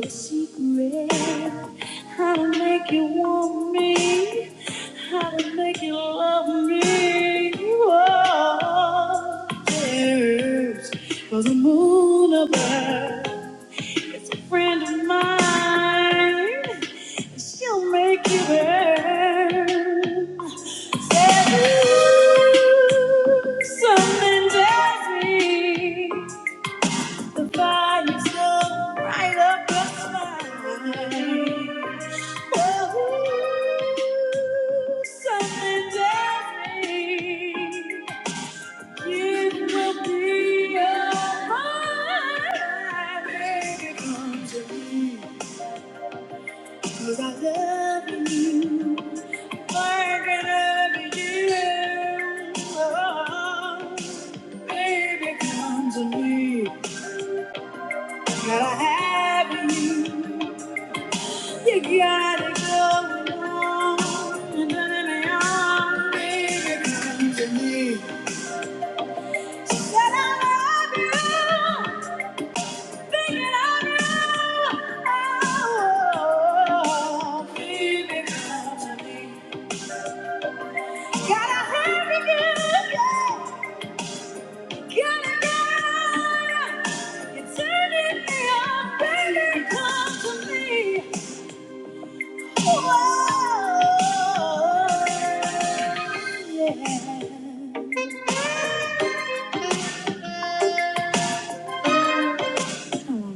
D: the secret. How to make you want me. How to make you love me. You there's For the moon above It's a friend of mine. She'll make you burn. Say, ooh, something tells me. The fire's so bright up inside. Oh, something tells me you will be alright. Baby, come to me, 'cause I love you. I can love you. Oh, baby, come to me, gotta have you. You got it going on, and then in the arm, baby, come to me. Said I love you, thinking of you. Oh, baby, come to me. Gotta have you, good, yeah. Gotta get on. You're turning me on, baby, come to me. Whoa,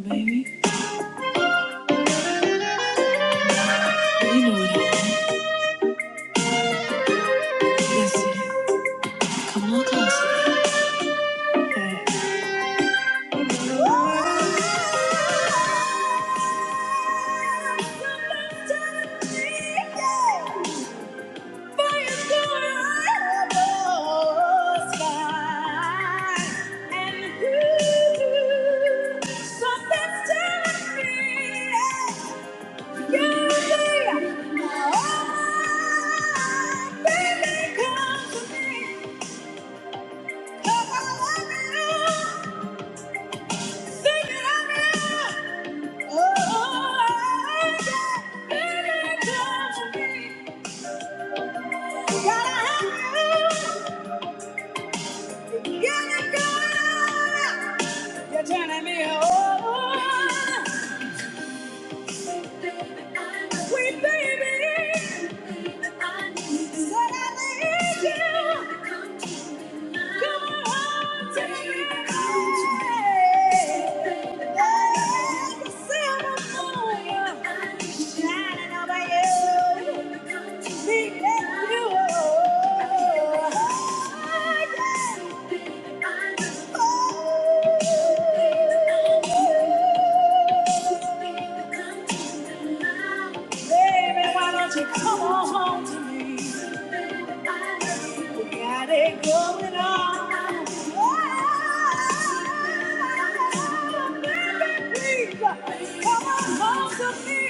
D: yeah. You're Turning me on. Sweet baby, I Said I need you. Come to my Come me home. Like silver moon, shining over you. Sweet as you Baby, why don't you Come on home to me. You got it going on. Oh, baby, please, come on home to me.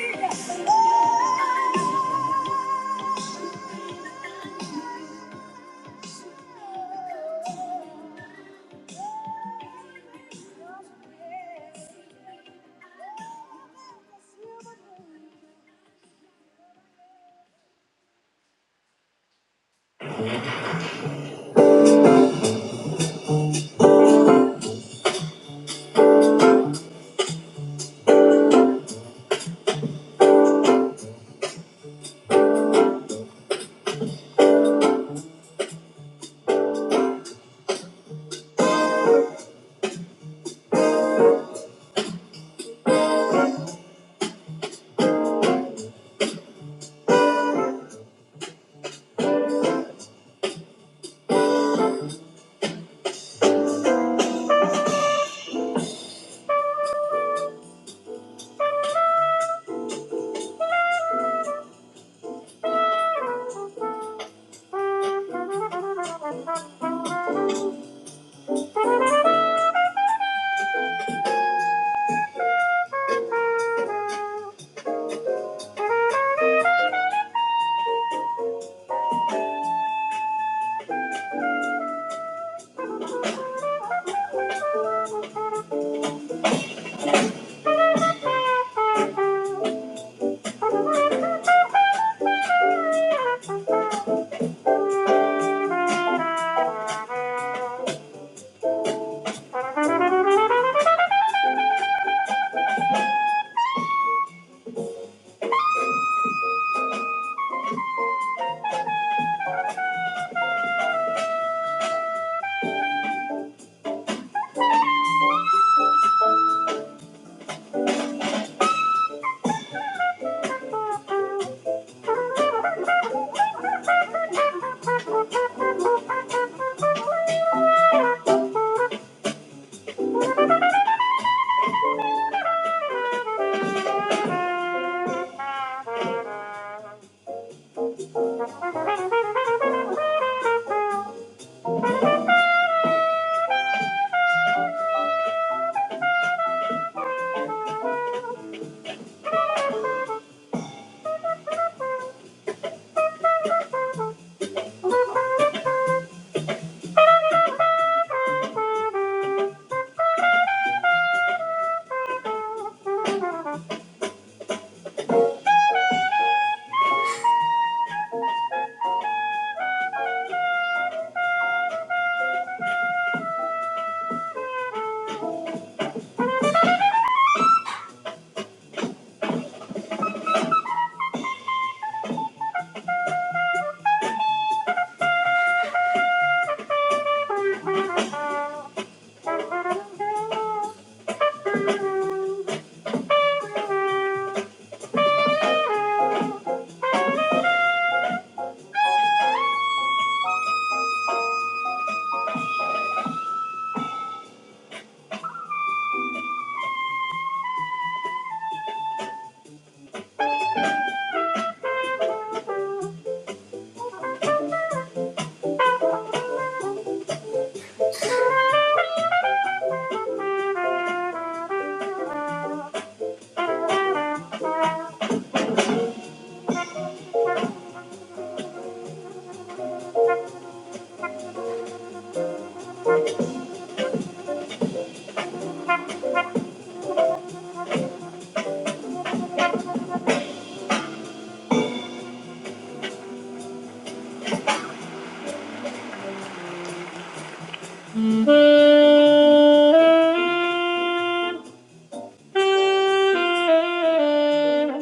D: Oh, silver.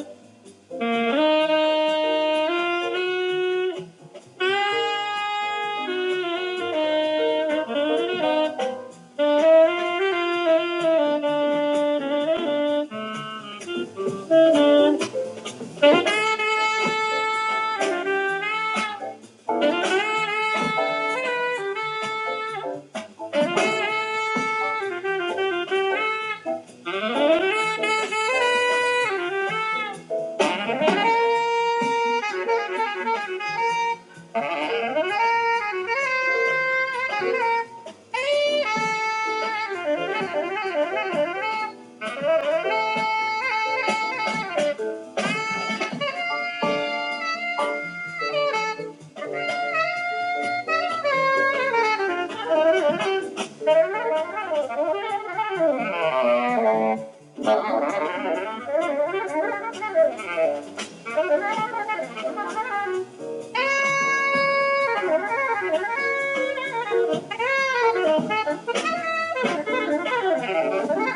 D: Thank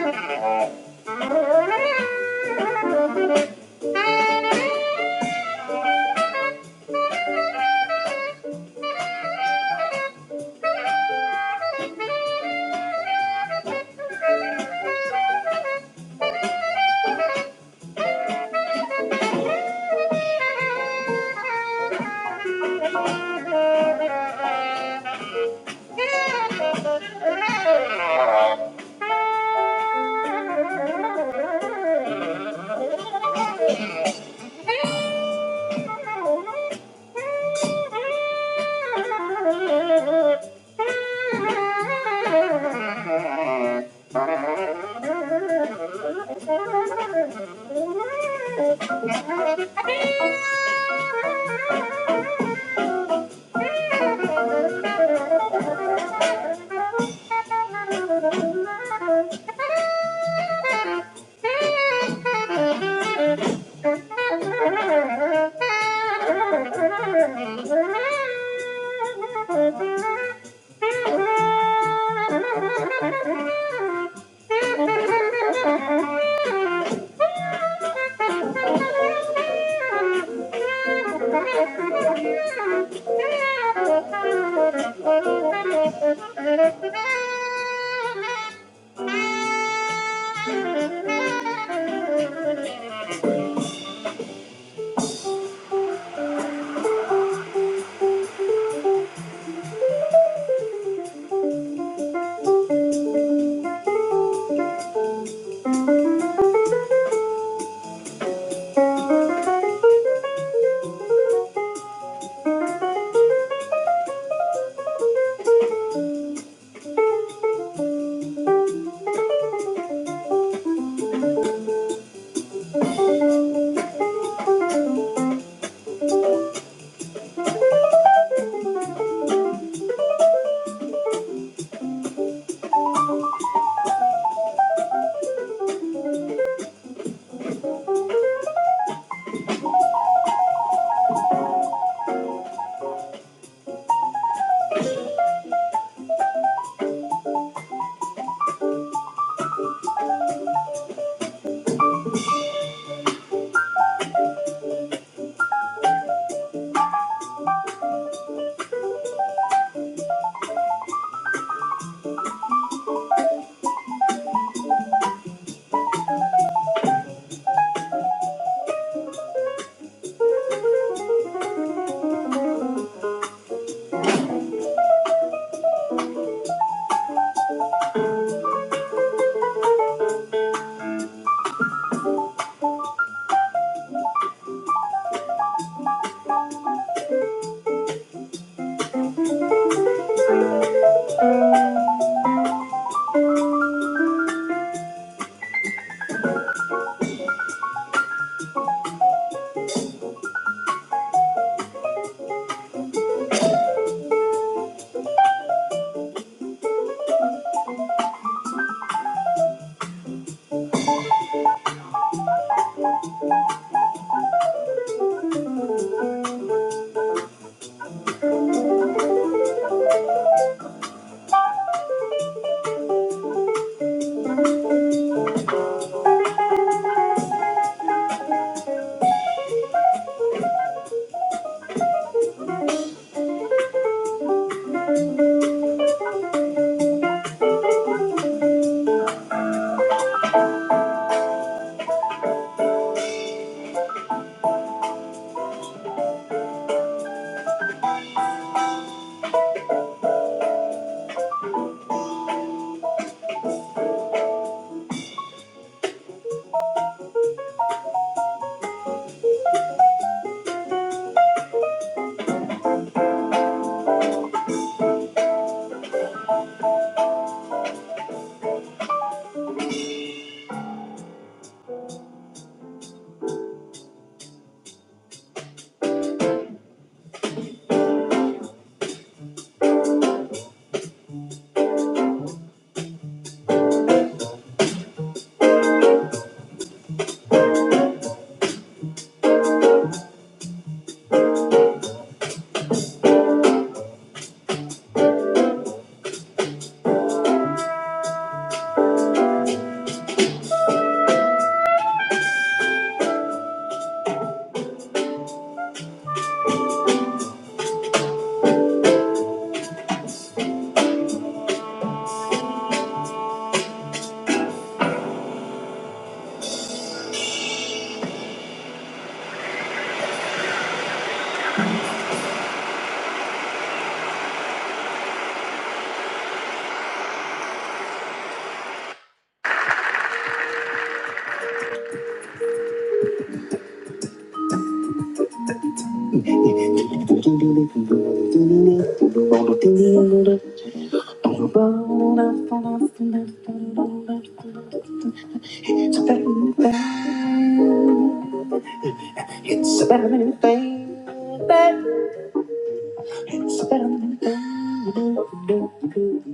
D: you. oh, you. Thank you. Do do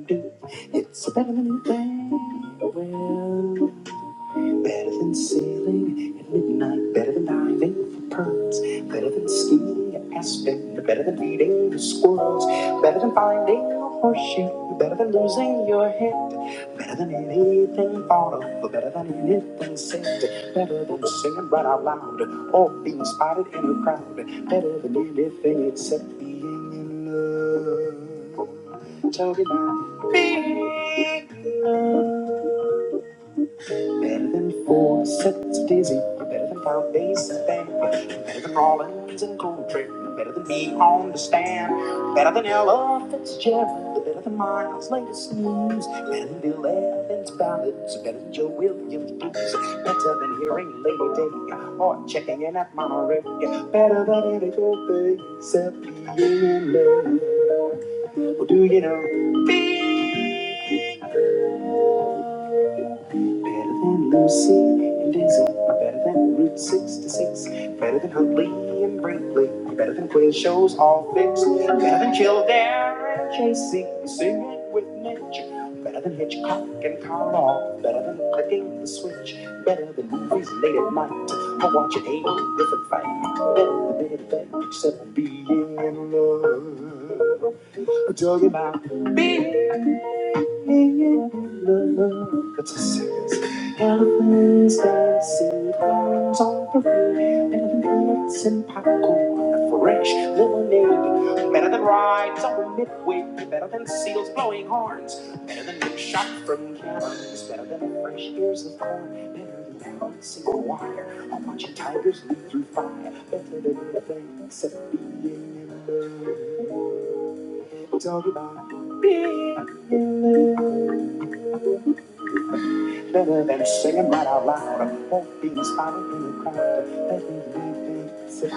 D: do, It's a better than a thing. Better than sailing at midnight, better than diving for pearls, better than skiing at Aspen, better than feeding the squirrels, better than finding a horseshoe, better than losing your head, better than anything thought of, better than anything said, better than singing right out loud or being spotted in a crowd, better than anything except being in love. Talking about Better than four sets of dizzy. better than pound bases, baby. you better than Rollins and Coltrane. better than me on the stand. better than Ella Fitzgerald. better than Miles' latest news. better than Bill Evans' ballads. better than Joe Williams' blues. Better than hearing Lady Day or checking in at Monterey. Better than any good thing except being in love. Well, do you know? Big Better than Lucy and Daisy. You're better than Route 66. better than Huntley and Brinkley. You're better than quiz shows all fixed. You're better than Kildare and Chasey. You Sing it with nature. You're better than Hitchcock and Carl. Better than clicking the switch. Better than movies late at night. I watch an eight different fight. Better than anything except being in love. Talk about being in love. That's a serious elephants dancing, clowns on parade, better than peanuts and popcorn, for fresh lemonade. Better than rides on midway, better than seals blowing horns, better than being shot from cannons, better than fresh ears of corn, better than a single wire, or watching tigers leap through fire, better than anything except being in love. Talk about being in love, Better than singing right out loud. Won't be spotted in the crowd. Let me be things of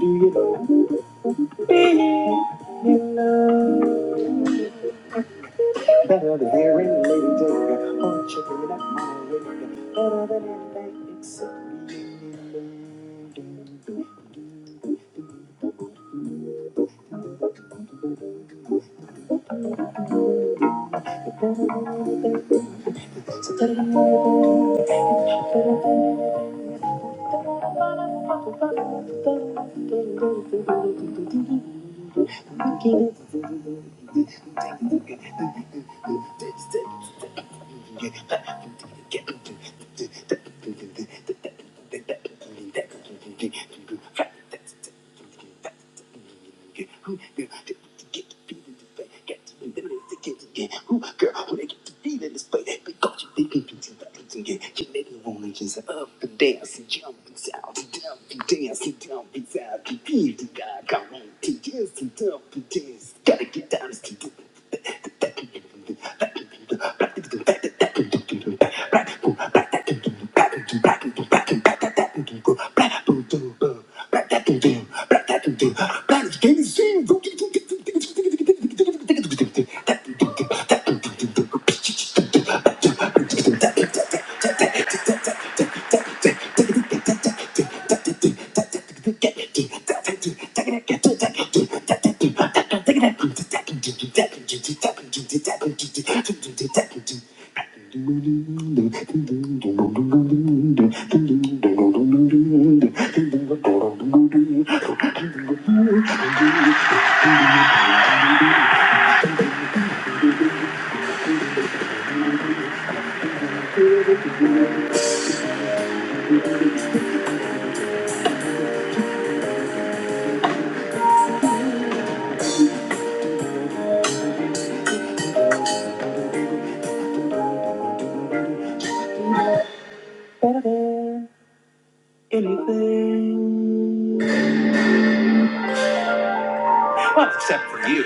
D: being loved. Do you know? Being in love. Better than hearing Lady Gaga. Or checking it out my radio. Better than anything except being loved. Who girl who they get to feel in this place because you think you can and get you make the woman just up and dance and jump and sound and dump and dance and be sad and feel the guy come on to dance and dump and dance gotta get down to do anything. Well, except for you.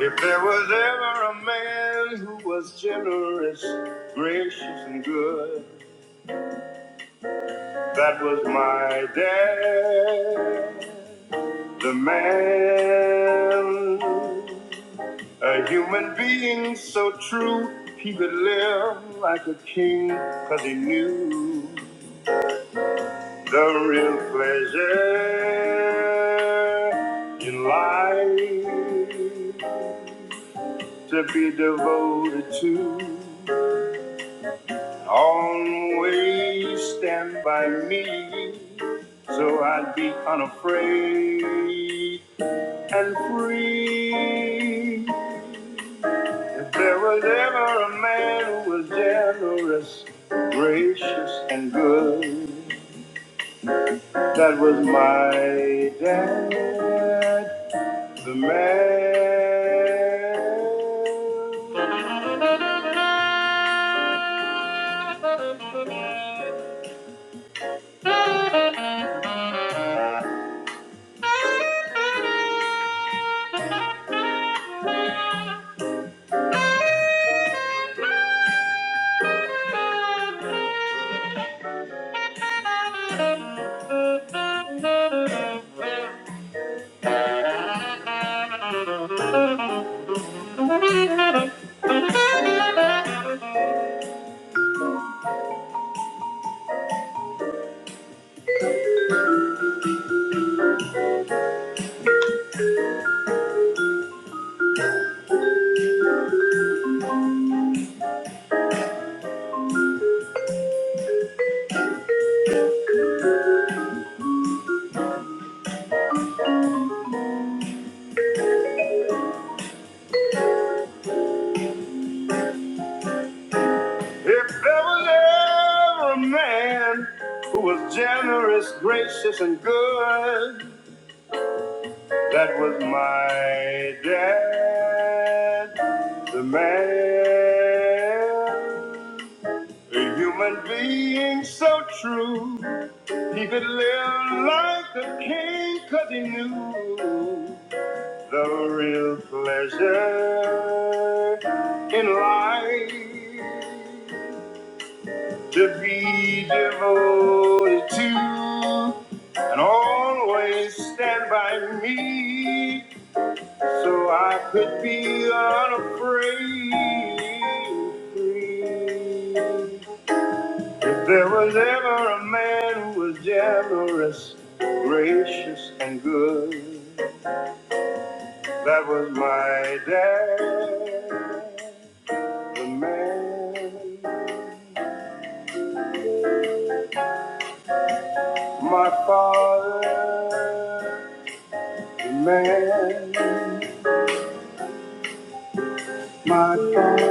D: If there was ever a man who was generous, gracious, and good, that was my dad. The man, a human being so true, he could live like a king 'cause he knew. The real pleasure in life to be devoted to. Always stand by me so I'd be unafraid and free. If there was ever a man who was generous, gracious, and good, that was my dad. The man. If there was ever a man who was generous, gracious, and good, that was my dad. The man. A human being so true. He could live like a king 'cause he knew. The real pleasure in life to be devoted to and always stand by me so I could be unafraid. free. If there was ever a man who was generous, gracious, and good. That was my dad, the man, my father, the man, my father.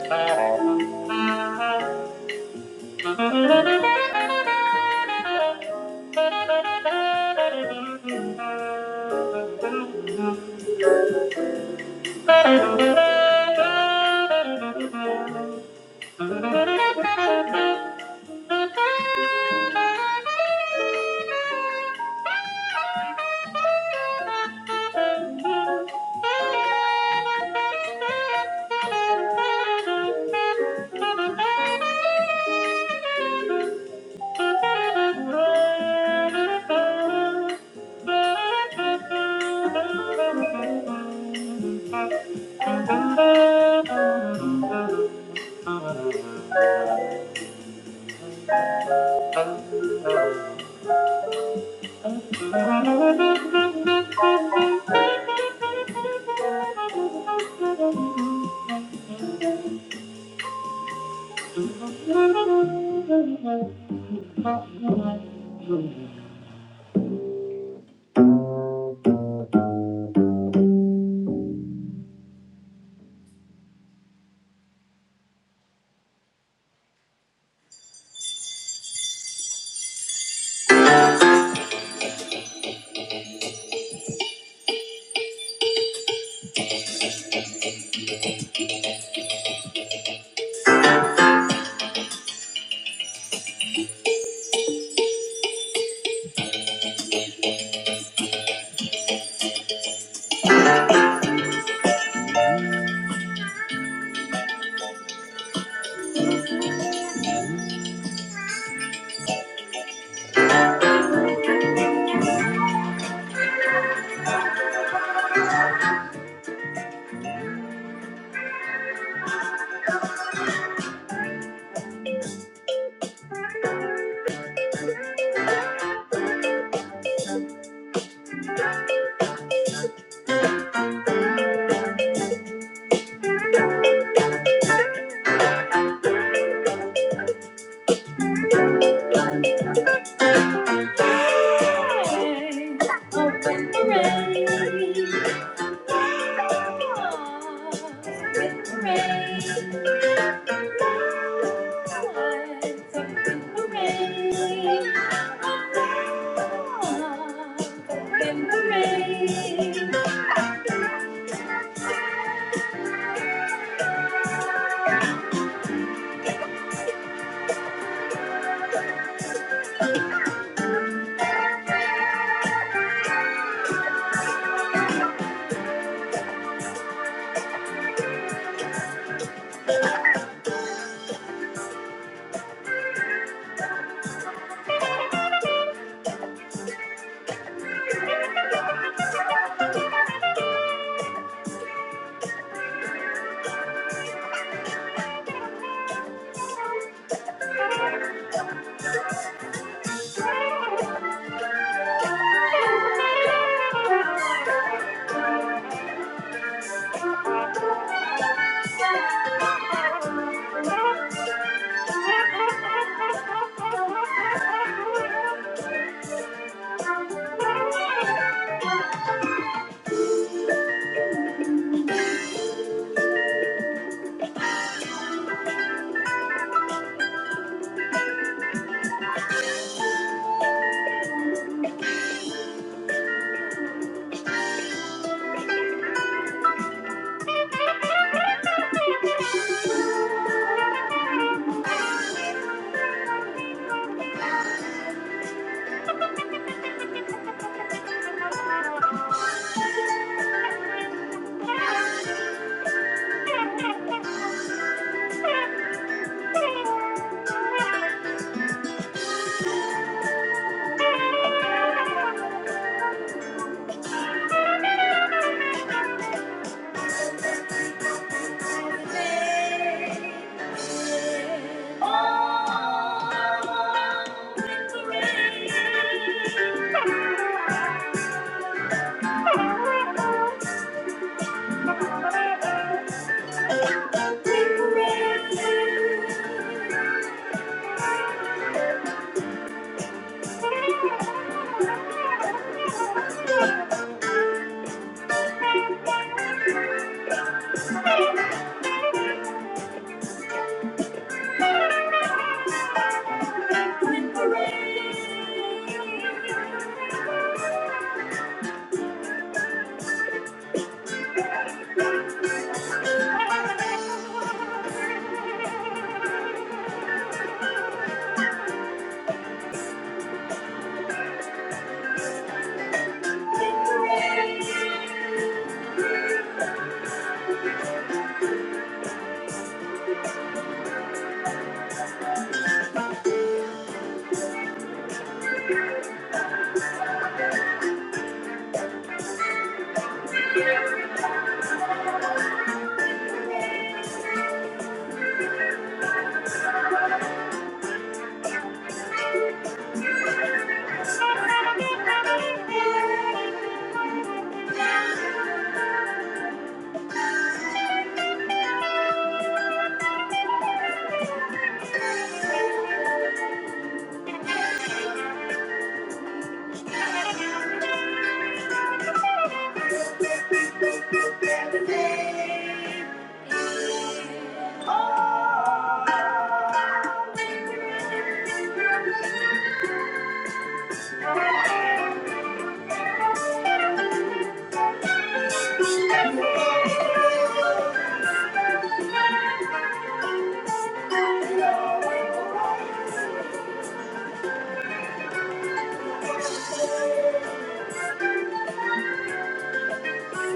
D: Thank you. Thank you. Open the rain. with the rain. Thank you. Thank you. Thank you. With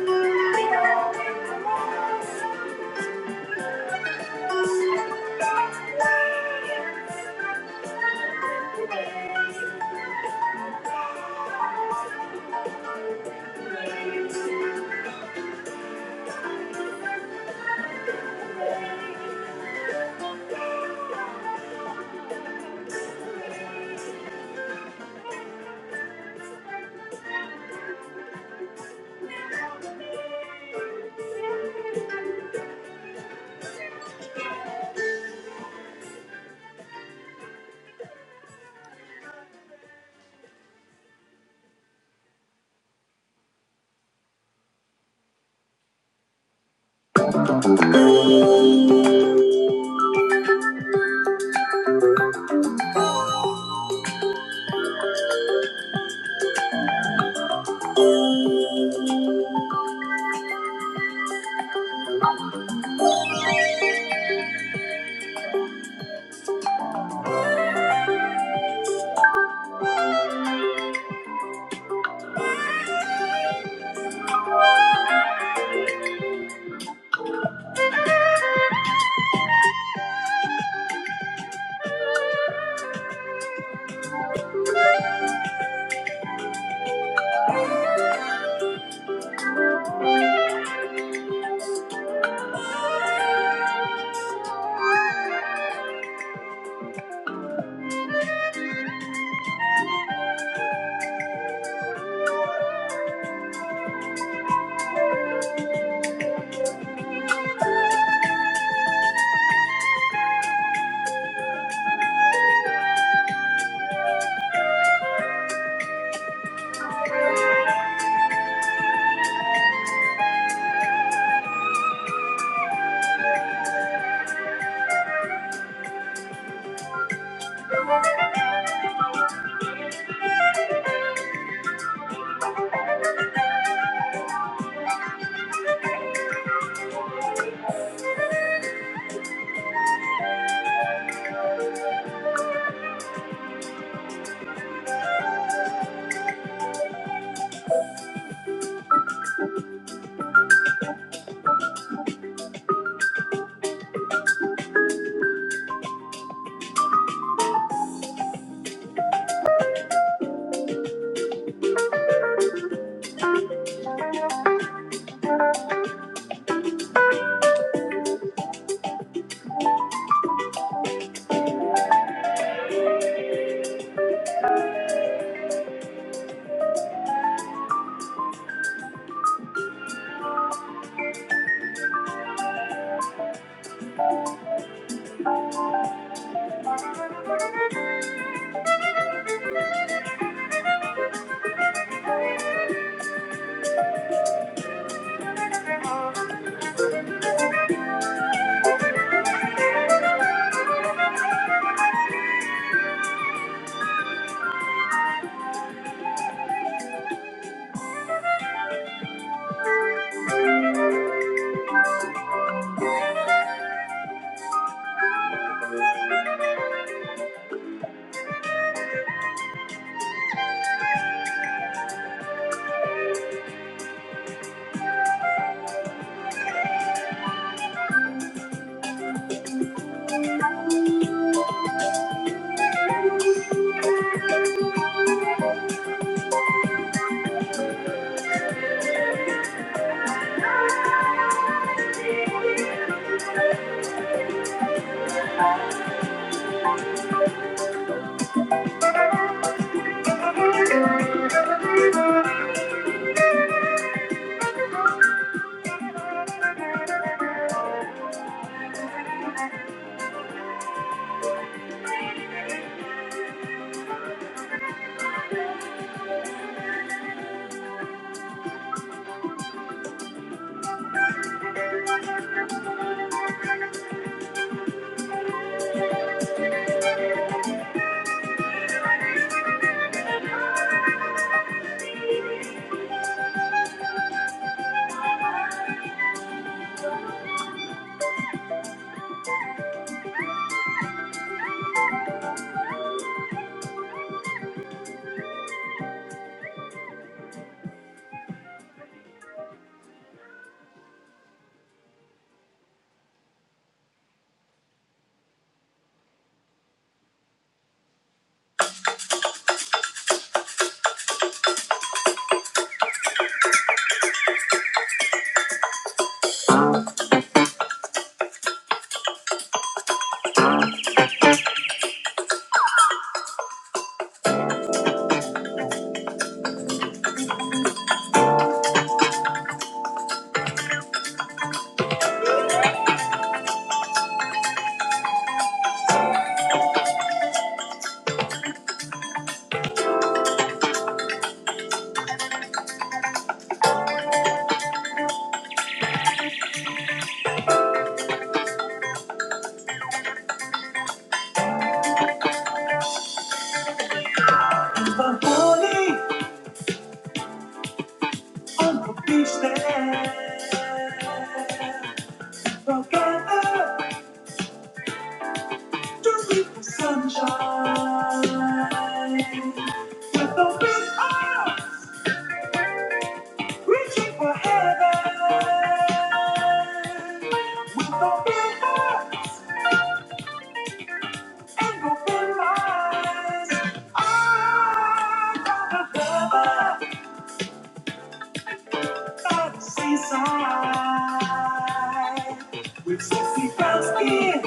D: a big arm reaching for heaven. With a big heart and open eyes. I got the heaven. by the seaside with sexy brown skin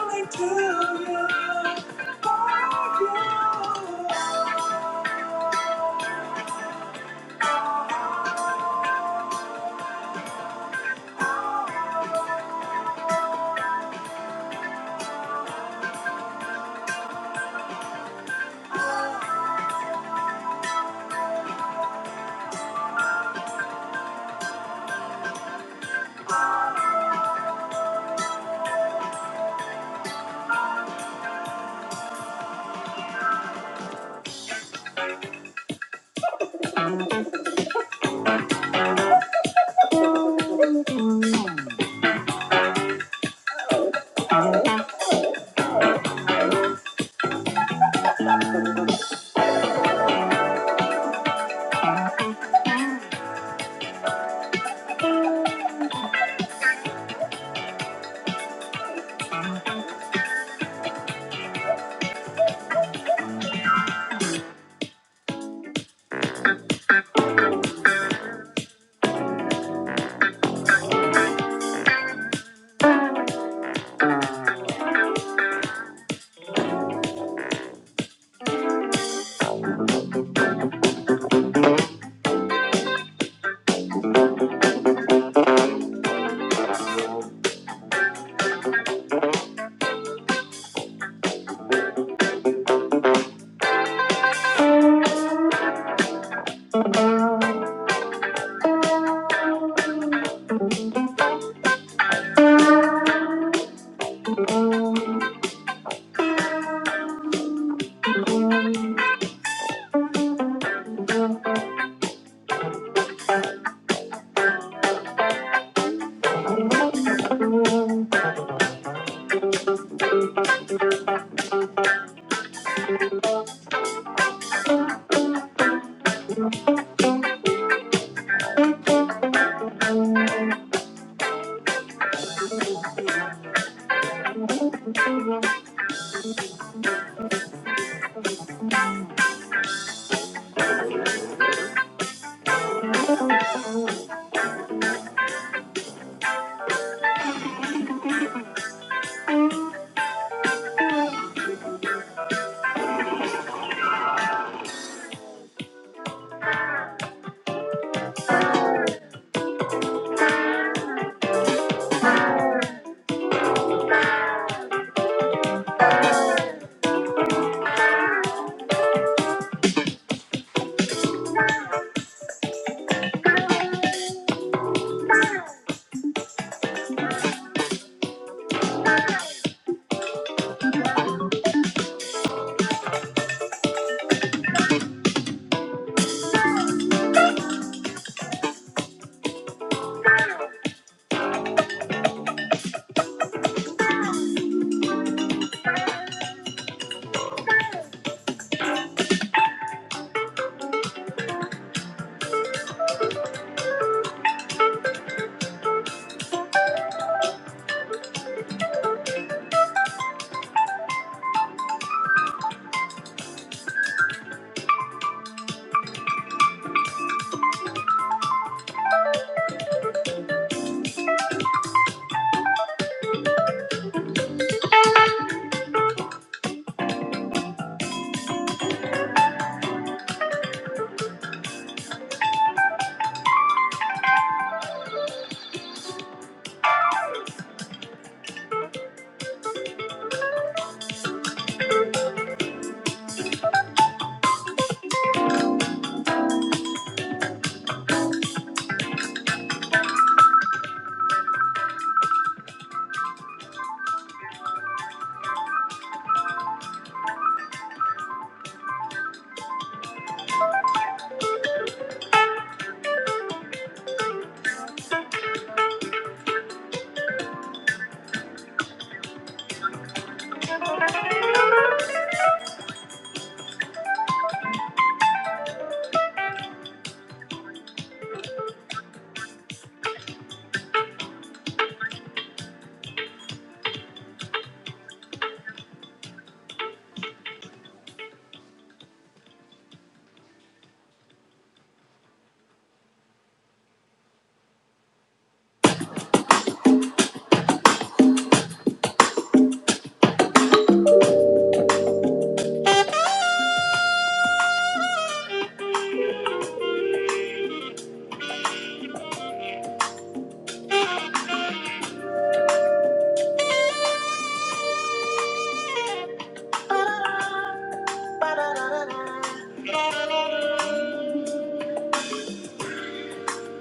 D: coming to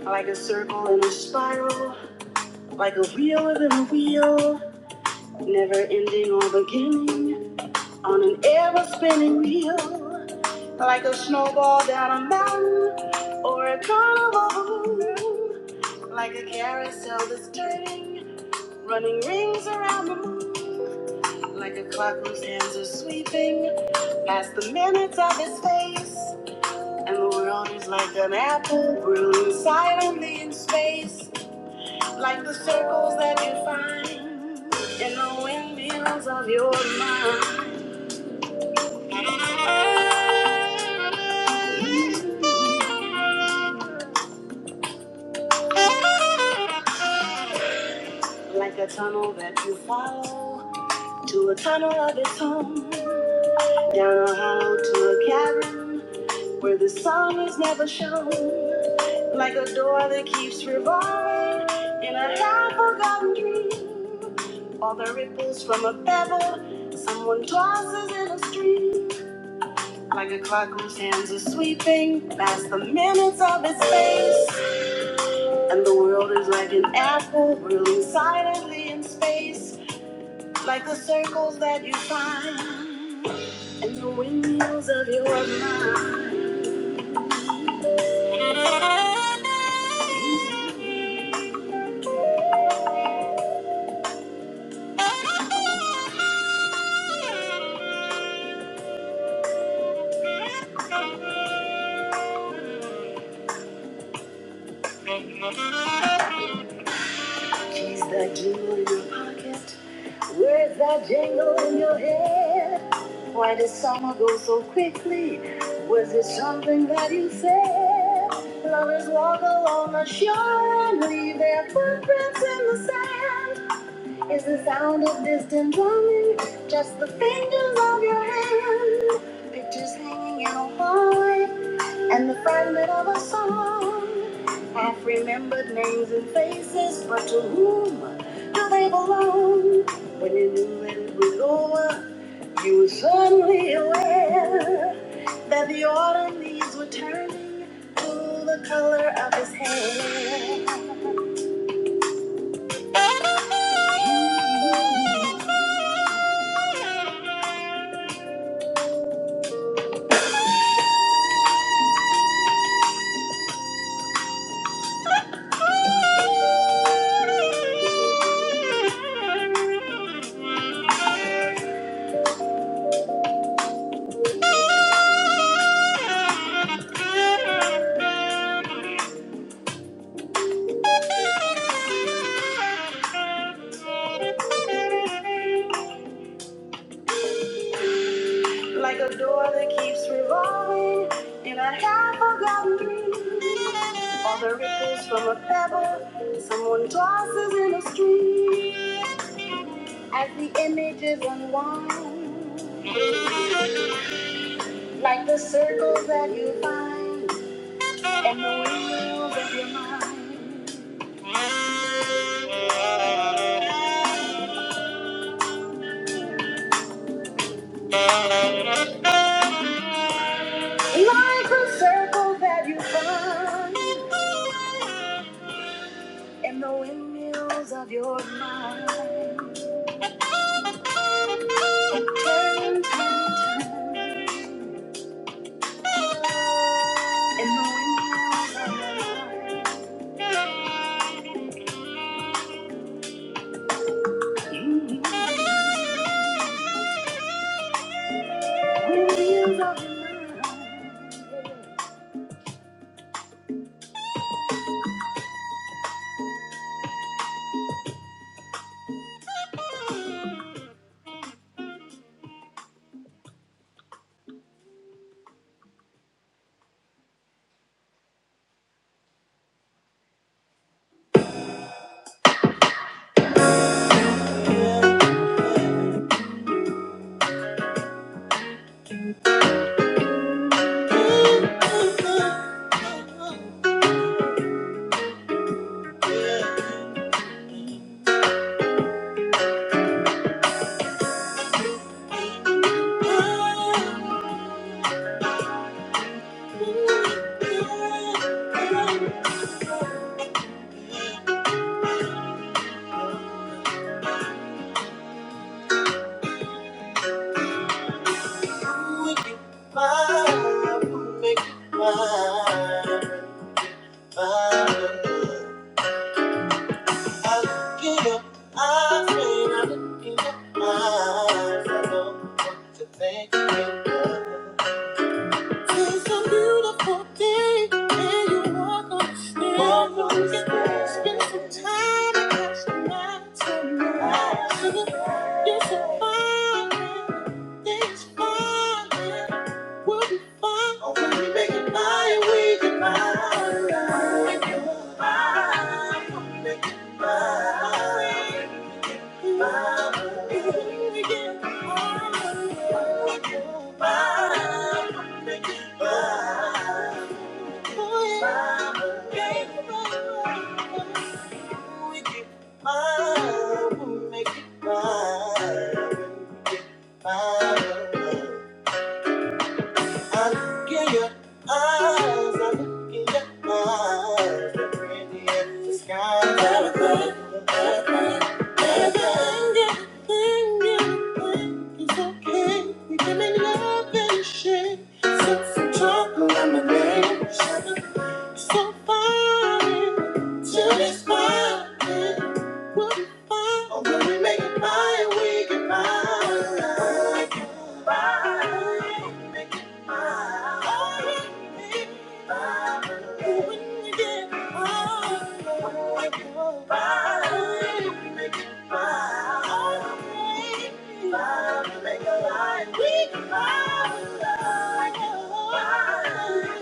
D: like a circle in a spiral like a wheel within a wheel never ending or beginning on an ever spinning wheel like a snowball down a mountain or a carnival balloon like a carousel that's turning running rings around the moon like a tunnel that you follow to a tunnel of its own Down a hall to a cabin where the sun is never shown. Like a door that keeps revolving in a half forgotten dream. All the ripples from a pebble someone tosses in a stream. Like a clock whose hands are sweeping past the minutes of its face. And the world keys that jingle in your pocket. Where's that jingle in your head? Why did summer go so quickly? Was it something that you said? Lovers walk along the shore and leave their footprints in the sand. Is the sound of distant drumming just the fingers of your hand? Pictures hanging in a hallway and the fragment of a song, half remembered names and faces, but to whom do they belong? When you knew that it was over, you were suddenly aware that the autumn leaves were turning to the color of his hair. Like a door that keeps revolving in a half forgotten dream, or the ripples from a pebble someone tosses in a stream. As the images unwind, like the circles that you find, and the wheels of your mind. Who would be mine? Who make you mine? Mine. I look in your eyes, and I look in your eyes. I know what to think of you. It's a beautiful day, and you walk on the stairs. Walk on the stairs. Spend some time. and catch the night. Make it mine, mine. I look in your eyes, I look in your eyes, they're pretty. It's okay. We can make love and shit. Sip some chocolate lemonade. So fine. Till it's fine. We'll be fine. Oh, when we make it fine, we can Make it fine. Fine. Fine. Make it fine. We fine.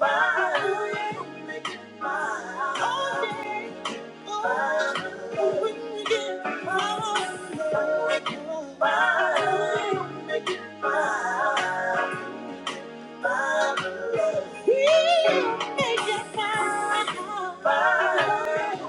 D: Bye. Thank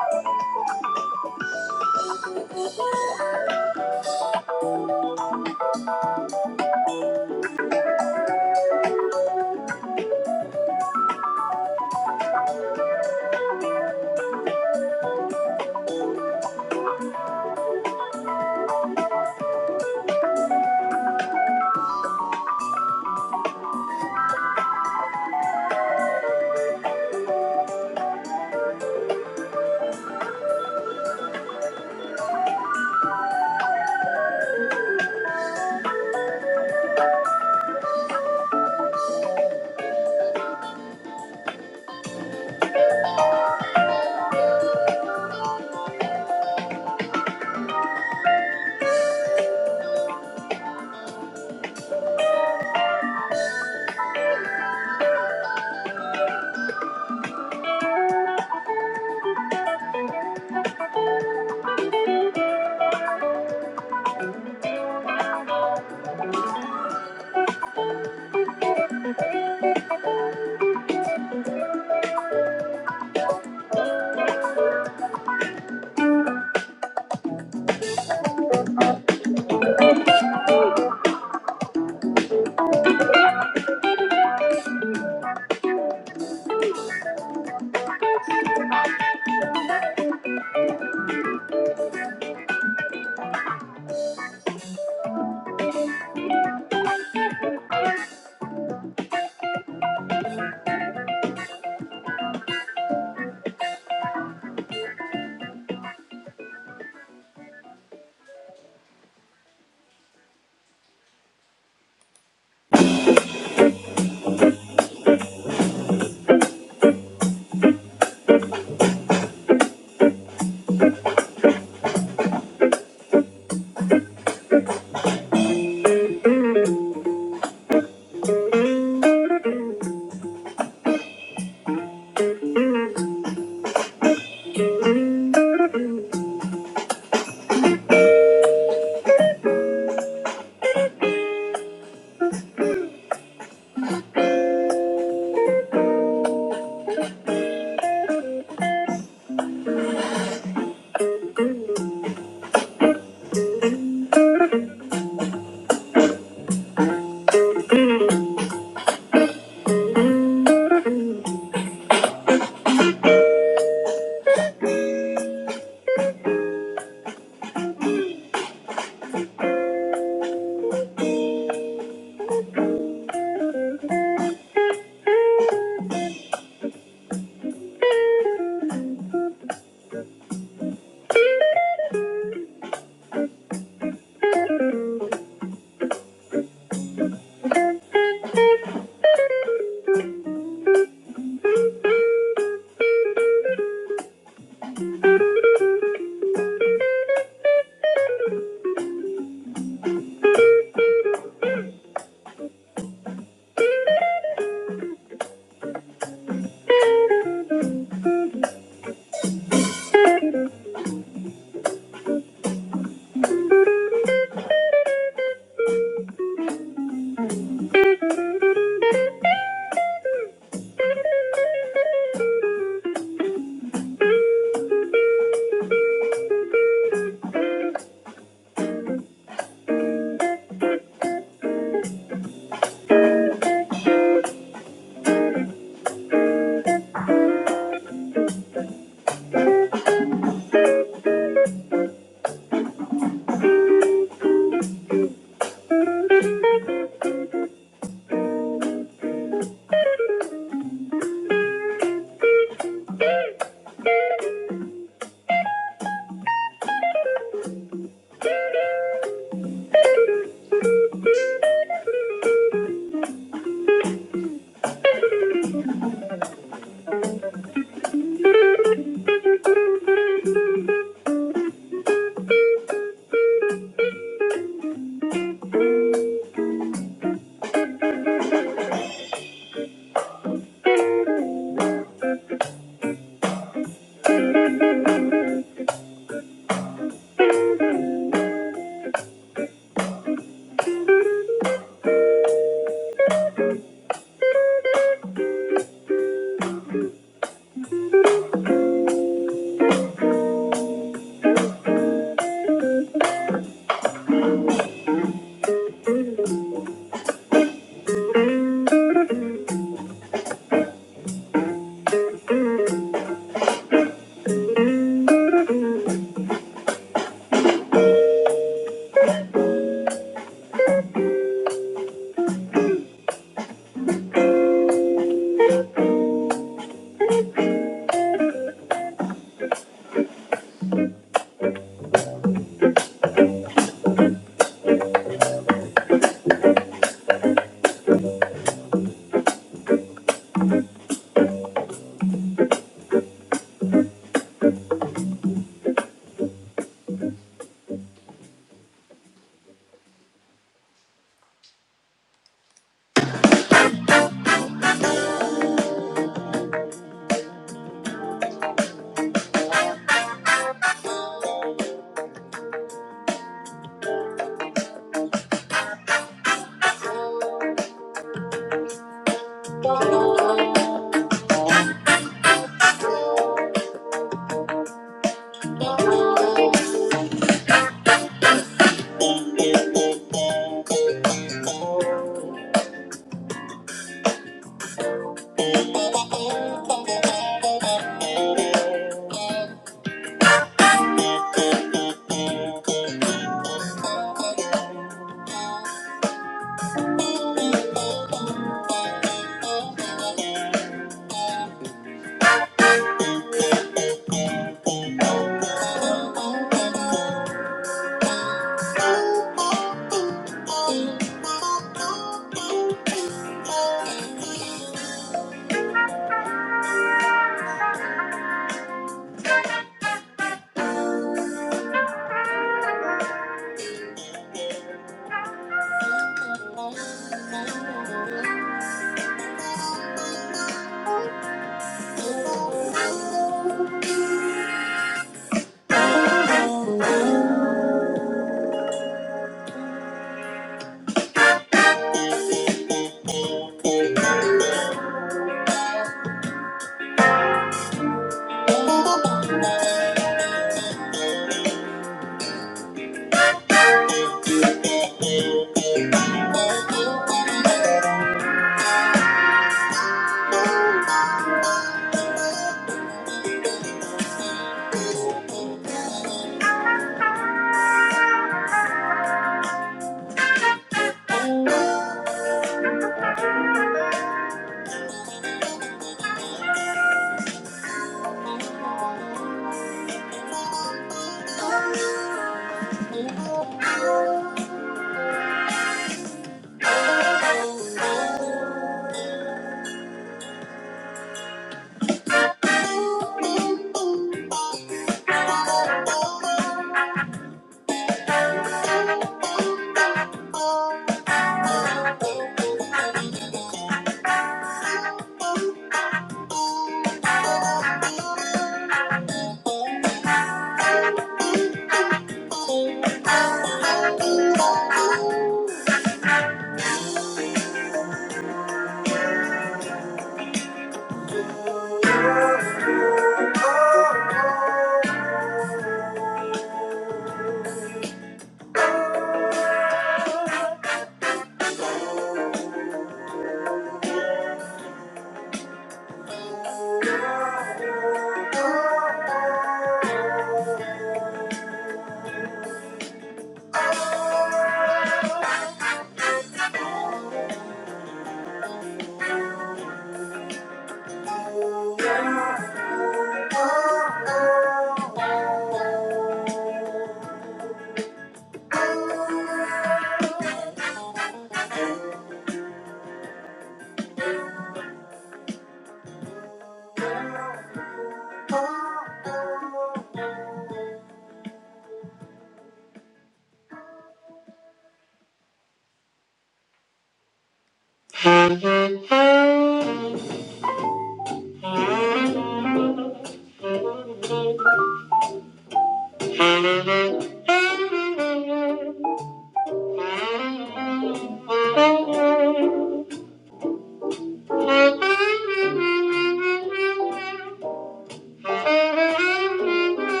D: you.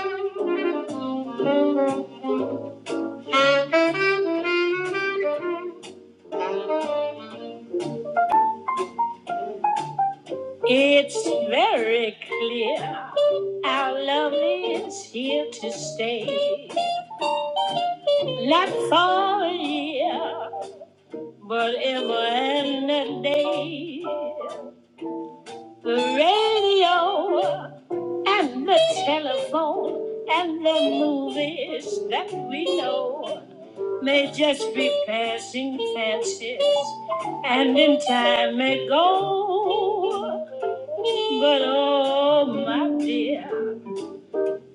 D: It's very clear our love is here to stay. Not for a year, but ever and a day. The radio and the telephone and the movies that we know may just be passing fancies and in time may go. But oh, my dear.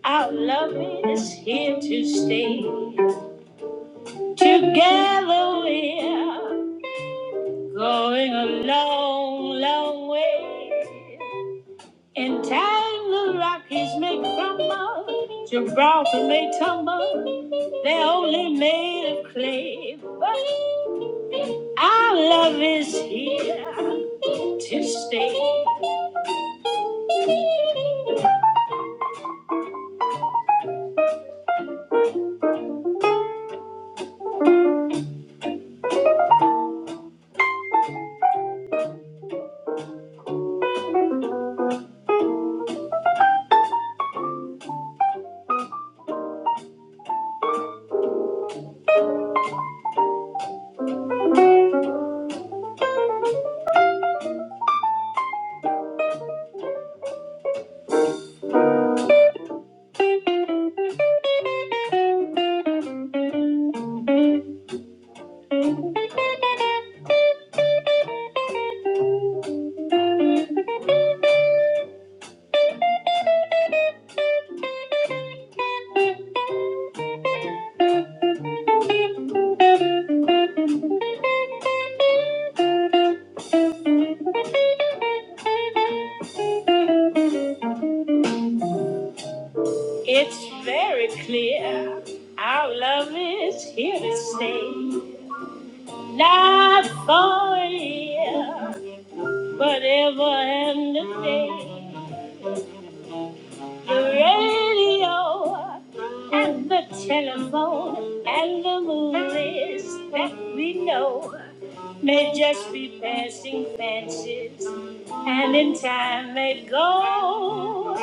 D: Our love is here to stay. Together we're going a long, long way. In time the Rockies may crumble, Gibraltar may tumble. They're only made of clay, but our love is here to stay. It's very clear. Our love is here to stay. Not for a year. Whatever and the day, the radio and the telephone and the movies that we know may just be passing fancies and in time may go.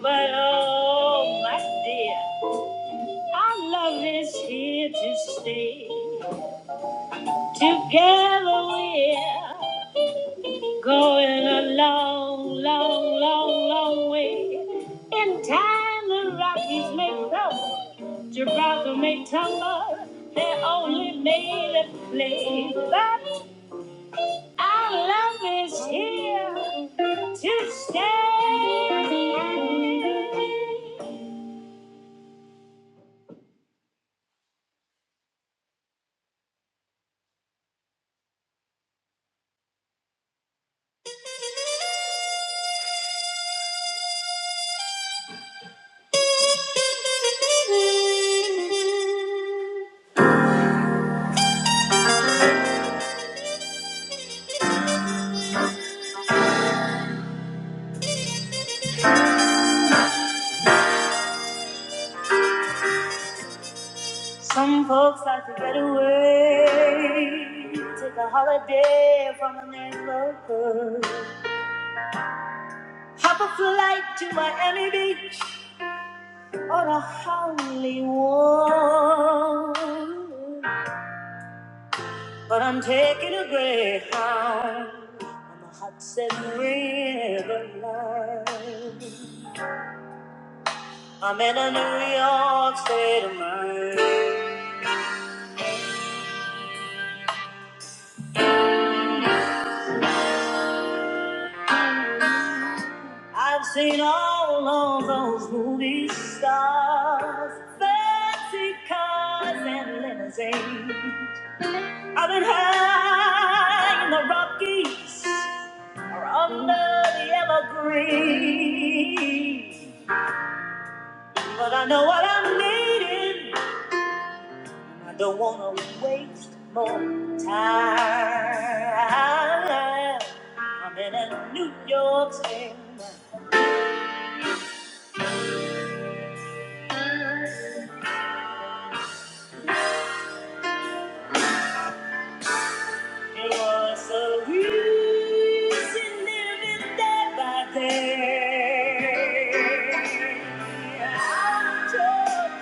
D: But oh my dear, our love is here to stay. Together we're Going a long, long, long, long way. In time, the Rockies may crumble, Gibraltar may tumble. They're only made of clay, but our love is here to stay. Some folks like to get away, take a holiday from a man's local. Hop a flight to Miami Beach. or a holy one. But I'm taking a greyhound on the Hudson River line. I'm in a New York state of mind. I've seen all of those movie stars, fancy cars and limousines. I've been high in the Rockies or under the evergreens. But I know what I'm needing. I don't want to waste more time. I'm in a New York City. It was so easy living day by day. I'm torn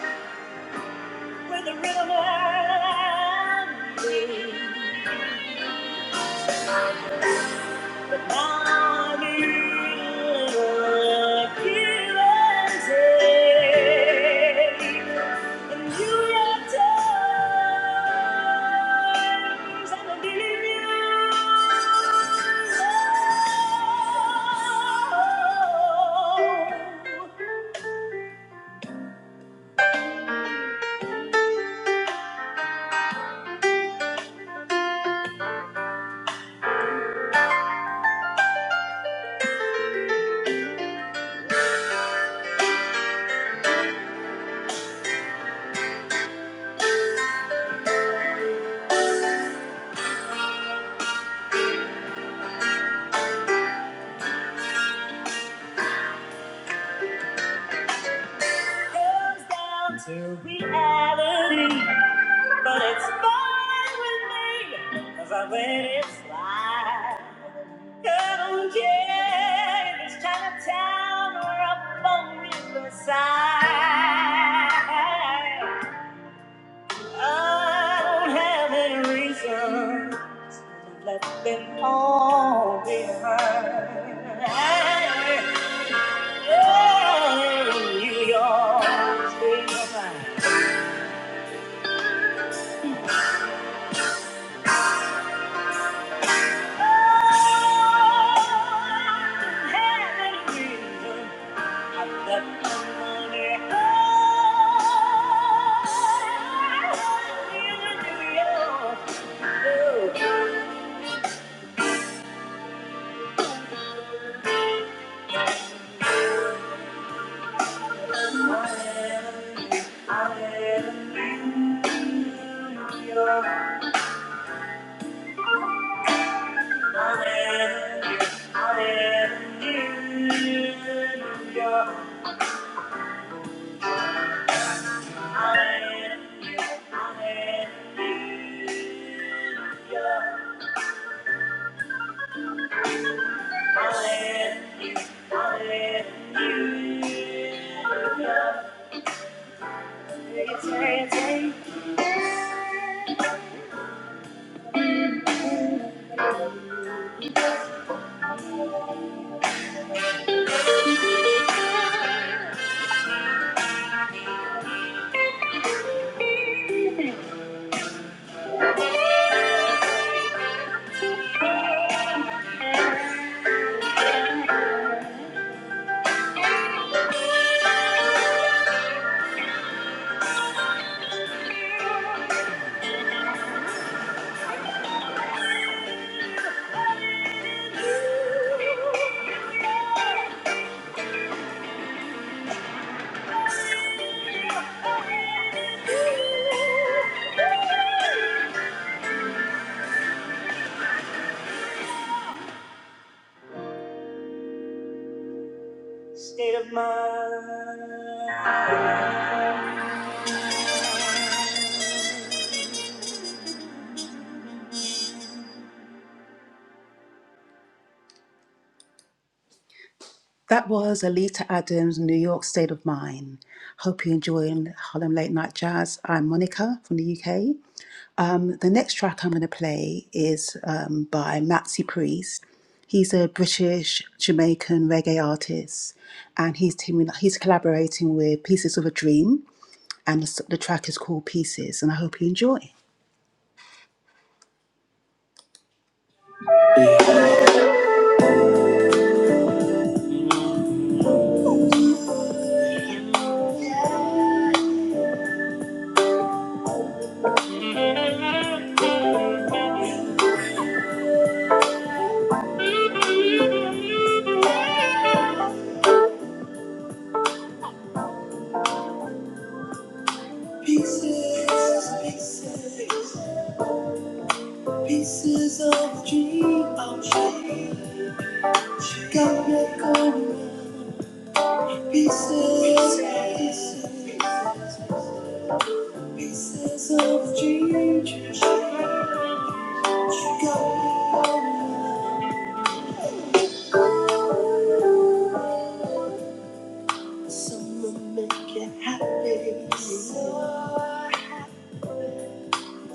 D: With the rhythm and me, but now I need little give and take. And you have times I'm gonna give you love. It Comes down to reality. But it's fine with me, cause I let it slide. I don't care if it's Chinatown or up on Riverside. I don't have any reason to let them all behind. Oh, New York, stay mine. Hallelujah. State of mind. That was Alita Adams, New York State of Mind. Hope you're enjoying Harlem Late Night Jazz. I'm Monica from the UK. Um, the next track I'm going to play is um, by Matsy Priest. He's a British Jamaican reggae artist, and he's teaming, he's collaborating with Pieces of a Dream, and the, s- the track is called Pieces, and I hope you enjoy.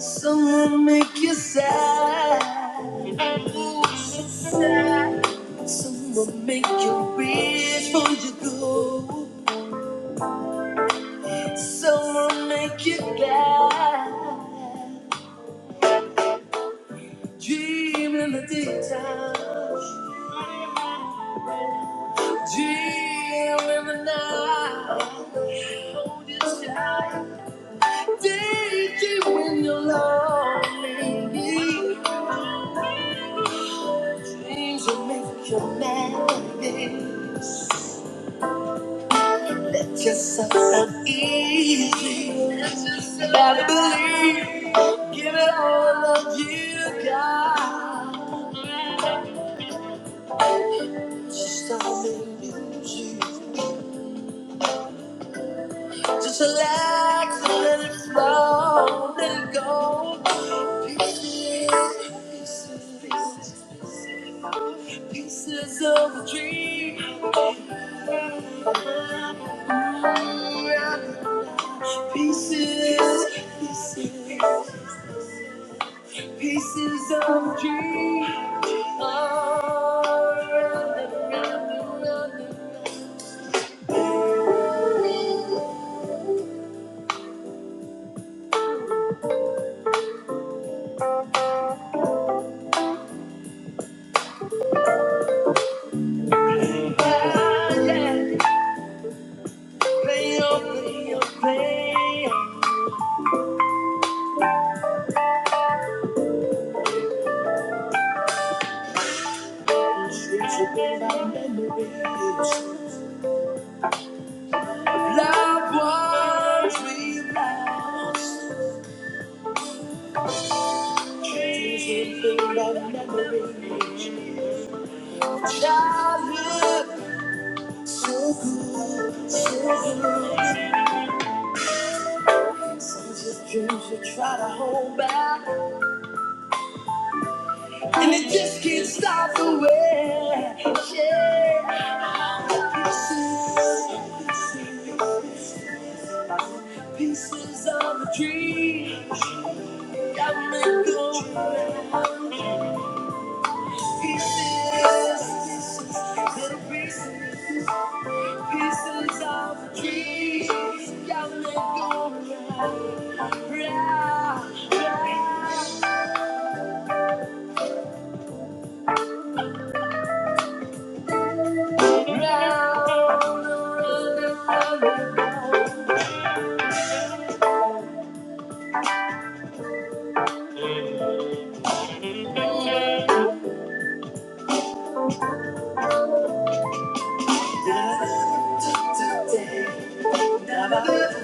D: Someone make you sad, someone make you rich for your gold, someone make you glad. Dream in the daytime, dream in the night. Hold your sky, daydream when you're lonely. Dreams will make you mad. Yes, I felt easy. Gotta believe. Give it all of you, God. Just start making music. Just relax and let it flow. Let it go. Pieces, pieces, pieces pieces of a dream. Pieces, pieces, pieces of a dream. Pieces of a tree that make go round. Pieces, pieces, little pieces, pieces of a tree that make go round, round, round.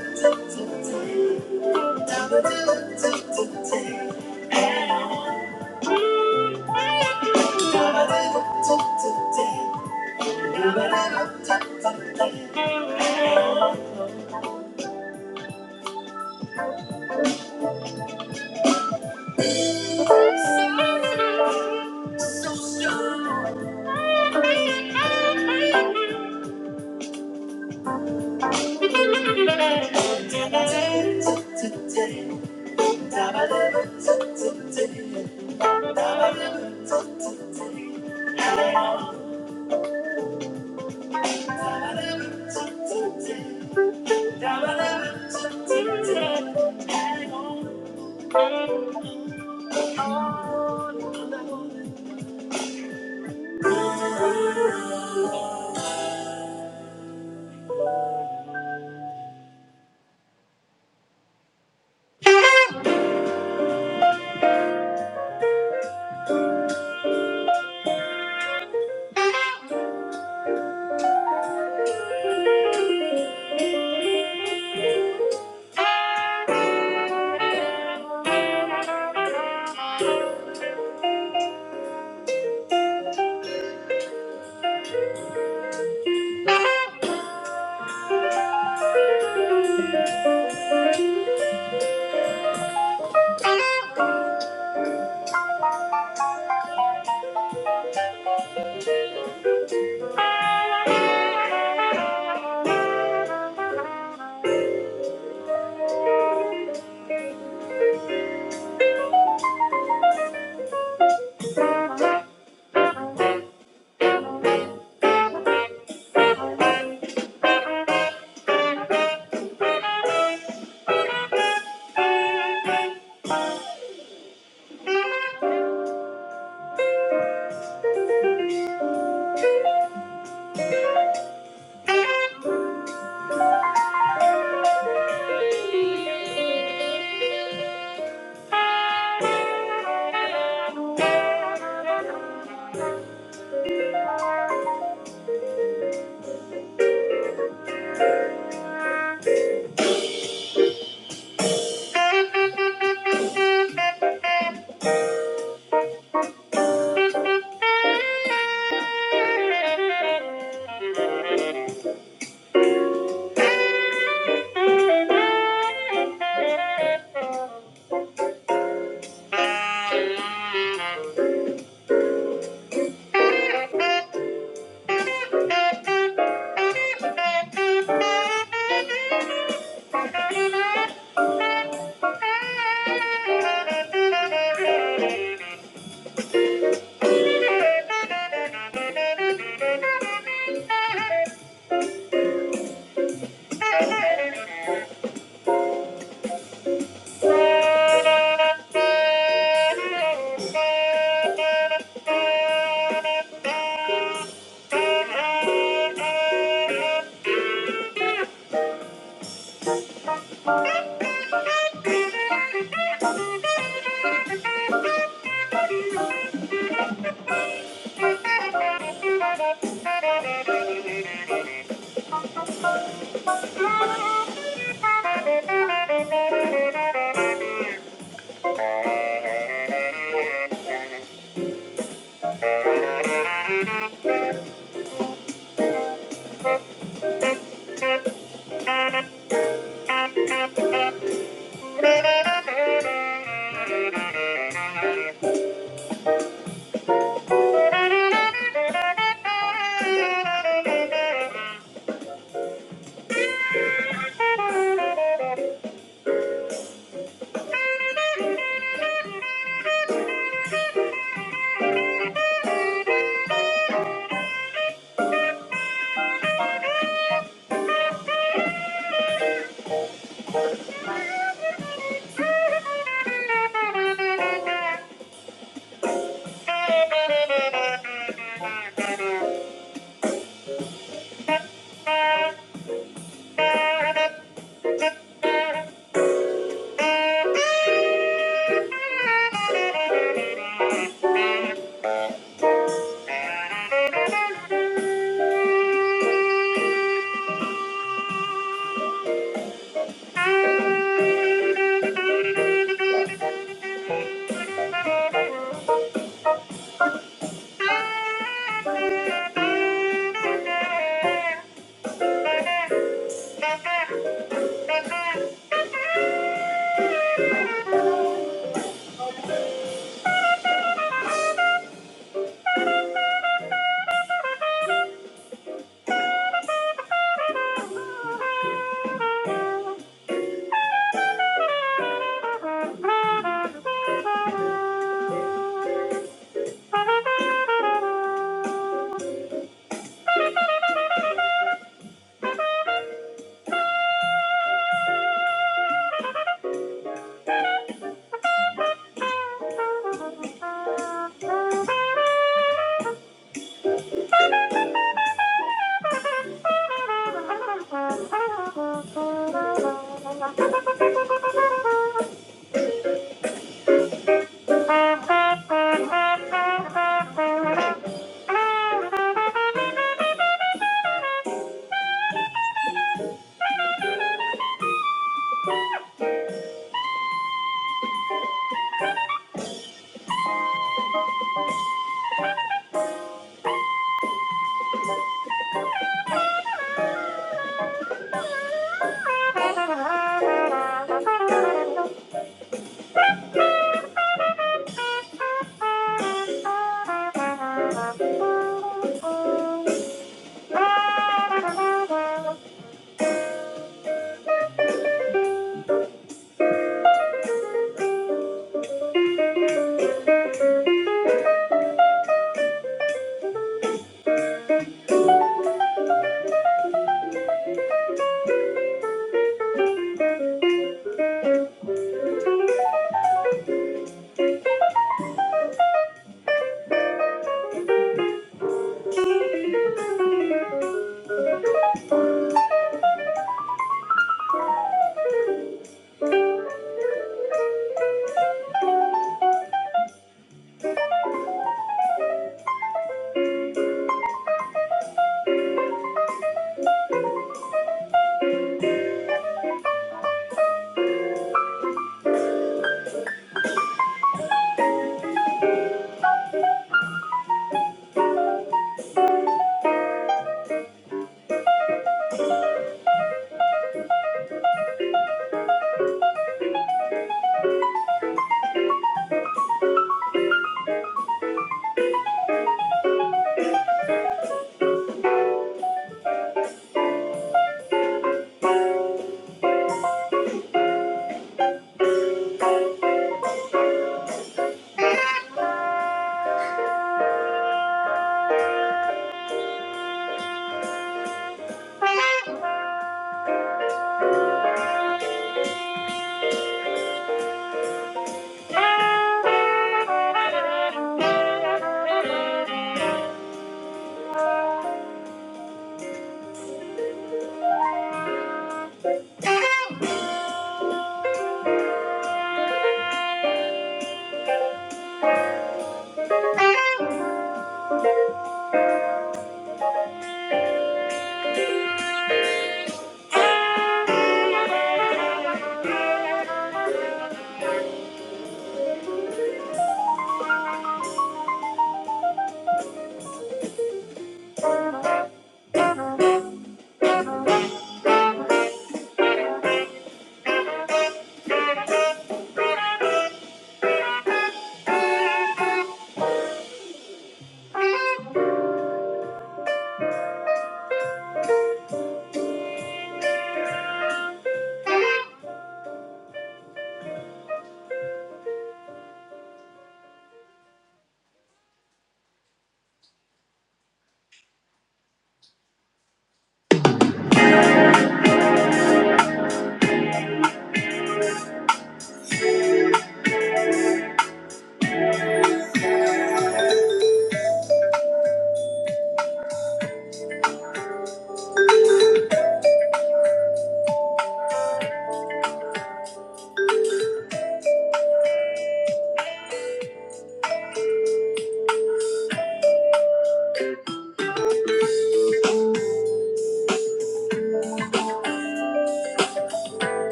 D: Thank you. Thank you.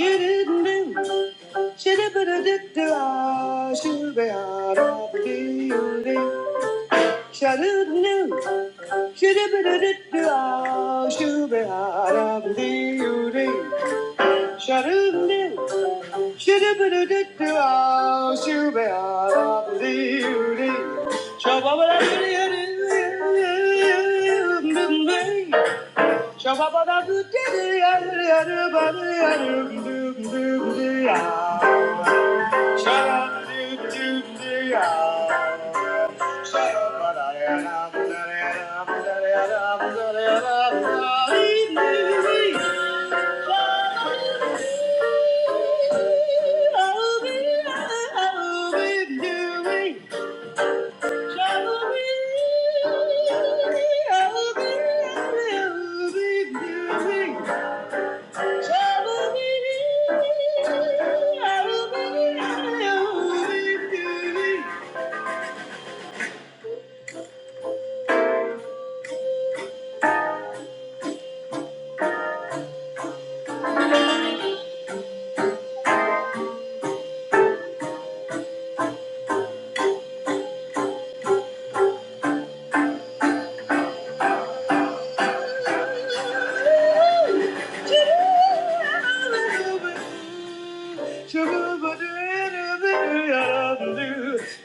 D: Shoo doo doo, shoo doo doo doo doo, shoo be ah ah doo doo doo, shoo doo doo. Shabba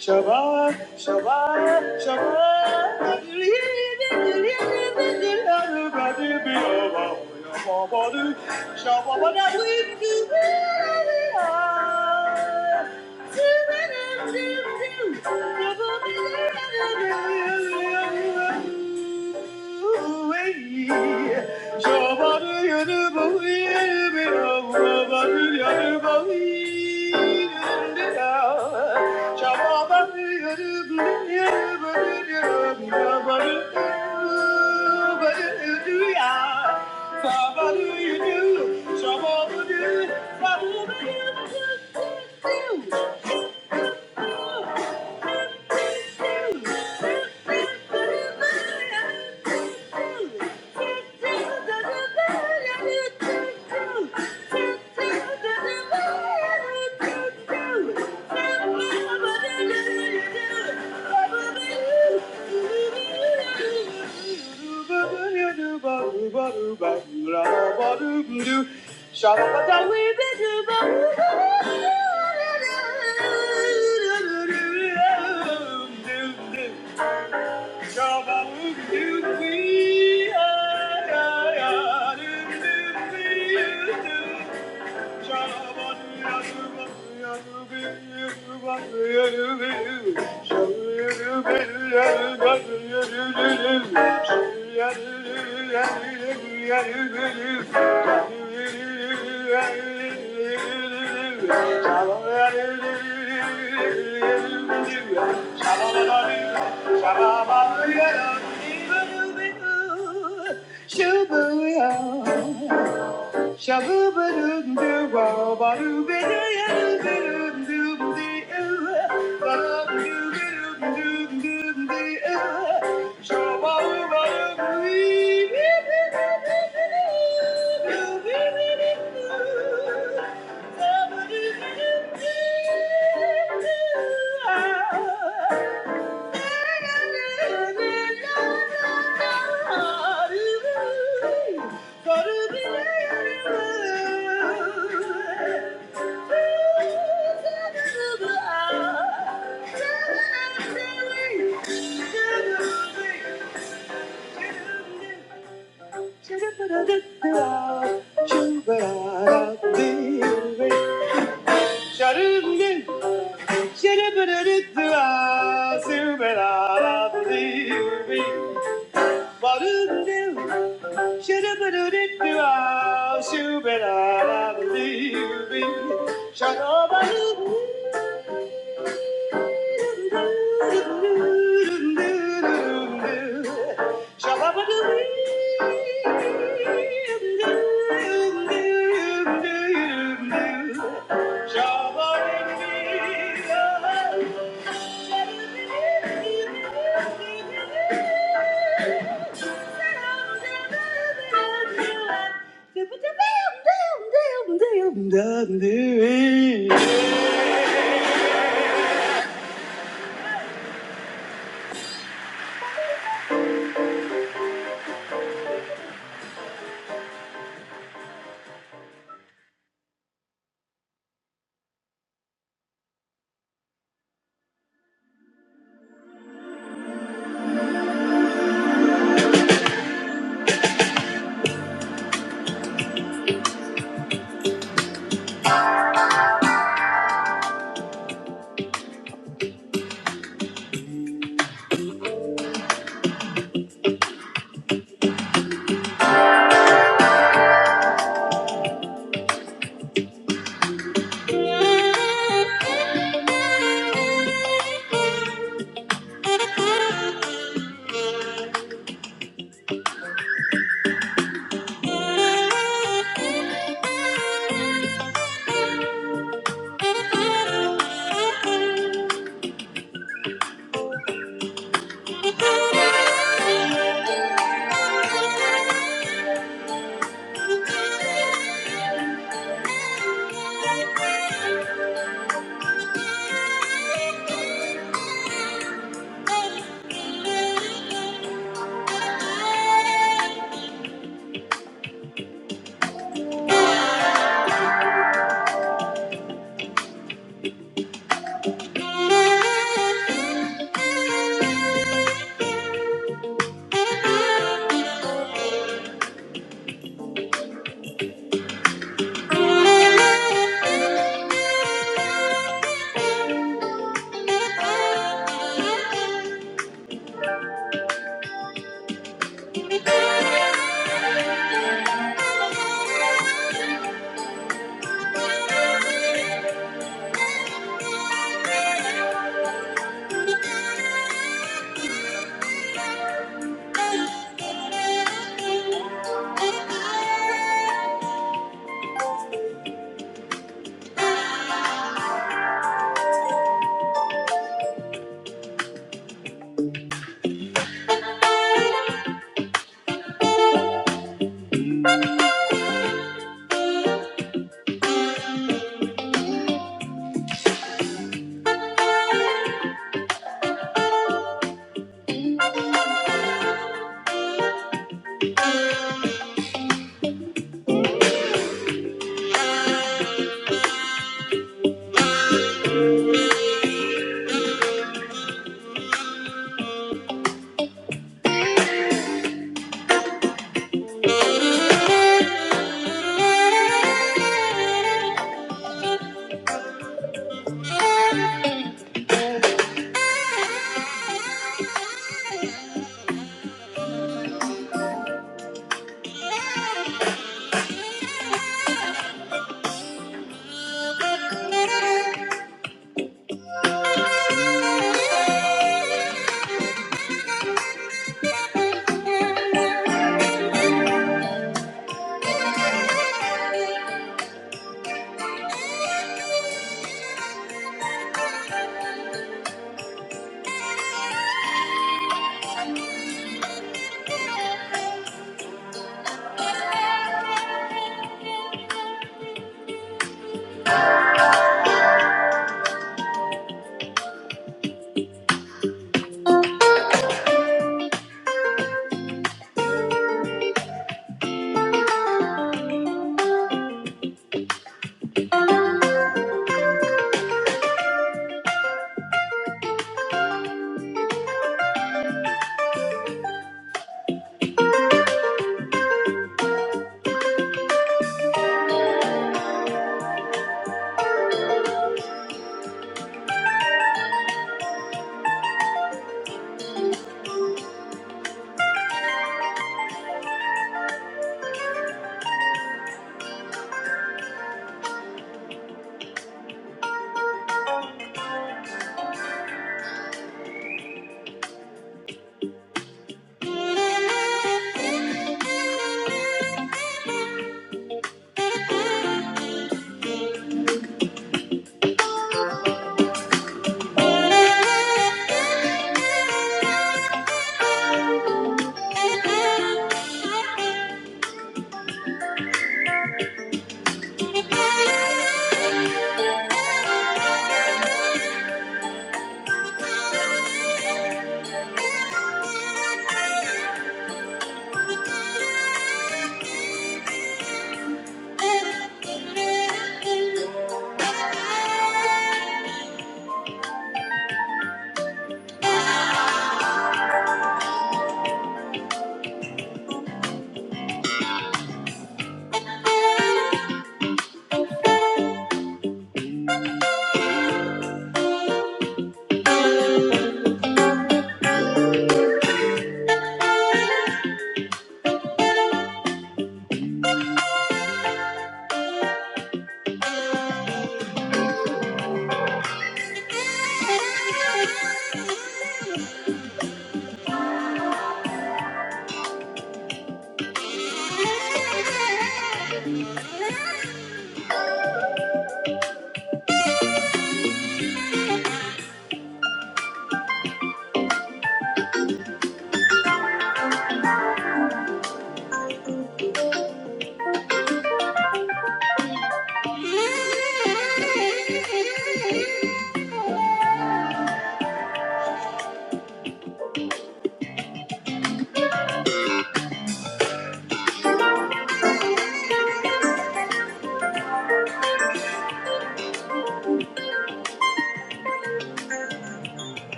D: Shabbat, Shabbat, Shabbat. What Do you do So what do you do Trouble, you, do I, do do, do, do, do. Wow. Sharungan, Sharabaradua, Subarada, Believe Barungan, Sharabaradua, Subarada, Believe Me. Sharabaradoo, Shabarada. Thank you. Thank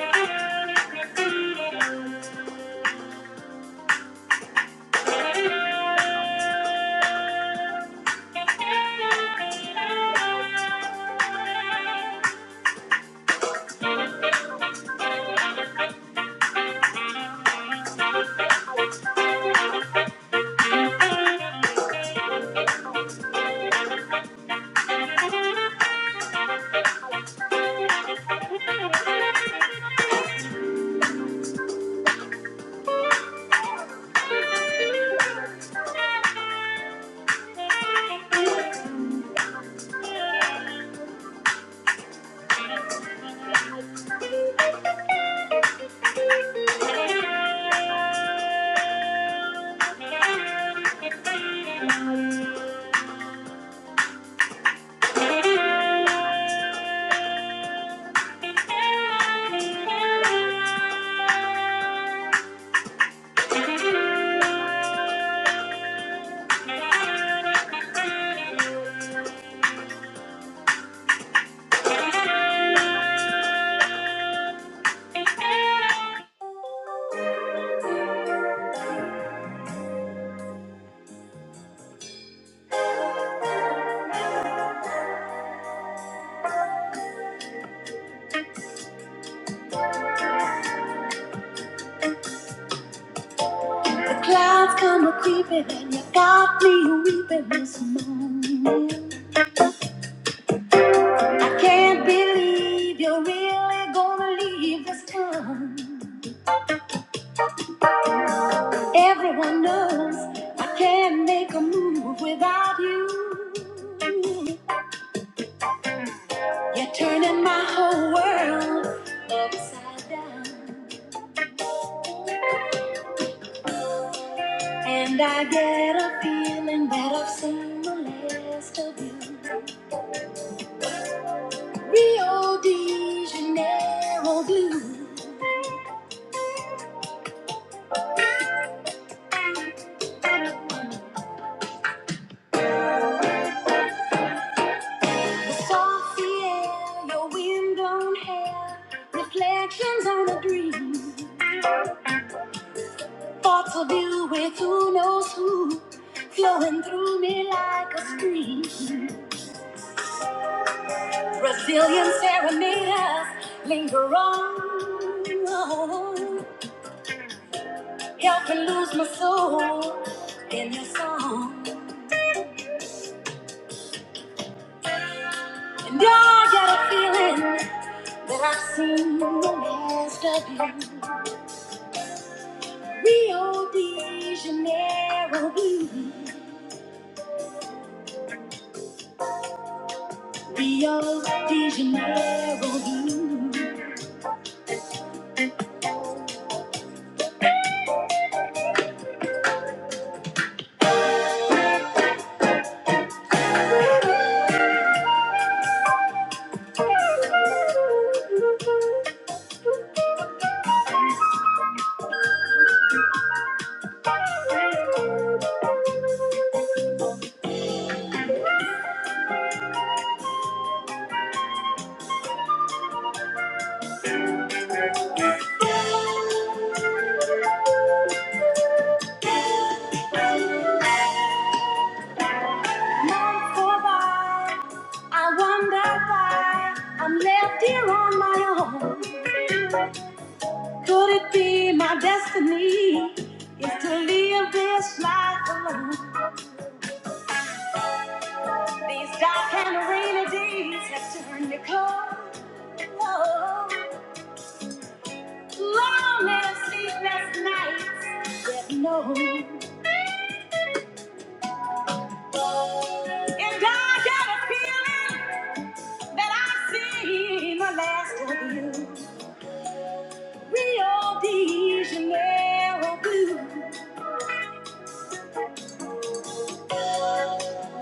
D: you. Everyone knows I can't make a move without you. You're turning my whole world upside down. And I get a feeling that I've seen the last of you. Rio de Janeiro blue. The soft sea air, your wind blown hair, reflections on a breeze. Thoughts of you with who knows who flowing through me like a stream. Brazilian serenade us, linger on. Help me lose my soul in your song. And I got a feeling that I've seen the last of you. Rio de Janeiro blue. Rio de Janeiro blue. Night for by I wonder why I'm left here on my own. Could it be my destiny is to live this life alone? These dark and rainy days have turned me cold. Long and sleepless nights that no. hope. And I got a feeling that I've seen the last of you. Rio de Janeiro blue.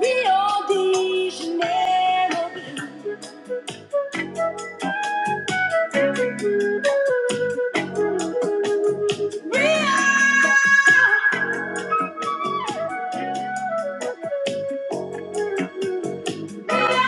D: Rio de Janeiro blue. Rio, Rio.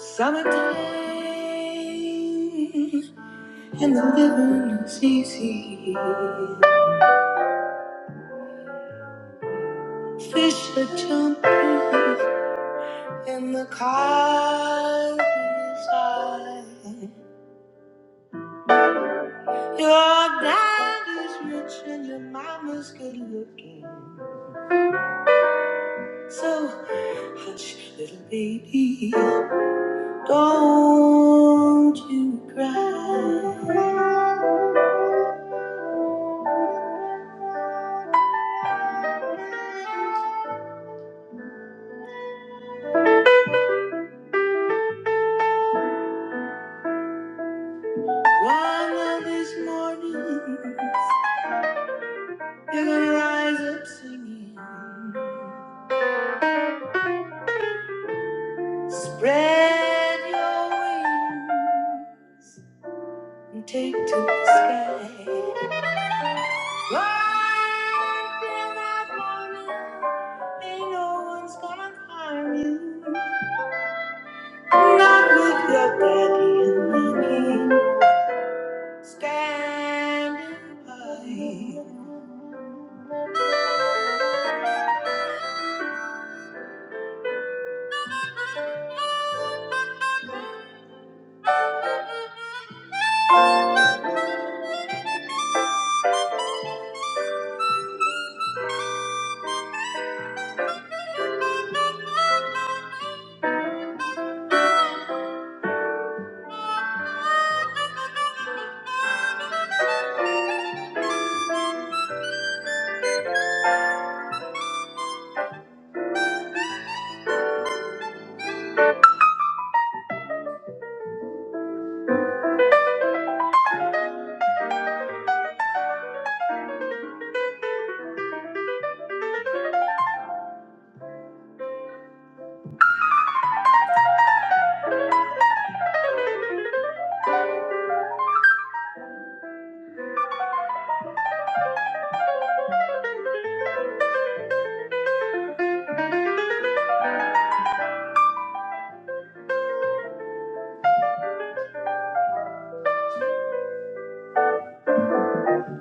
D: Summertime and the living is easy. Fish are jump in the car. Your dad is rich and your mama's good looking. So hush, little baby, don't you cry.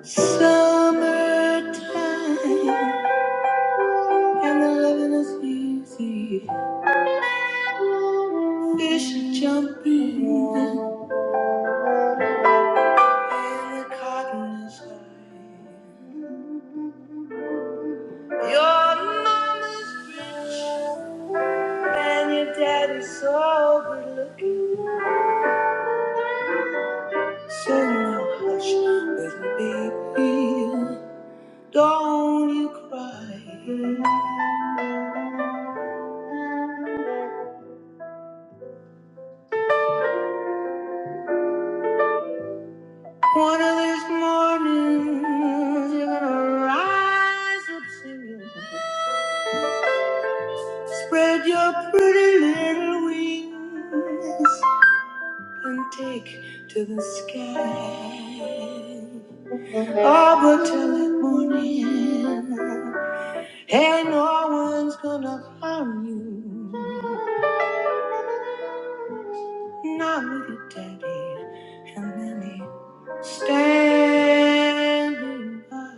D: Summertime and the loving is easy. Fish are jumping and the cotton is high. Your mama's rich and your daddy's so good looking. So now hush, little baby, don't you cry. One of these mornings you're gonna rise up singing, spread your pretty little wings and take to the sky. Oh, but till that morning. And no one's gonna harm you. Not with your daddy and mommy standing by.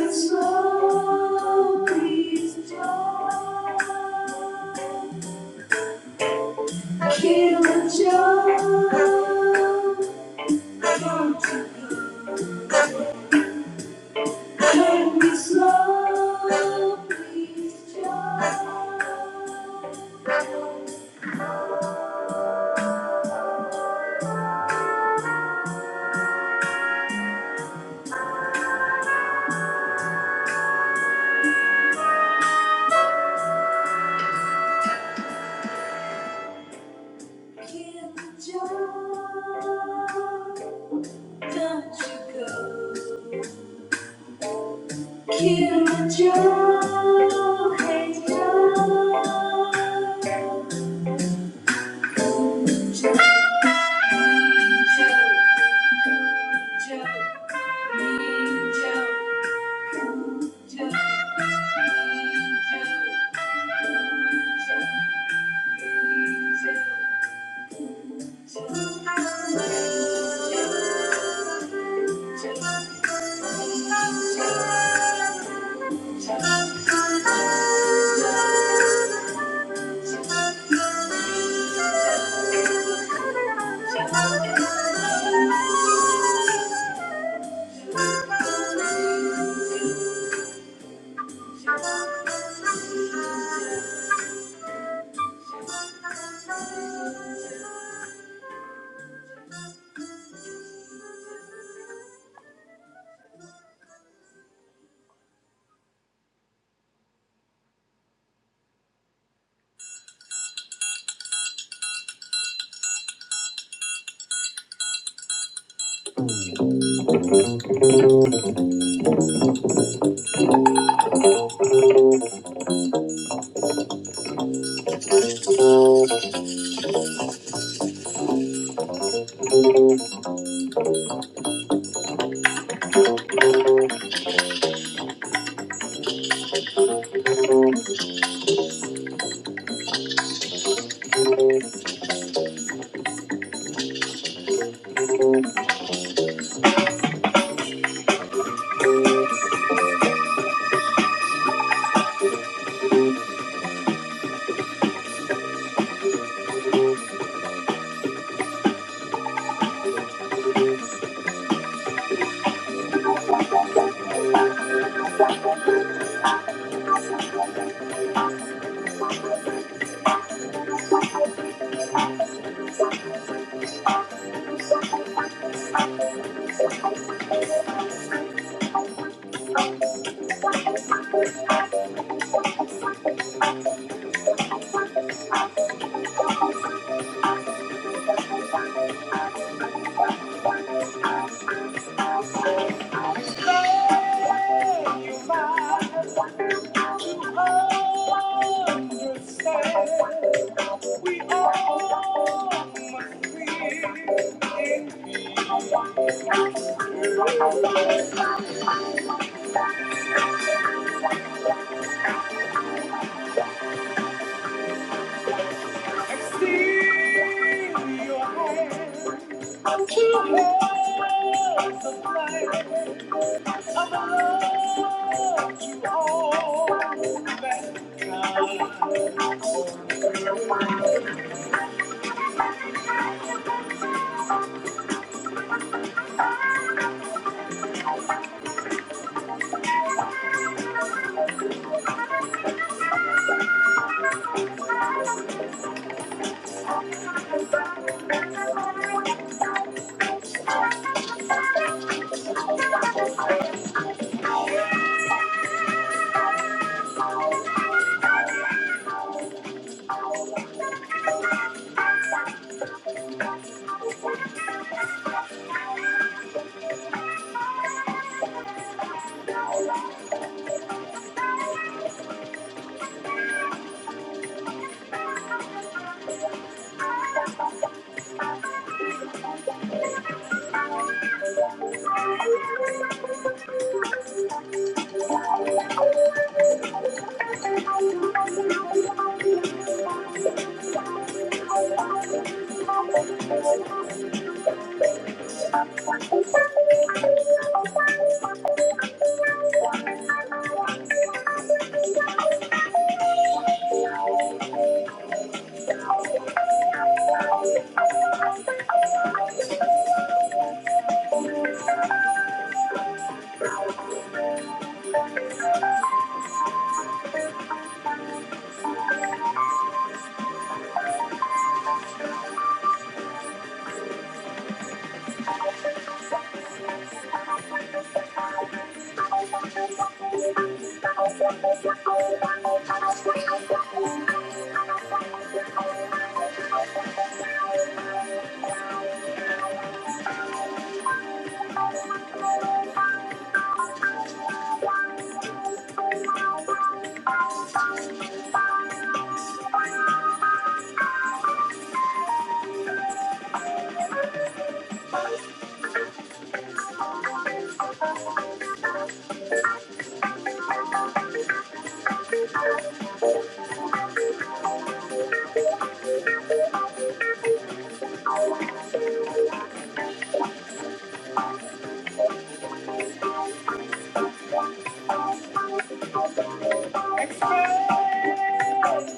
D: So please, Smoke is the To understand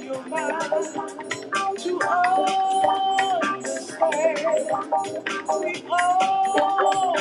D: your mind, to understand. My heart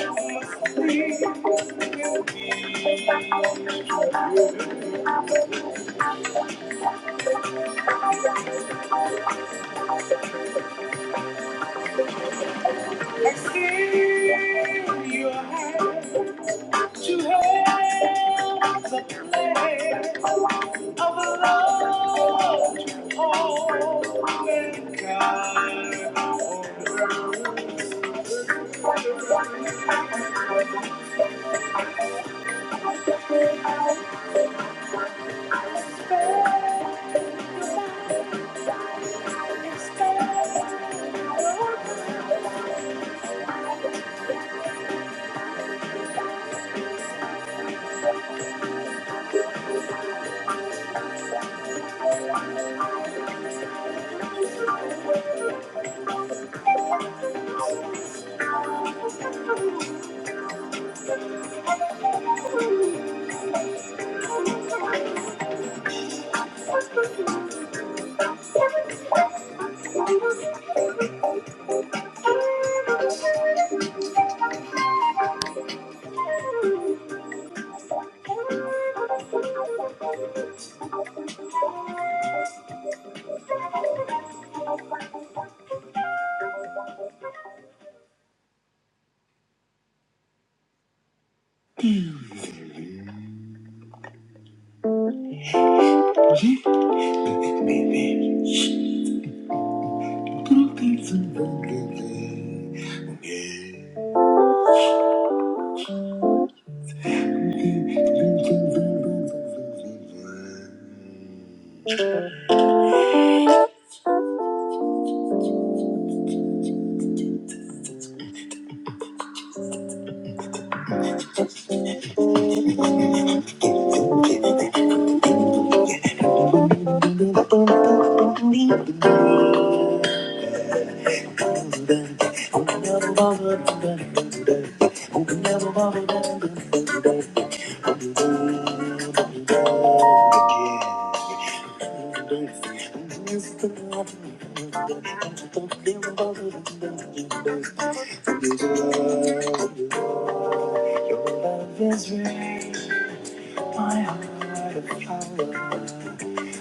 D: of power.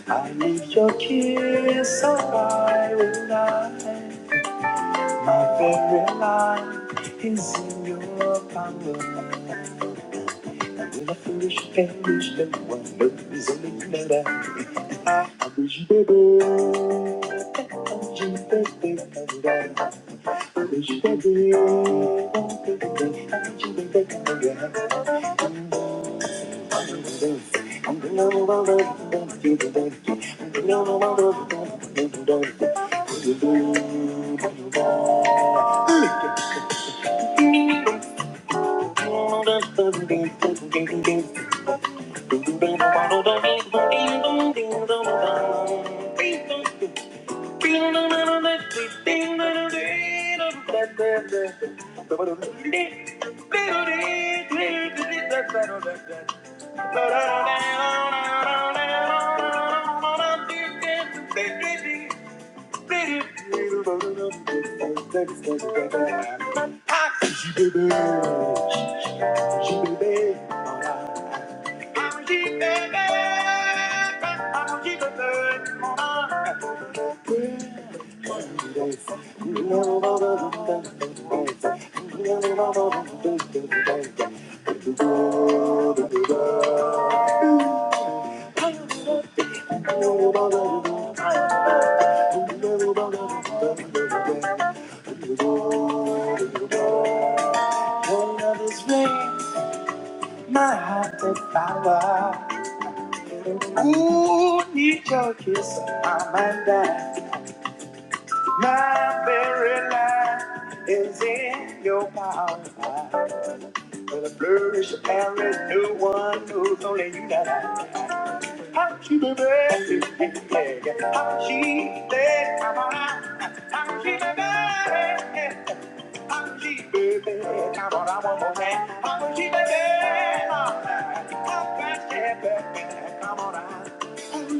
D: I need your kiss, so I will die. My very life is in your power. Thank you. Thank you. Your power will flourish, married new one who's only you that I How she be baby, how she be mama, how she be baby, how she be baby, come on, I want more than how she be baby, how fast she be baby, come on, how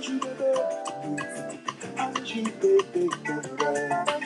D: she be baby, how she be baby.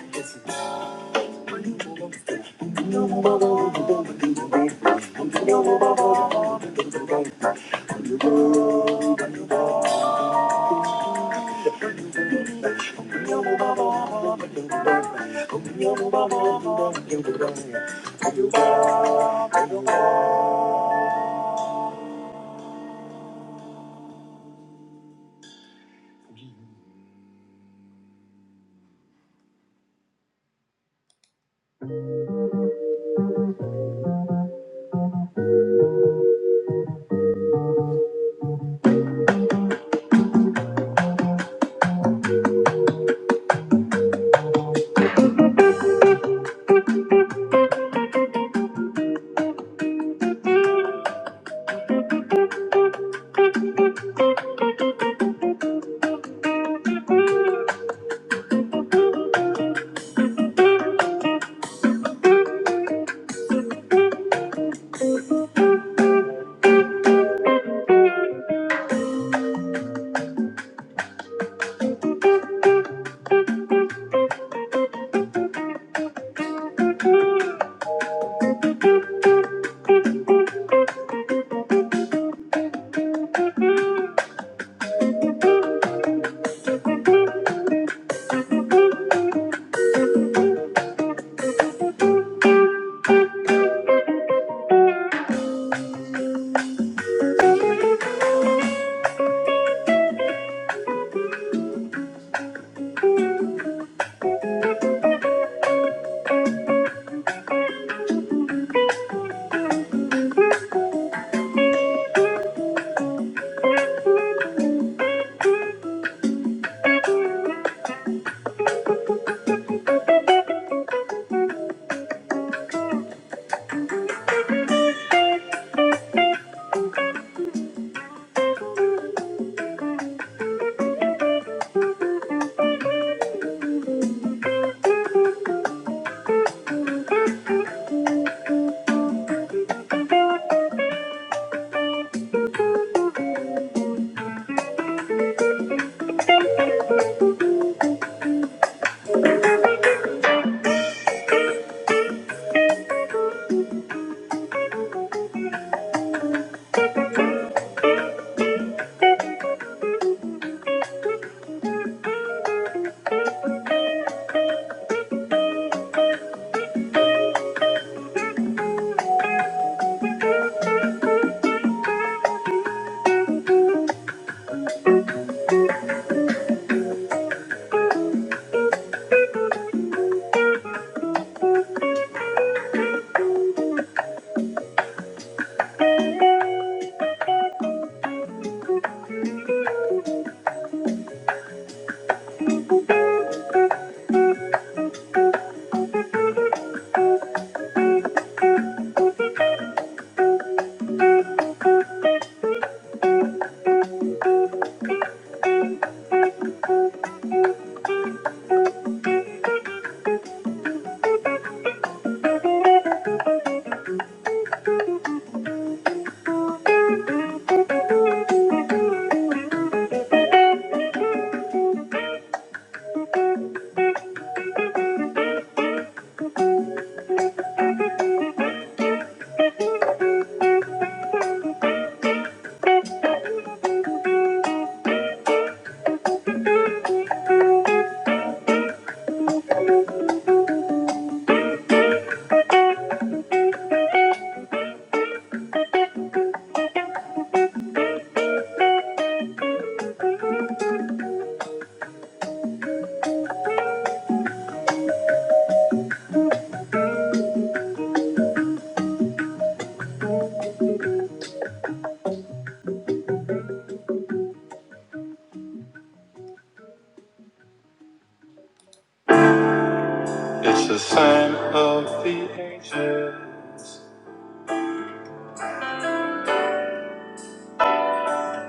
D: It's a sign of the angels.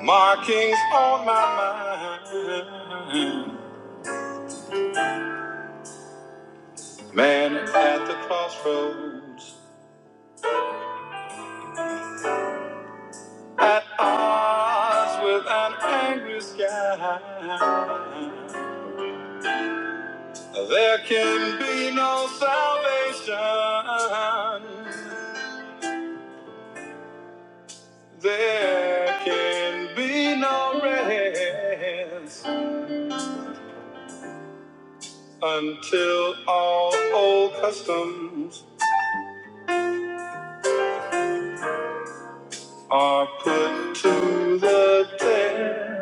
D: Markings on my mind. Man at the crossroads, at odds with an angry sky. There can be no salvation. There can be no rest until all old customs are put to the test.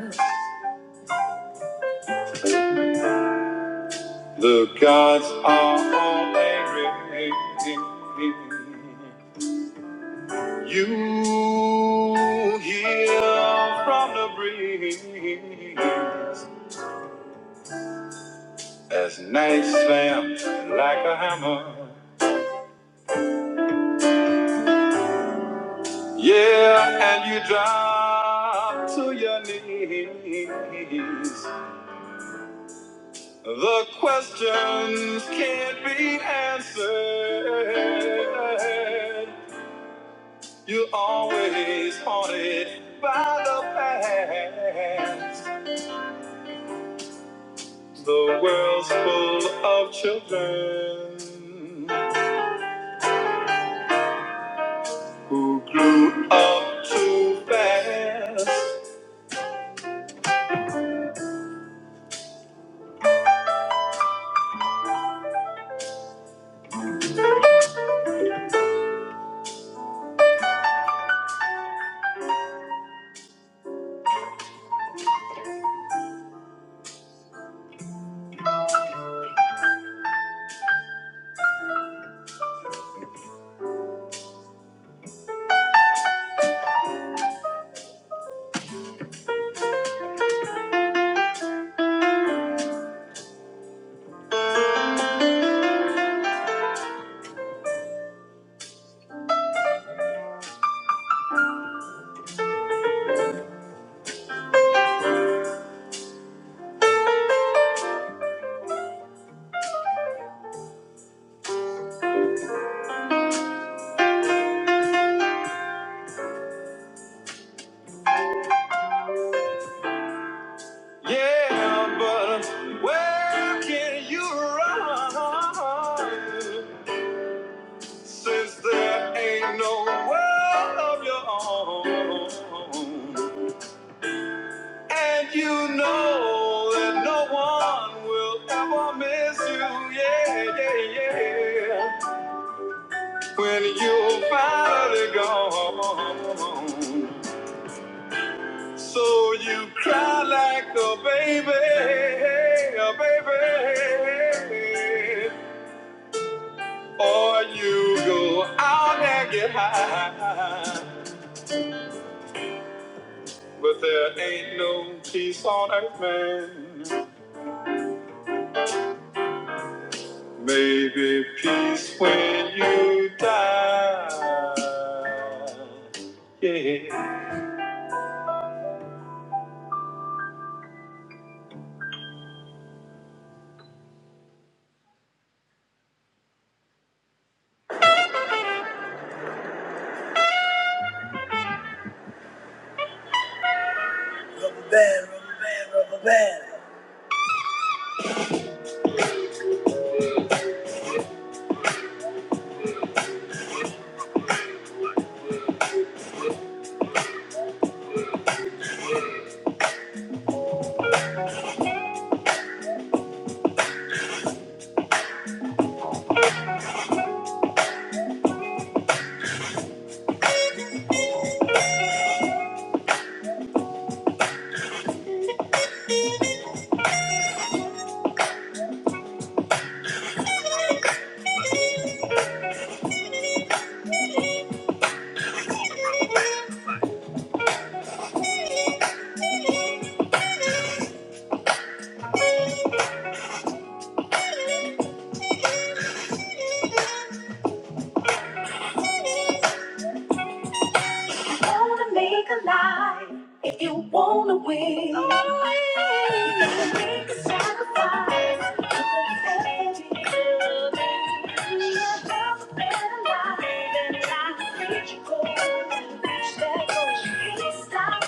D: The gods are only You hear from the breeze as night slams like a hammer. Yeah, and you drop to your knees. The questions can't be answered. You're always haunted by the past. The world's full of children who grew up too fast. Yeah, but where can you run since there ain't no world of your own? And you know that no one will ever miss you, yeah, yeah, yeah. When you're finally gone, so you cry like a baby, a baby. Or you go out and get high, but there ain't no peace on earth, man. Maybe peace when you die. Yeah. Wanna make a life if you wanna win. Always Make a sacrifice. Put the faith in you. Live a better life than life that you go. Reach that goal, you can't stop.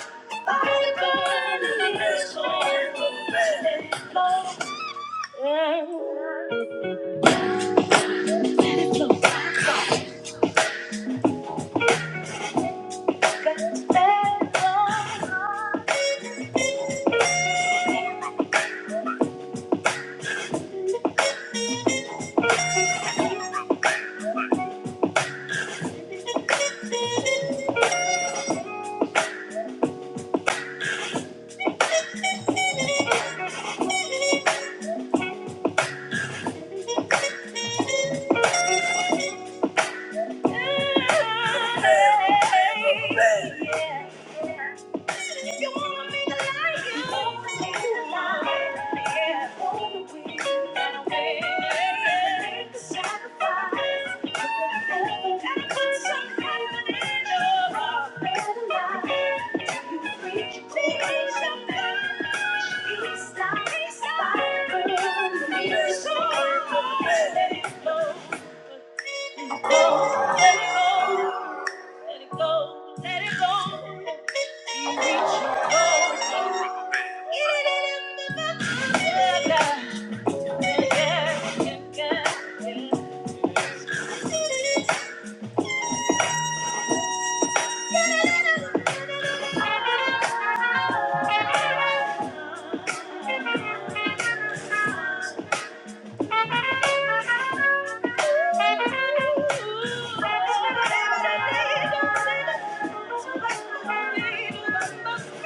D: Stop, stop, stop. Let it go, let it go, let it go. You reach your goal. Yeah, yeah, yeah, yeah,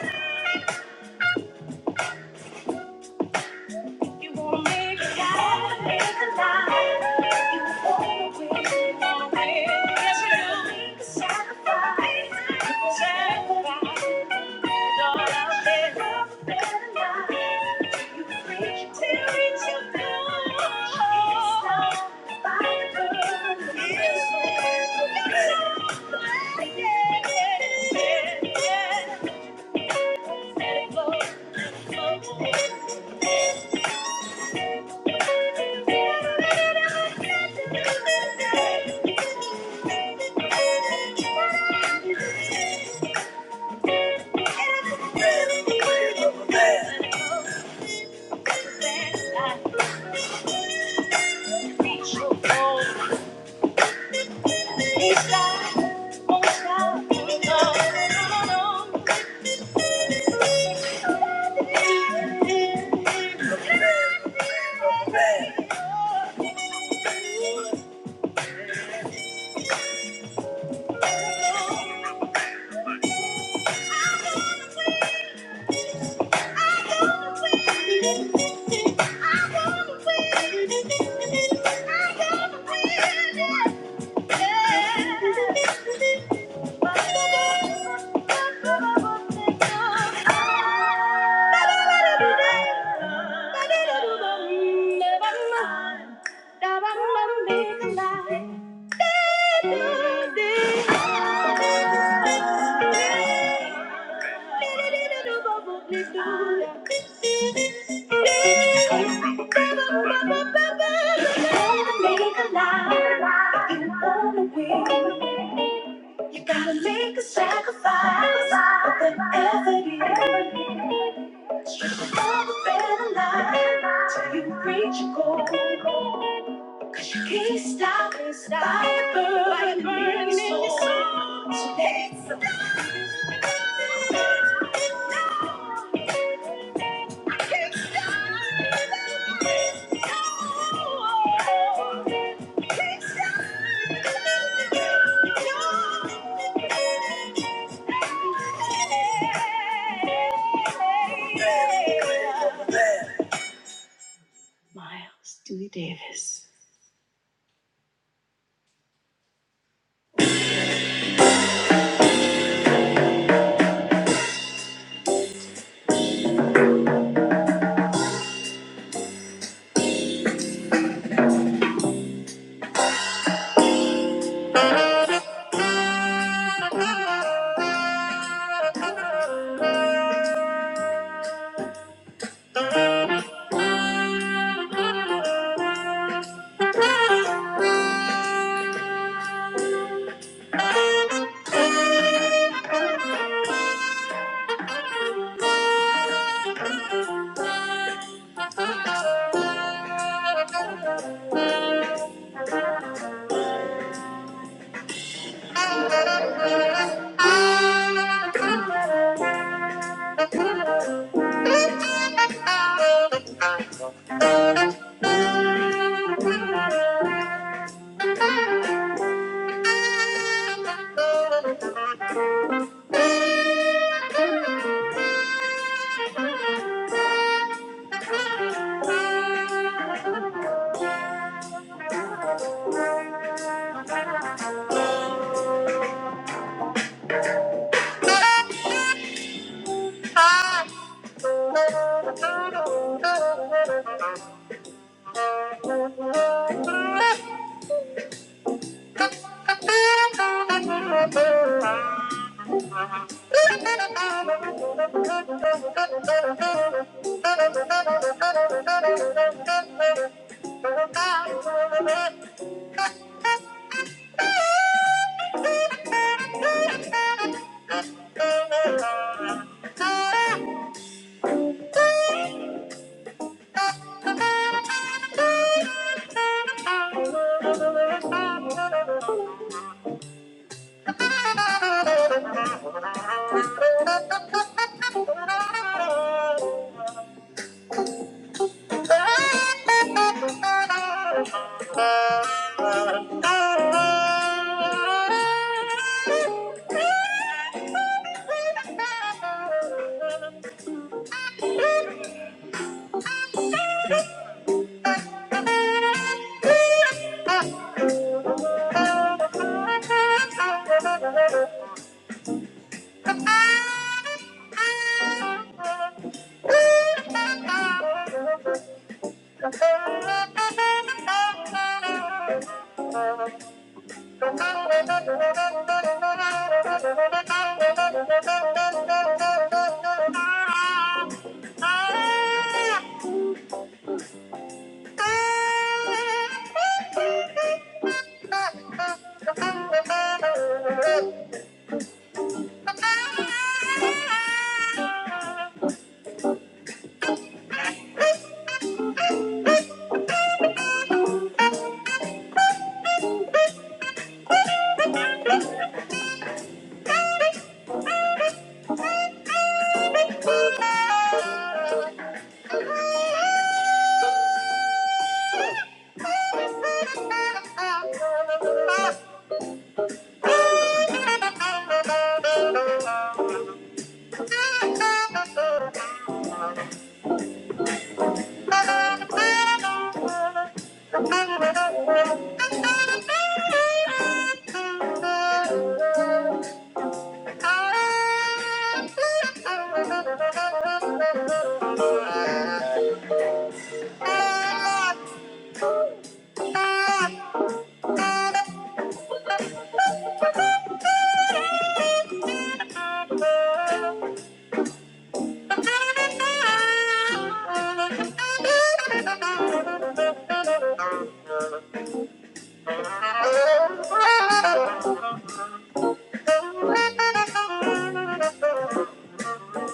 D: yeah. You wanna make it happen, make it live. You wanna win, you wanna win. Yes, you do. Make a sacrifice, make a sacrifice. And all out there, love a better life. You preach it till it's your goal. It's not by the book. It's not by the book. Yeah, yeah, yeah. yeah. Let it flow, flow. I gotta win. Make a lie, you you gotta make a sacrifice, but then effort is all better life till you reach your goal. 'Cause you can't stop the fire burning in your soul. Thank you. Ah. Thank you. Thank you. Thank you. Thank you. Thank you. Thank you.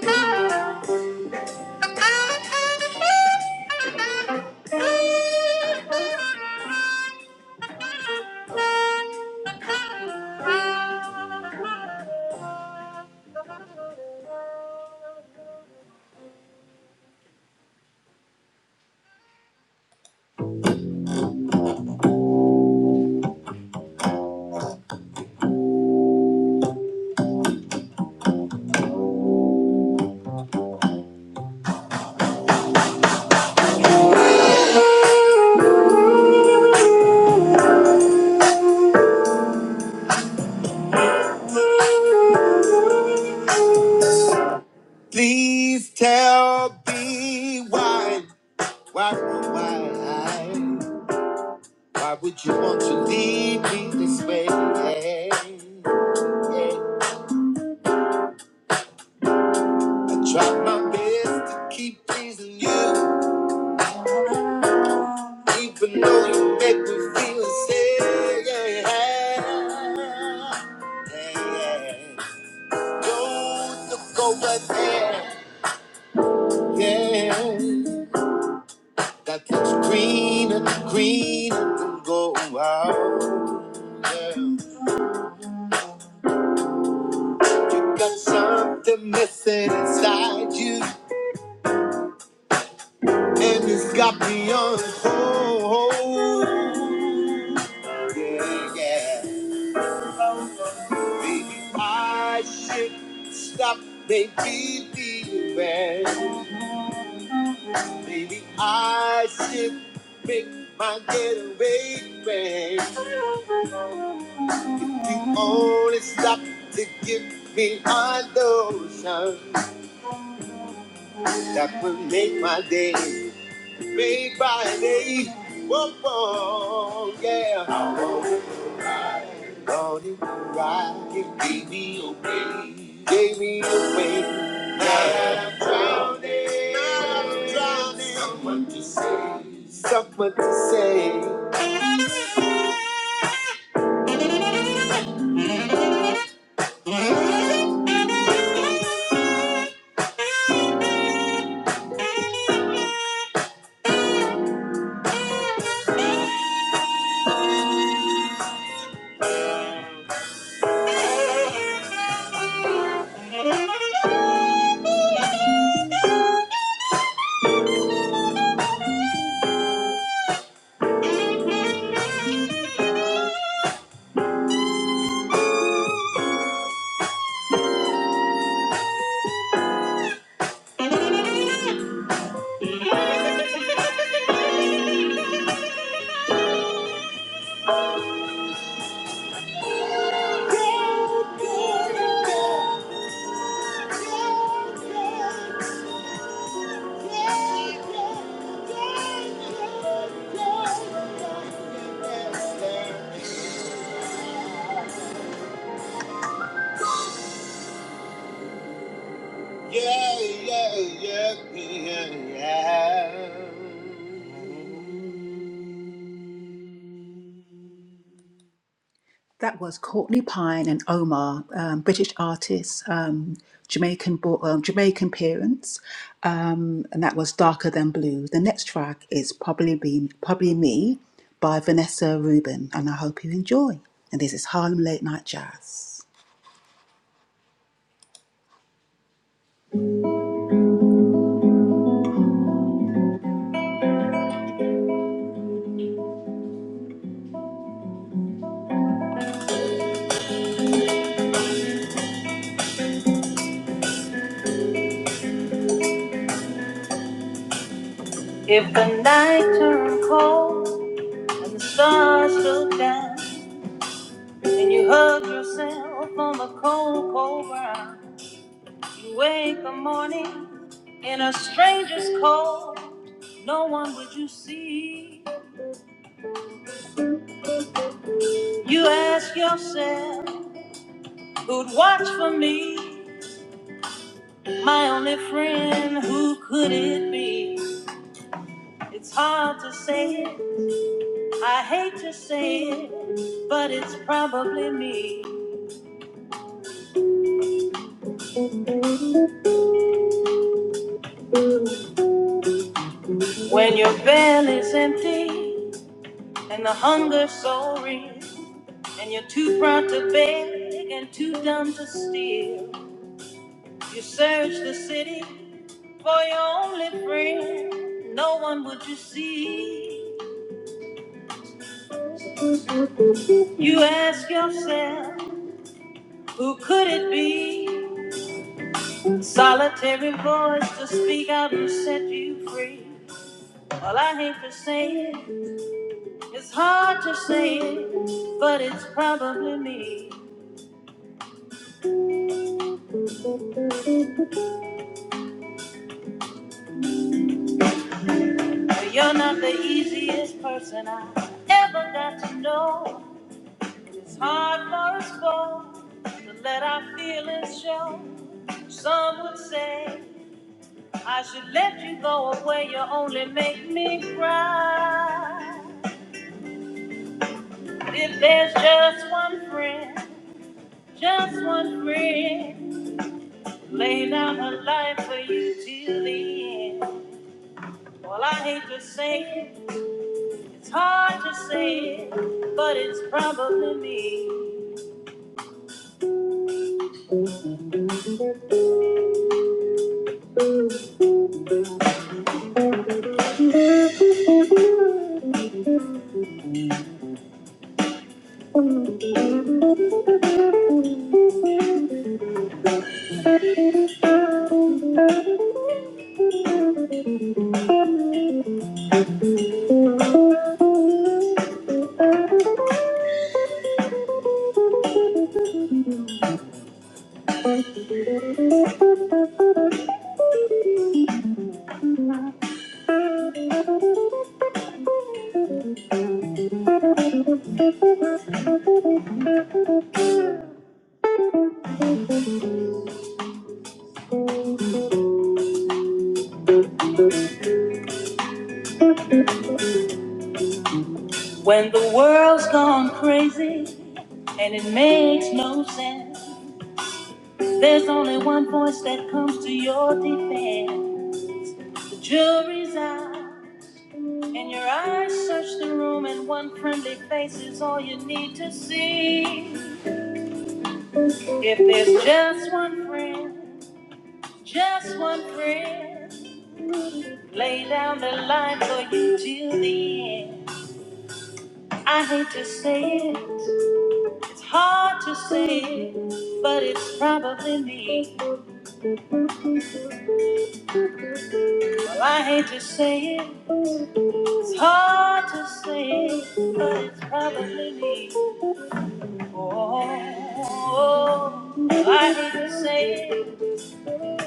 D: Thank you. Please tell me why, why, why, why would you want to leave me this way? I tried my best to keep pleasing you. Even though you make me feel sad, yeah, yeah, yeah. Don't look over there, yeah. That looks greener, greener than gold. Oh, yeah. You got something missing inside you, and it's got me on hold. Yeah, yeah. I should stop maybe leaving. Maybe I should make my getaway plan. If you only stop to give me a notion, that would make my day, make my day. Whoa, whoa, yeah. Lord, if you ride, you gave me a way, gave me a way. Now I'm drowning, now I'm drowning. Someone to say, someone to say. Yeah. That was Courtney Pine and Omar, um, British artists, um, Jamaican bo- um, Jamaican parents, um, and that was Darker Than Blue. The next track is probably be probably me by Vanessa Rubin, and I hope you enjoy. And this is Harlem Late Night Jazz. If the night turned cold and the stars look down, and you hug yourself on the cold, cold ground. You wake the morning in a stranger's cold, no one would you see. You ask yourself, who'd watch for me? My only friend, who could it be? It's hard to say it, I hate to say it, but it's probably me. When your belly's empty and the hunger's so real, and you're too proud to beg and too dumb to steal, you search the city For your only friend, no one would you see. You ask yourself, who could it be? Solitary voice to speak out and set you free. Well, I hate to say it, it's hard to say it, but it's probably me. But You're not the easiest person I ever got to know. It's hard for us both to let our feelings show. Some would say I should let you go away, you only make me cry. If there's just one friend, just one friend, lay down her life for you till the end. Well, I hate to say it, it's hard to say it, but it's probably me. When the world's gone crazy and it makes no sense, there's only one voice that comes to your defense. The jury's out. And your eyes search the room, and one friendly face is all you need to see. If there's just one friend, just one friend, lay down the line for you till the end. I hate to say it, it's hard to say it, but it's probably me. Well, I hate to say it, it's hard to say it, but it's probably me. Oh, oh, oh, Well, I hate to say it.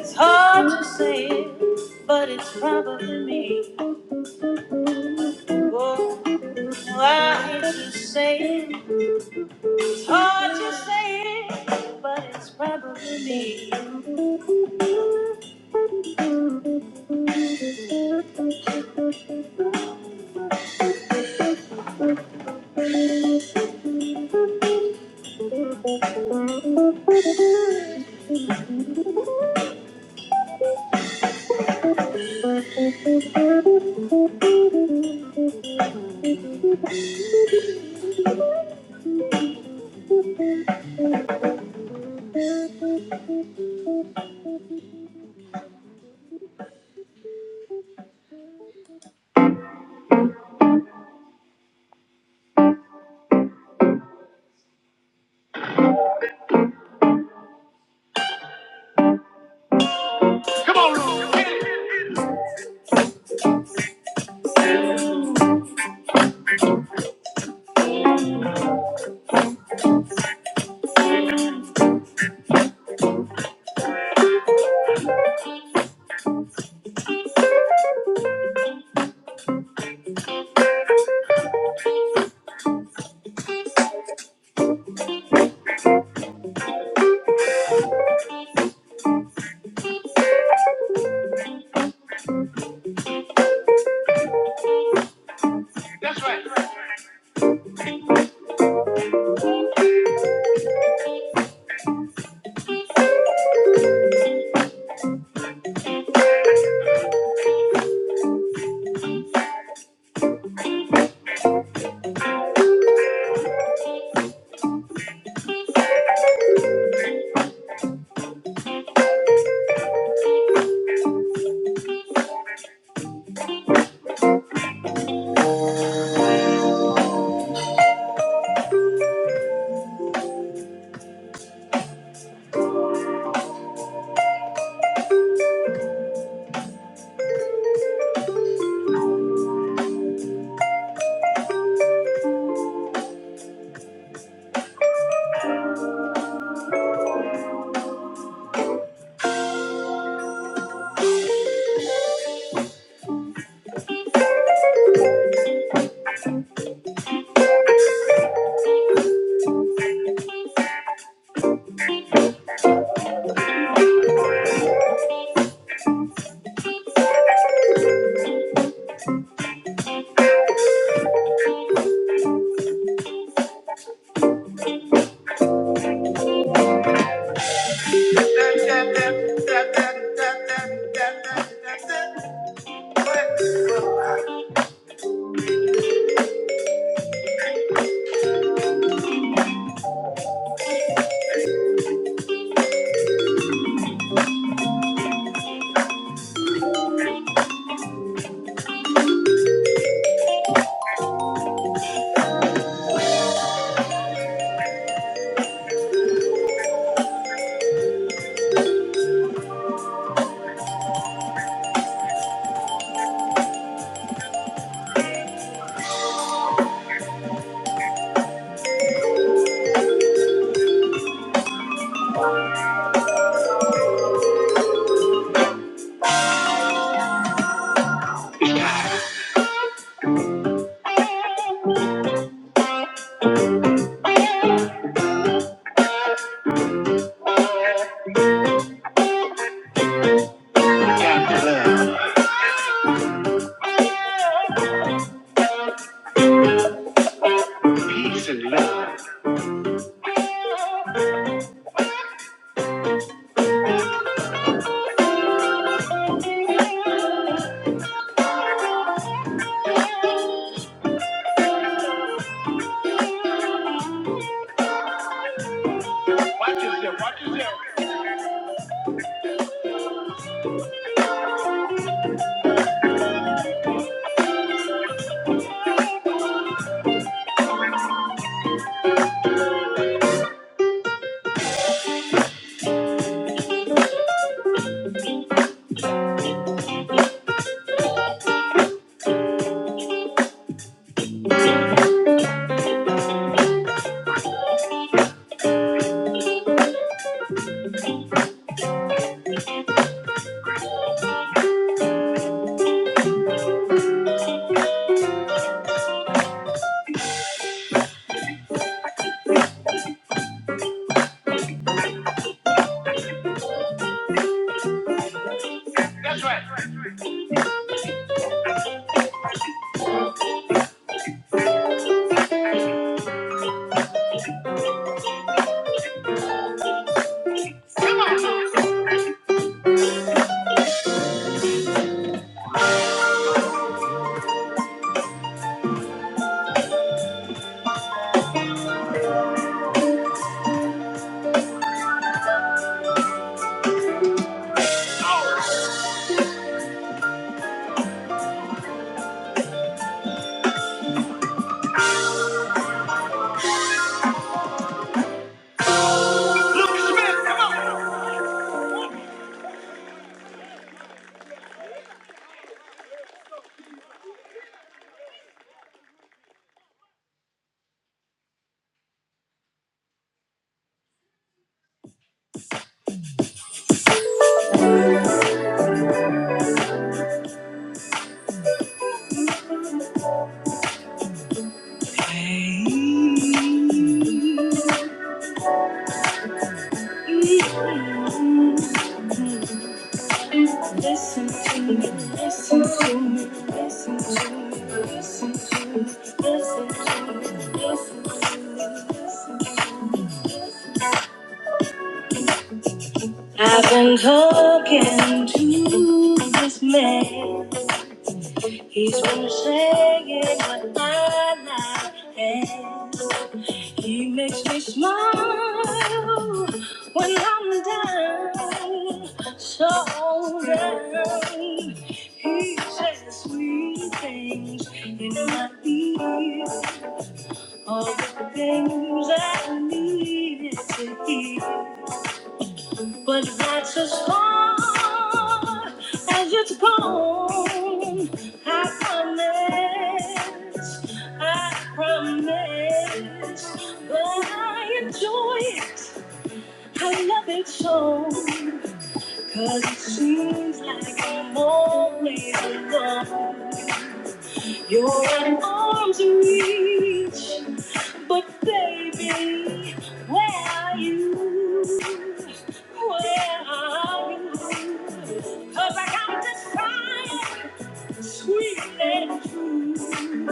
D: It's hard to say, it, but it's probably me. Oh, I hate to say it. It's hard to say, it, but it's probably me. Mm, Listen to me, listen to me, listen to me, listen to me, listen to me. I've been talking to this man. He's been singing with my life, and he makes me smile when I'm down, so down. He says sweet things in my ear, all the things I needed to hear. But that's as far as it's gone. I promise, I promise that I enjoy it. I love it so, 'cause it seems like I'm always alone. Your arms reach, but baby, where are you? Where are you? 'Cause I come to find sweet and true.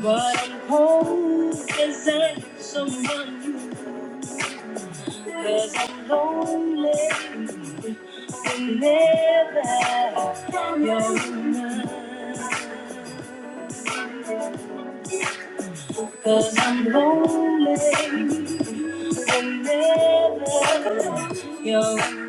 D: But I'm cold as someone new. i I'm lonely and never you're mine. Cause I'm lonely whenever you're around.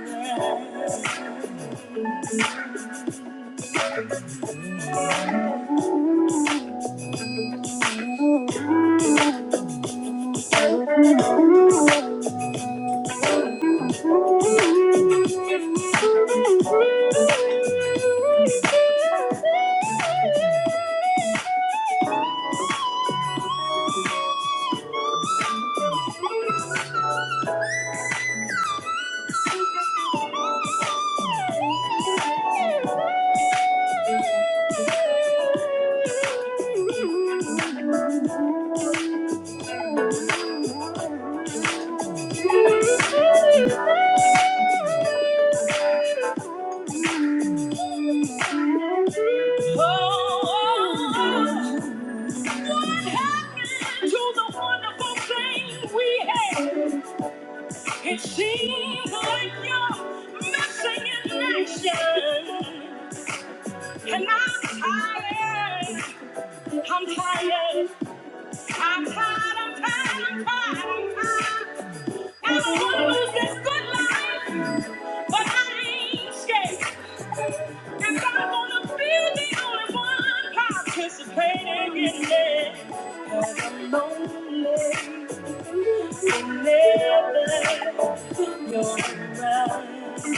D: Oh, oh, oh. Happy to the wonderful thing we have. It seems like you're missing in action. And I'm tired. I'm tired. I'm tired. I'm tired. I'm tired. I'm tired. I don't want to lose this good life, but I ain't scared. And I'm gonna be the only one participating in it. i I'm lonely. You're never, you're right.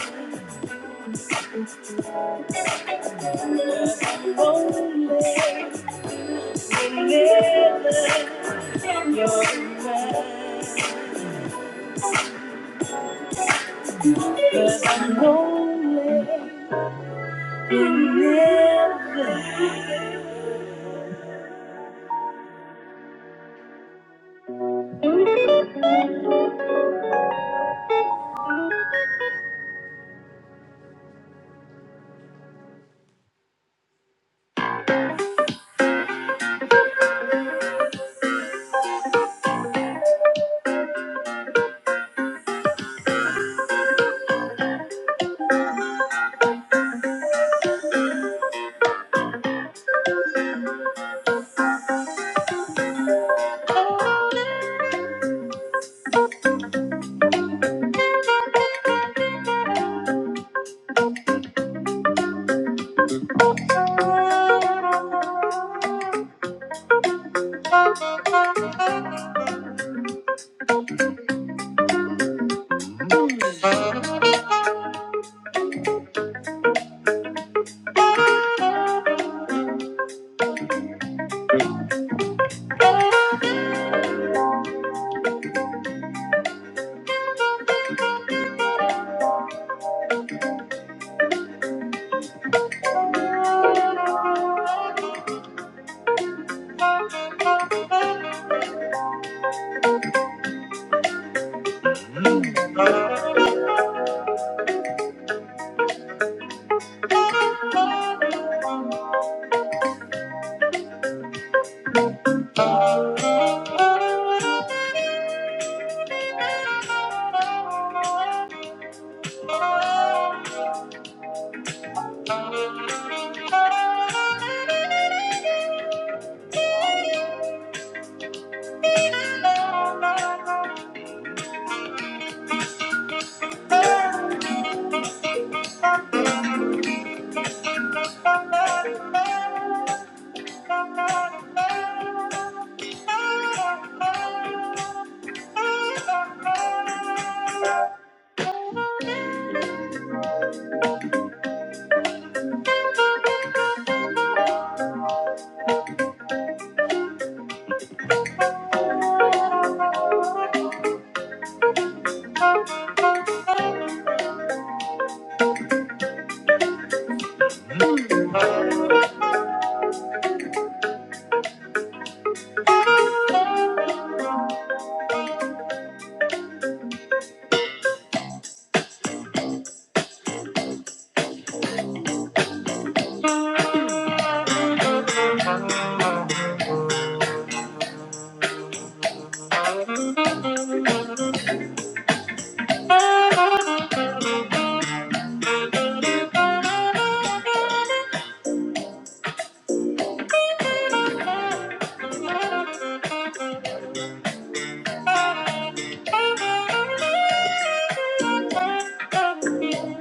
D: Thank you.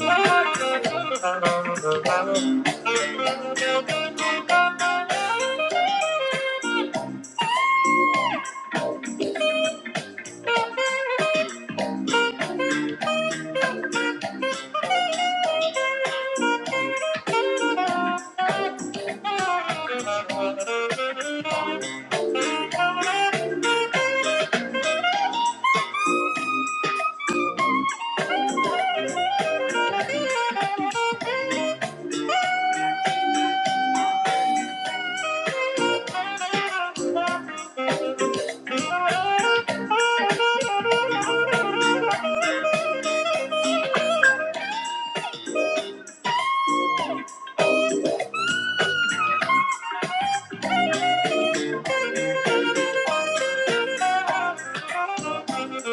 D: Thank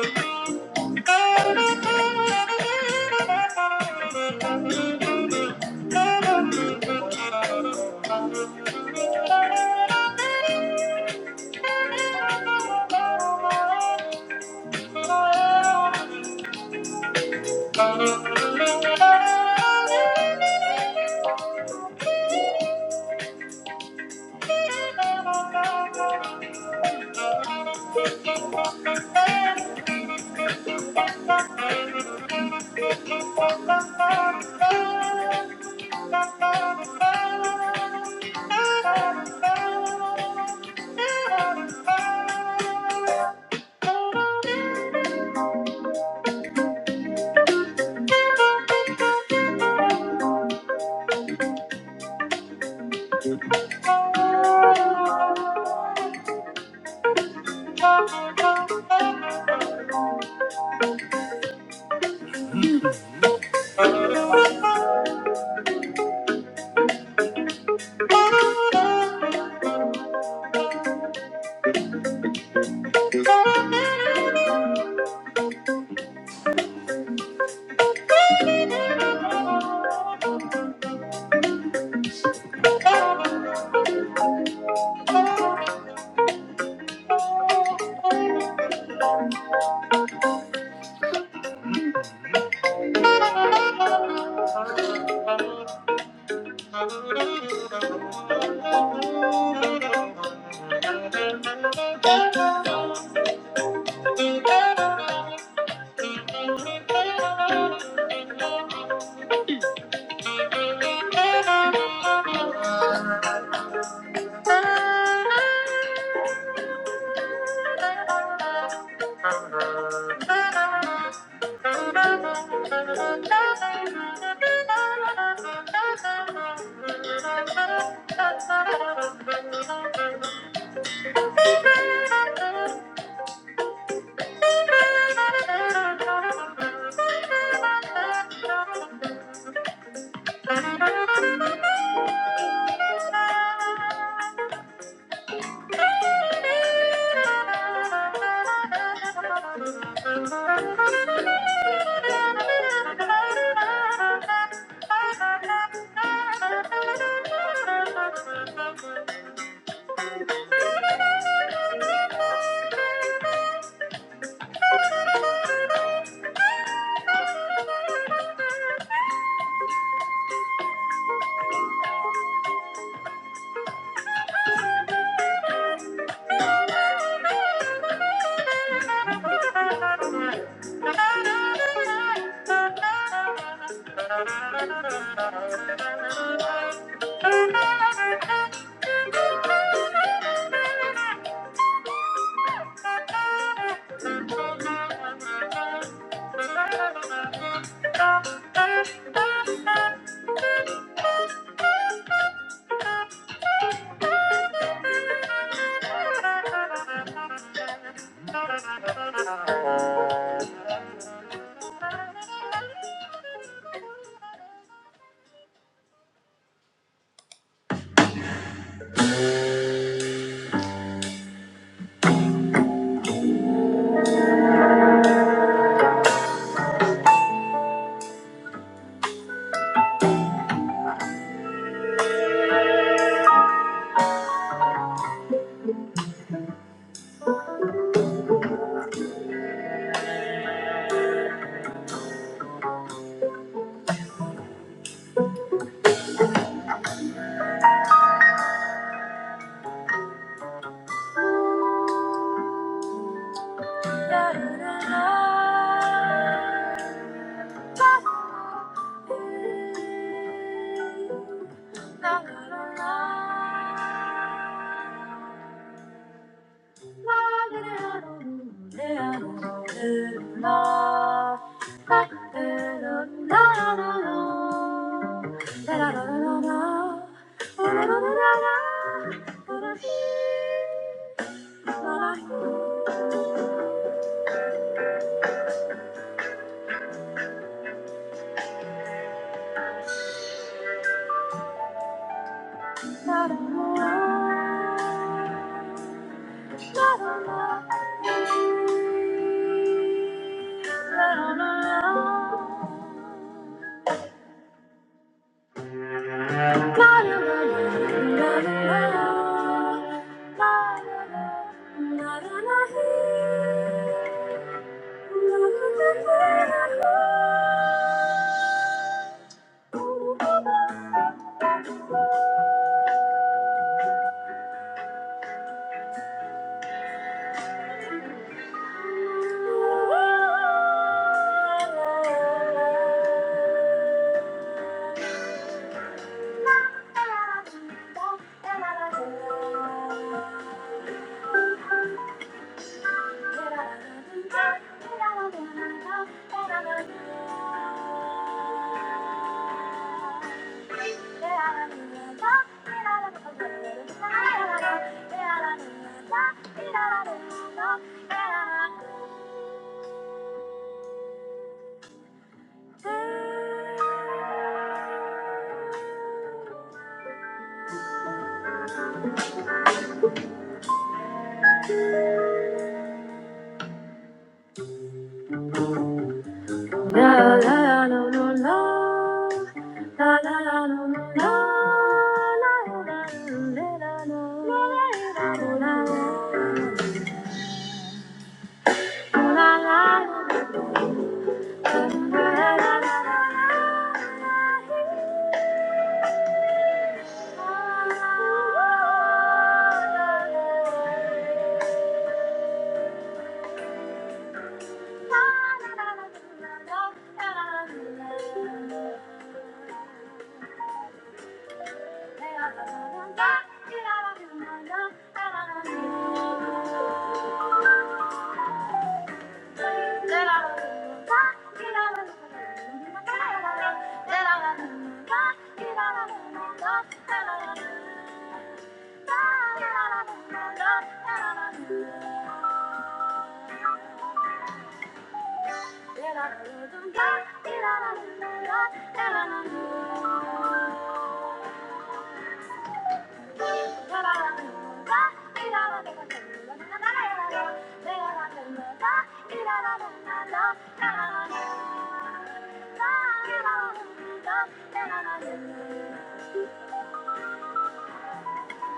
D: you. Thank you. Thank you. Thank you. La la la la la la la la. La la la la la la la la la Thank you. La la la no, no, no. la la la. no, no, no. La la la la la no. la. la la no, no, no. la Thank you. Thank you.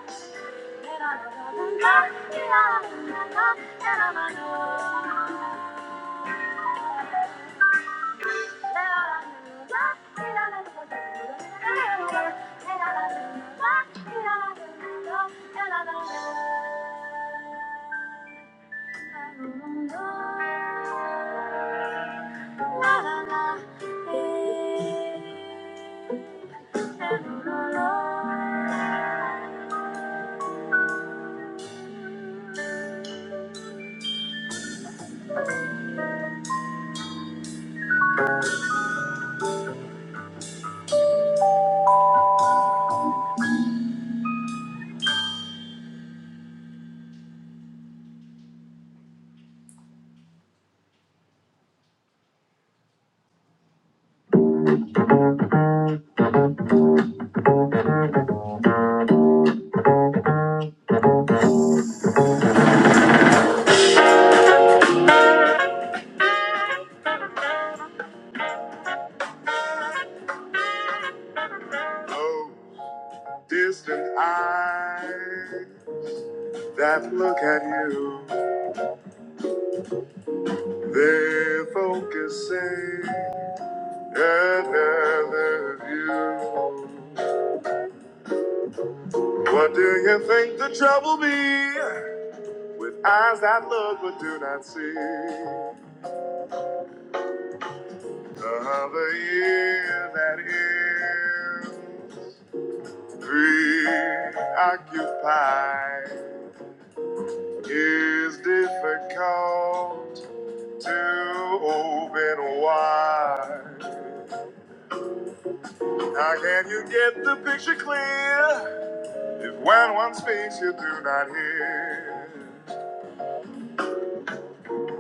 D: Oh. Distant eyes that look at you, they're focusing another view. What do you think the trouble be with eyes that look but do not see? Another year that is preoccupied is difficult. to open wide. How can you get the picture clear if when one speaks you do not hear?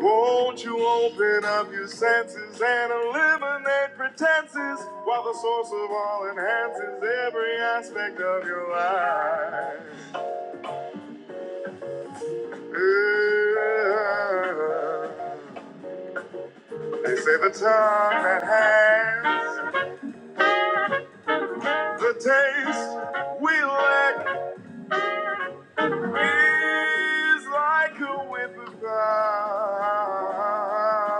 D: Won't you open up your senses and eliminate pretenses while the source of all enhances every aspect of your life? Ooh. They say the tongue that has the taste we lack Is like a whip around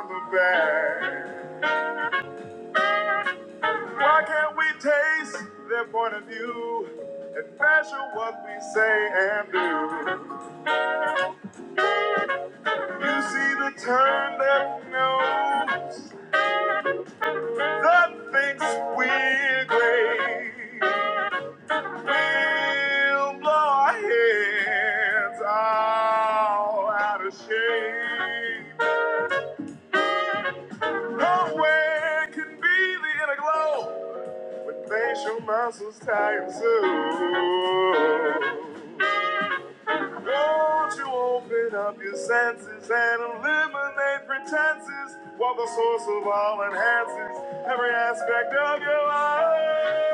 D: the bend. Why can't we taste their point of view and measure what we say and do? You see the turn that knows that thinks we're great. We'll blow our heads all out of shape. Nowhere can be the inner glow when facial muscles tighten and soothe. Don't you open up your senses and eliminate pretenses while the source of all enhances every aspect of your life.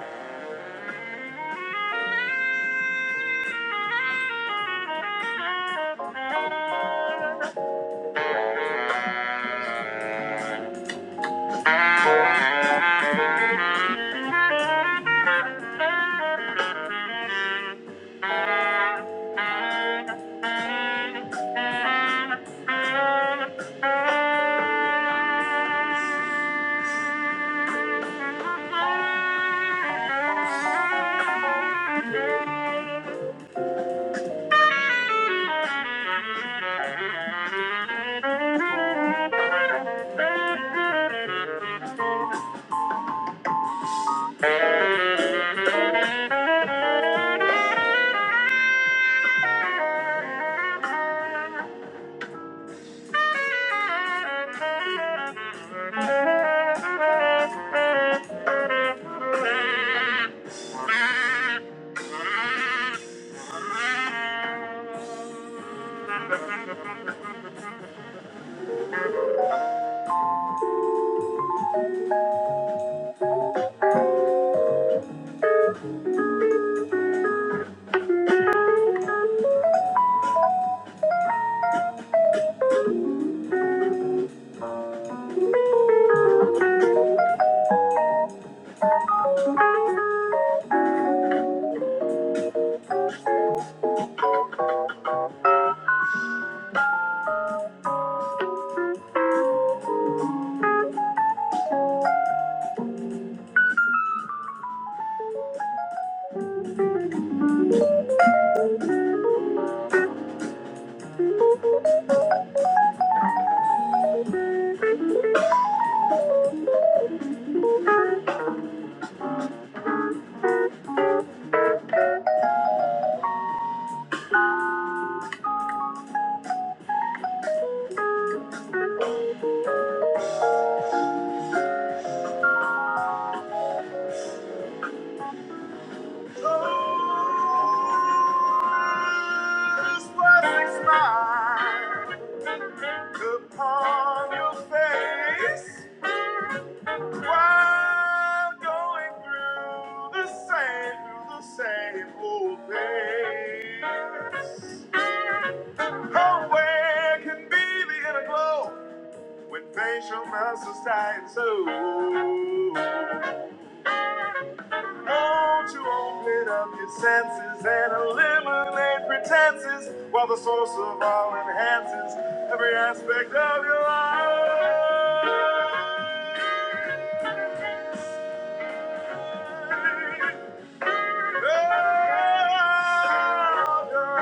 D: Oh, life. This was smile upon your face while going through the same, through the same old days. Oh, where can be the inner glow when facial muscles tighten so? Don't you open up your senses and eliminate pretenses while the source of all enhances every aspect of your life. Of your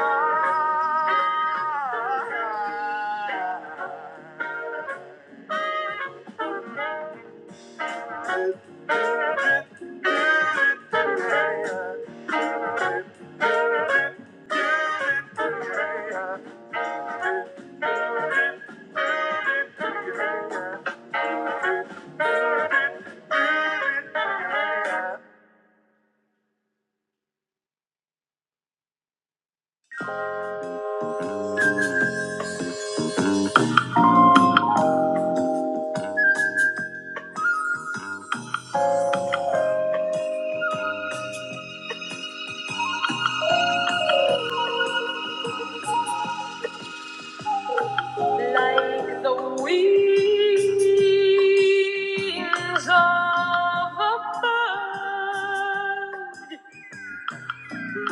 D: life. The wings of a bird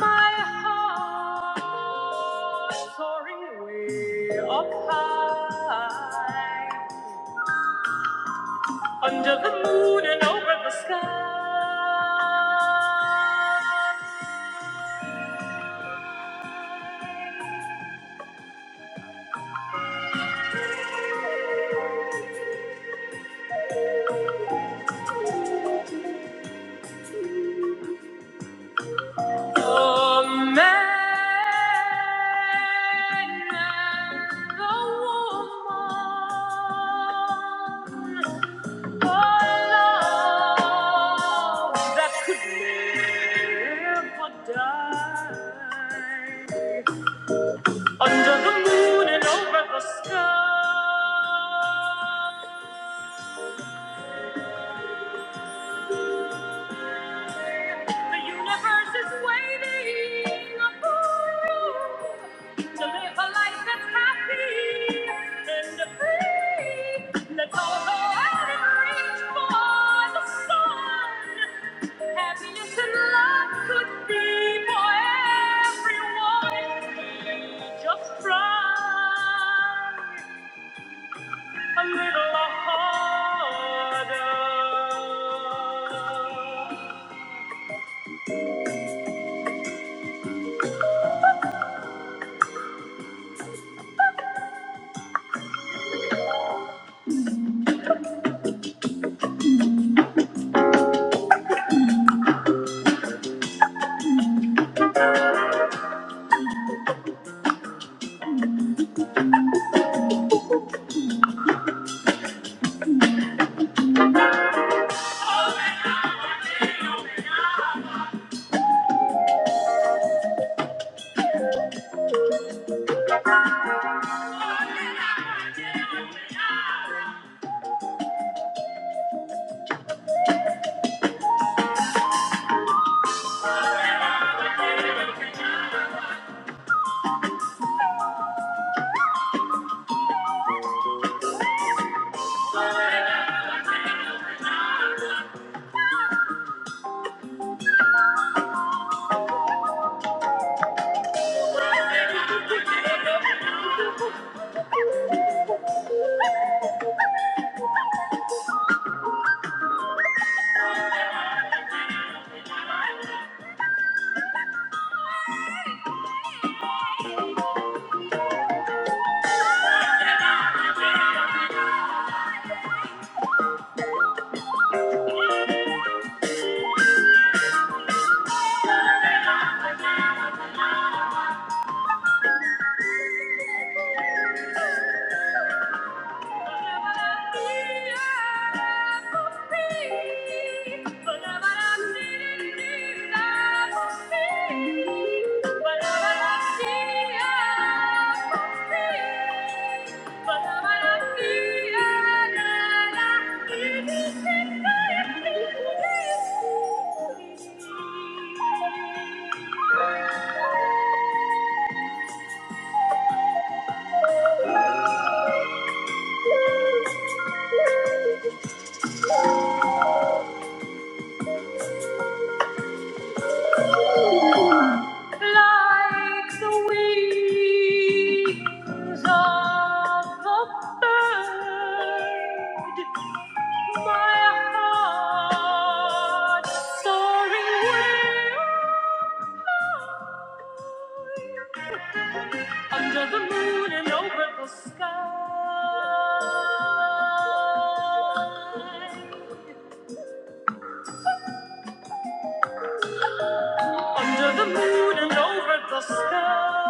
D: My heart soaring man and the woman. For love that could never die. Under the moon and over the sky. The universe is waiting for you to live a life that's happy and free. Let's all go out and reach for the sun. Happiness and love could be for everyone. Just try a little harder. Thank you. Like the wings of the bird, my heart soaring where under the moon and over the sky. Under the moon and over the sky.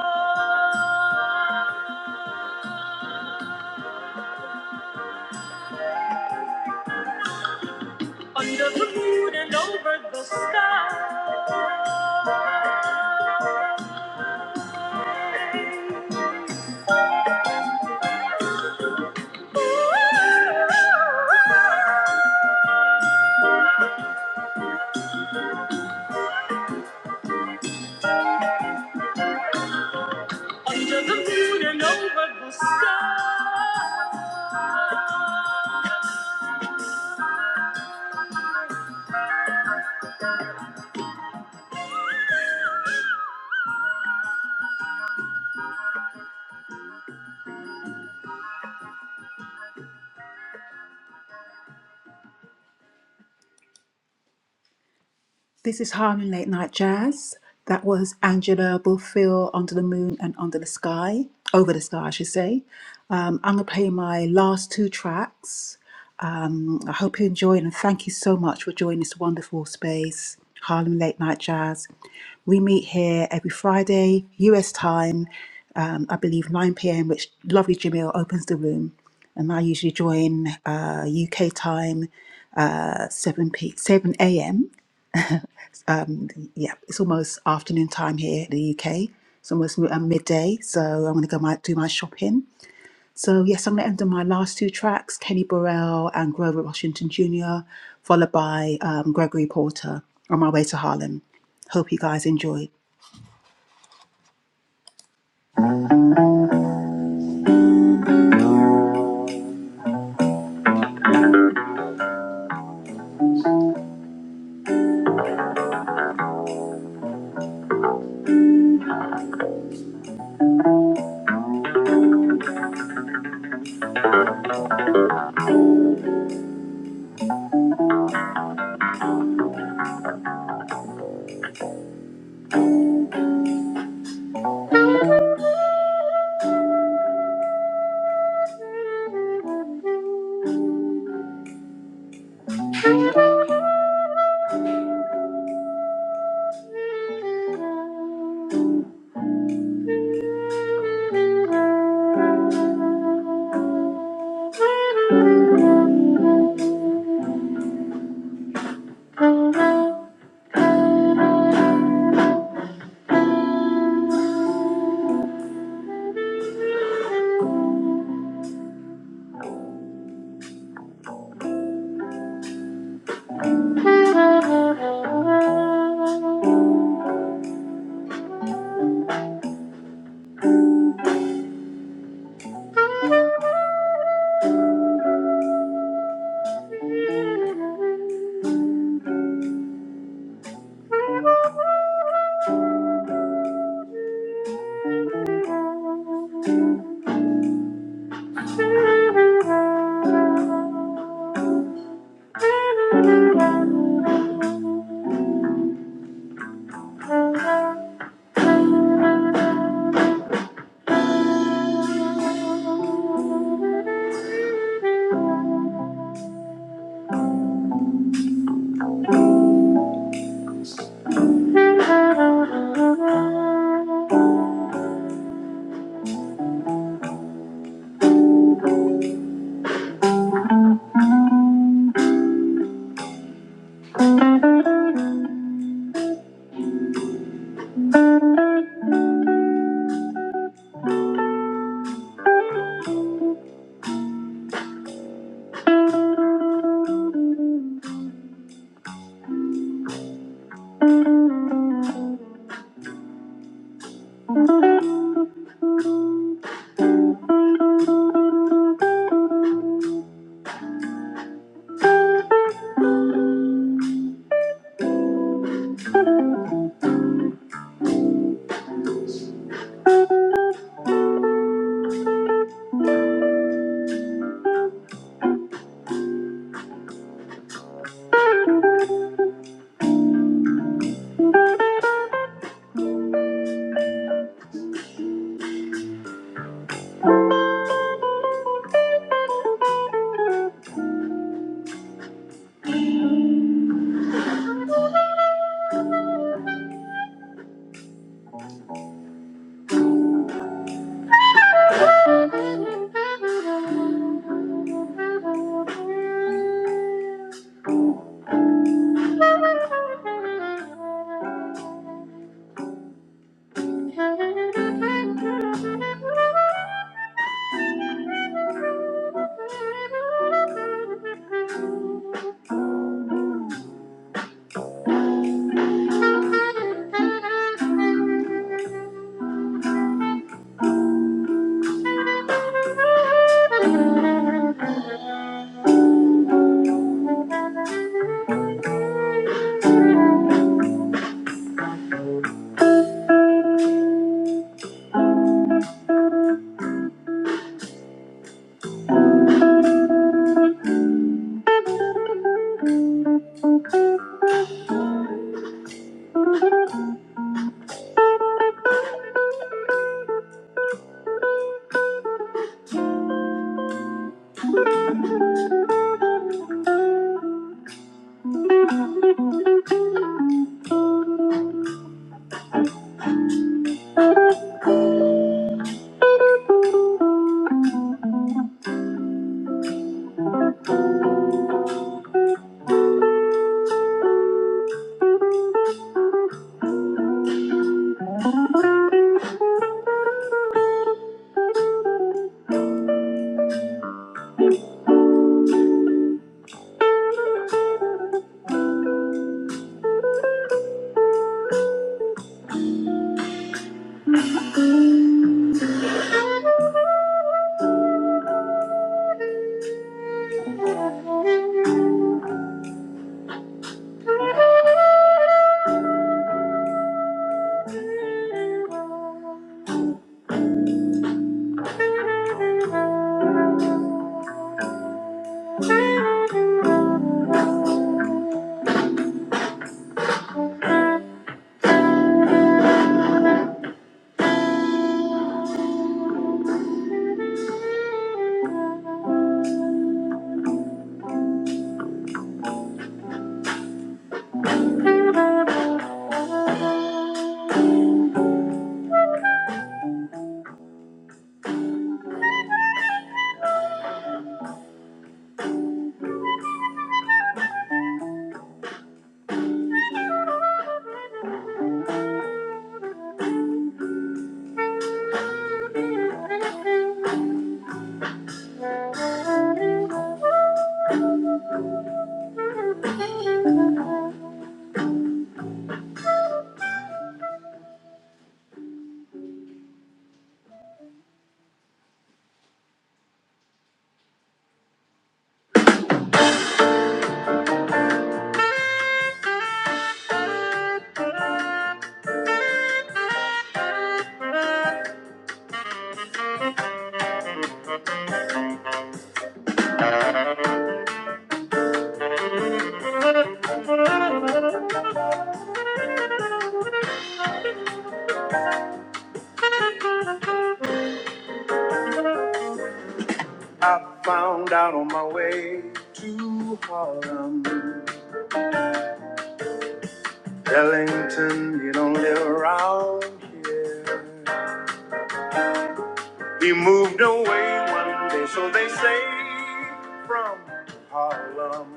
D: Under the moon and over the sky. This is Harlem Late Night Jazz. That was Angela Bofill, Under the Moon and Under the Sky, Over the Sky, I should say. Um, I'm going to play my last two tracks. Um, I hope you enjoyed and thank you so much for joining this wonderful space, Harlem Late Night Jazz. We meet here every Friday, US time, um, I believe 9 pm, which lovely Jamil opens the room. And I usually join uh, UK time, uh, 7 p- 7 a.m yeah, it's almost afternoon time here in the UK. It's almost mi- uh, midday, so I'm going to go my, do my shopping. So yes, I'm going to end on my last two tracks, Kenny Burrell and Grover Washington Jr., followed by um, Gregory Porter on my way to Harlem. Hope you guys enjoy. I found out on my way to Harlem, Ellington, you don't live around here. He moved away one day, so they say, from Harlem.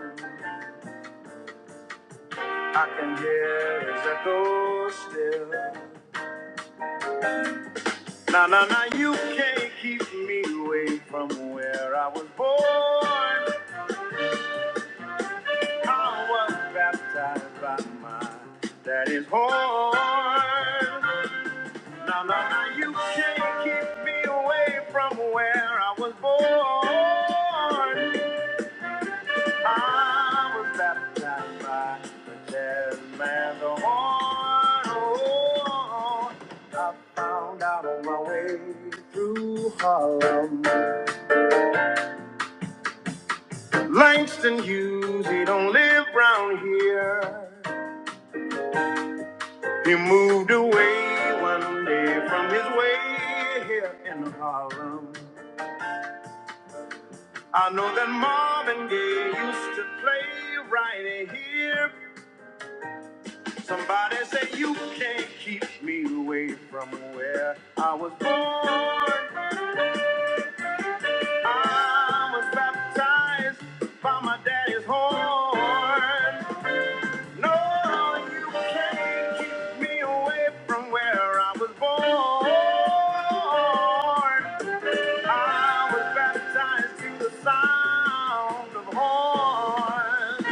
D: I can hear his echo still. Now, now, now, you can't keep me away from where I was born. I was baptized by my daddy's horn. Now, now, now, you can't keep me away from where I was born. I was baptized by the jazz man, the horn. Oh, I found out on my way through Harlem. Langston Hughes, he don't live round here. He moved away one day from his way here in Harlem. I know that Marvin Gaye used to play right here. Somebody say you can't keep me away from where I was born. I was baptized by my daddy's horn. No, you can't keep me away from where I was born. I was baptized to the sound of horn.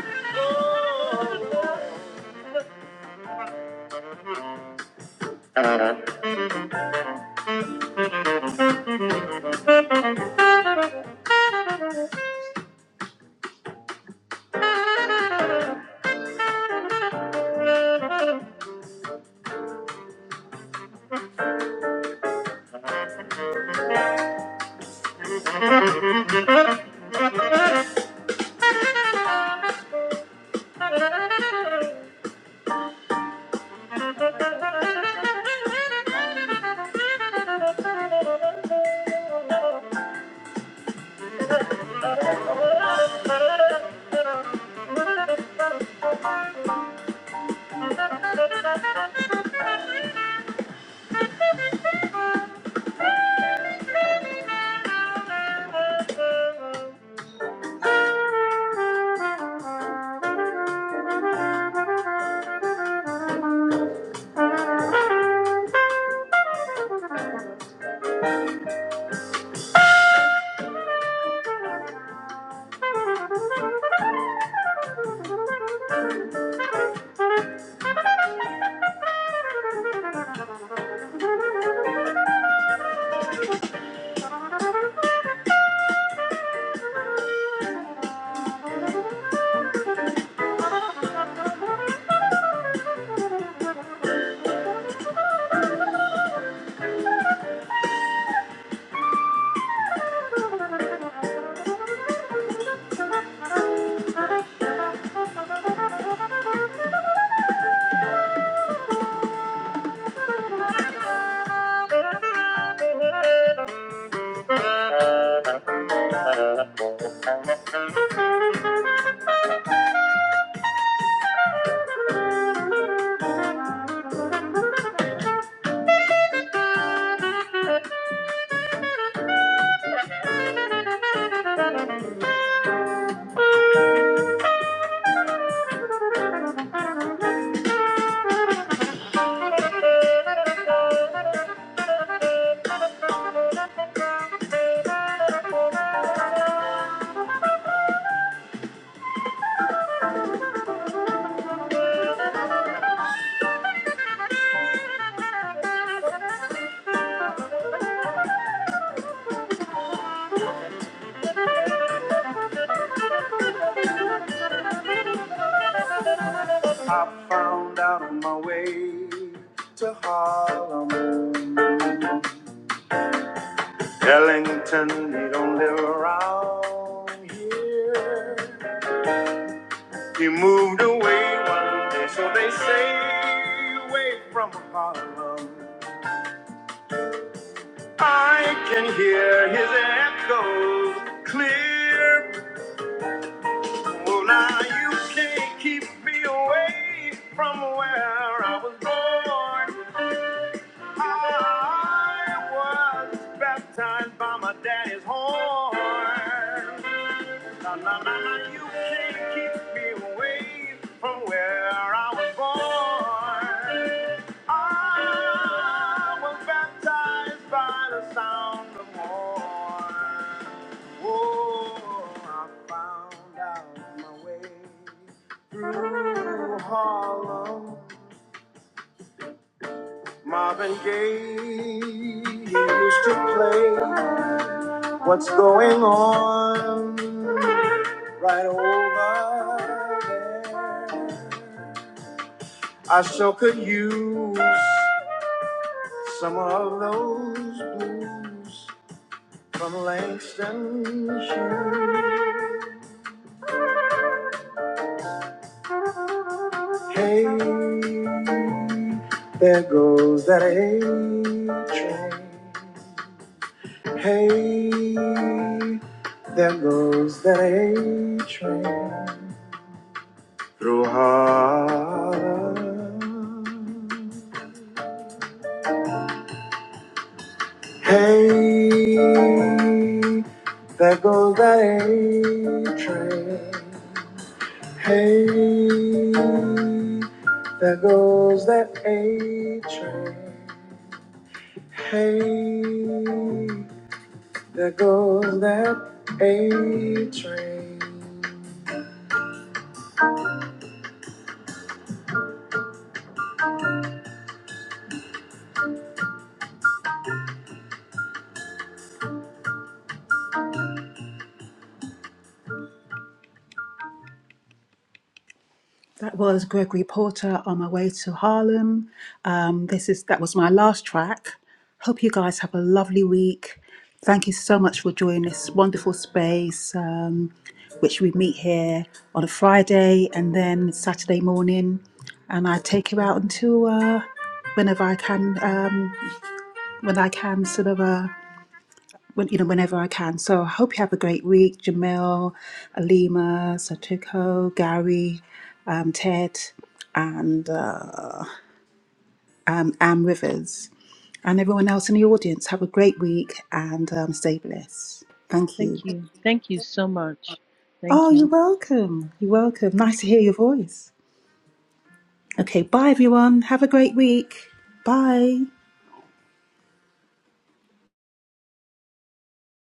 D: Oh, I found out on my way to Harlem. Ellington, he don't live around here. He moved away one day, so they say, away from Harlem. I can hear his echoes clear. Well, now you can't keep me away from where I was born. I was baptized by my daddy's horn. Na, na, na, na, you can't keep me away from where I was born. I was baptized by the sound of horn. Oh, I found out my way through Harlem. Marvin Gaye used to play What's Going On right over there. I sure could use some of those blues from Langston Hughes. Hey, there goes that A train. Hey, there goes That was Gregory Porter on my way to Harlem. Um, this is that was my last track. Hope you guys have a lovely week. Thank you so much for joining this wonderful space, um, which we meet here on a Friday and then Saturday morning, and I take you out until uh, whenever I can, um, when I can, sort of. Uh, when you know whenever I can. So I hope you have a great week, Jamil, Alima, Satoko, Gary, um, Ted, and uh, um, Anne Rivers, and everyone else in the audience. Have a great week and um, stay blessed. Thank you.
F: Thank you. Thank you so much.
D: Oh,
F: Thank you.
D: you're welcome. You're welcome. Nice to hear your voice. Okay, bye everyone. Have a great week. Bye.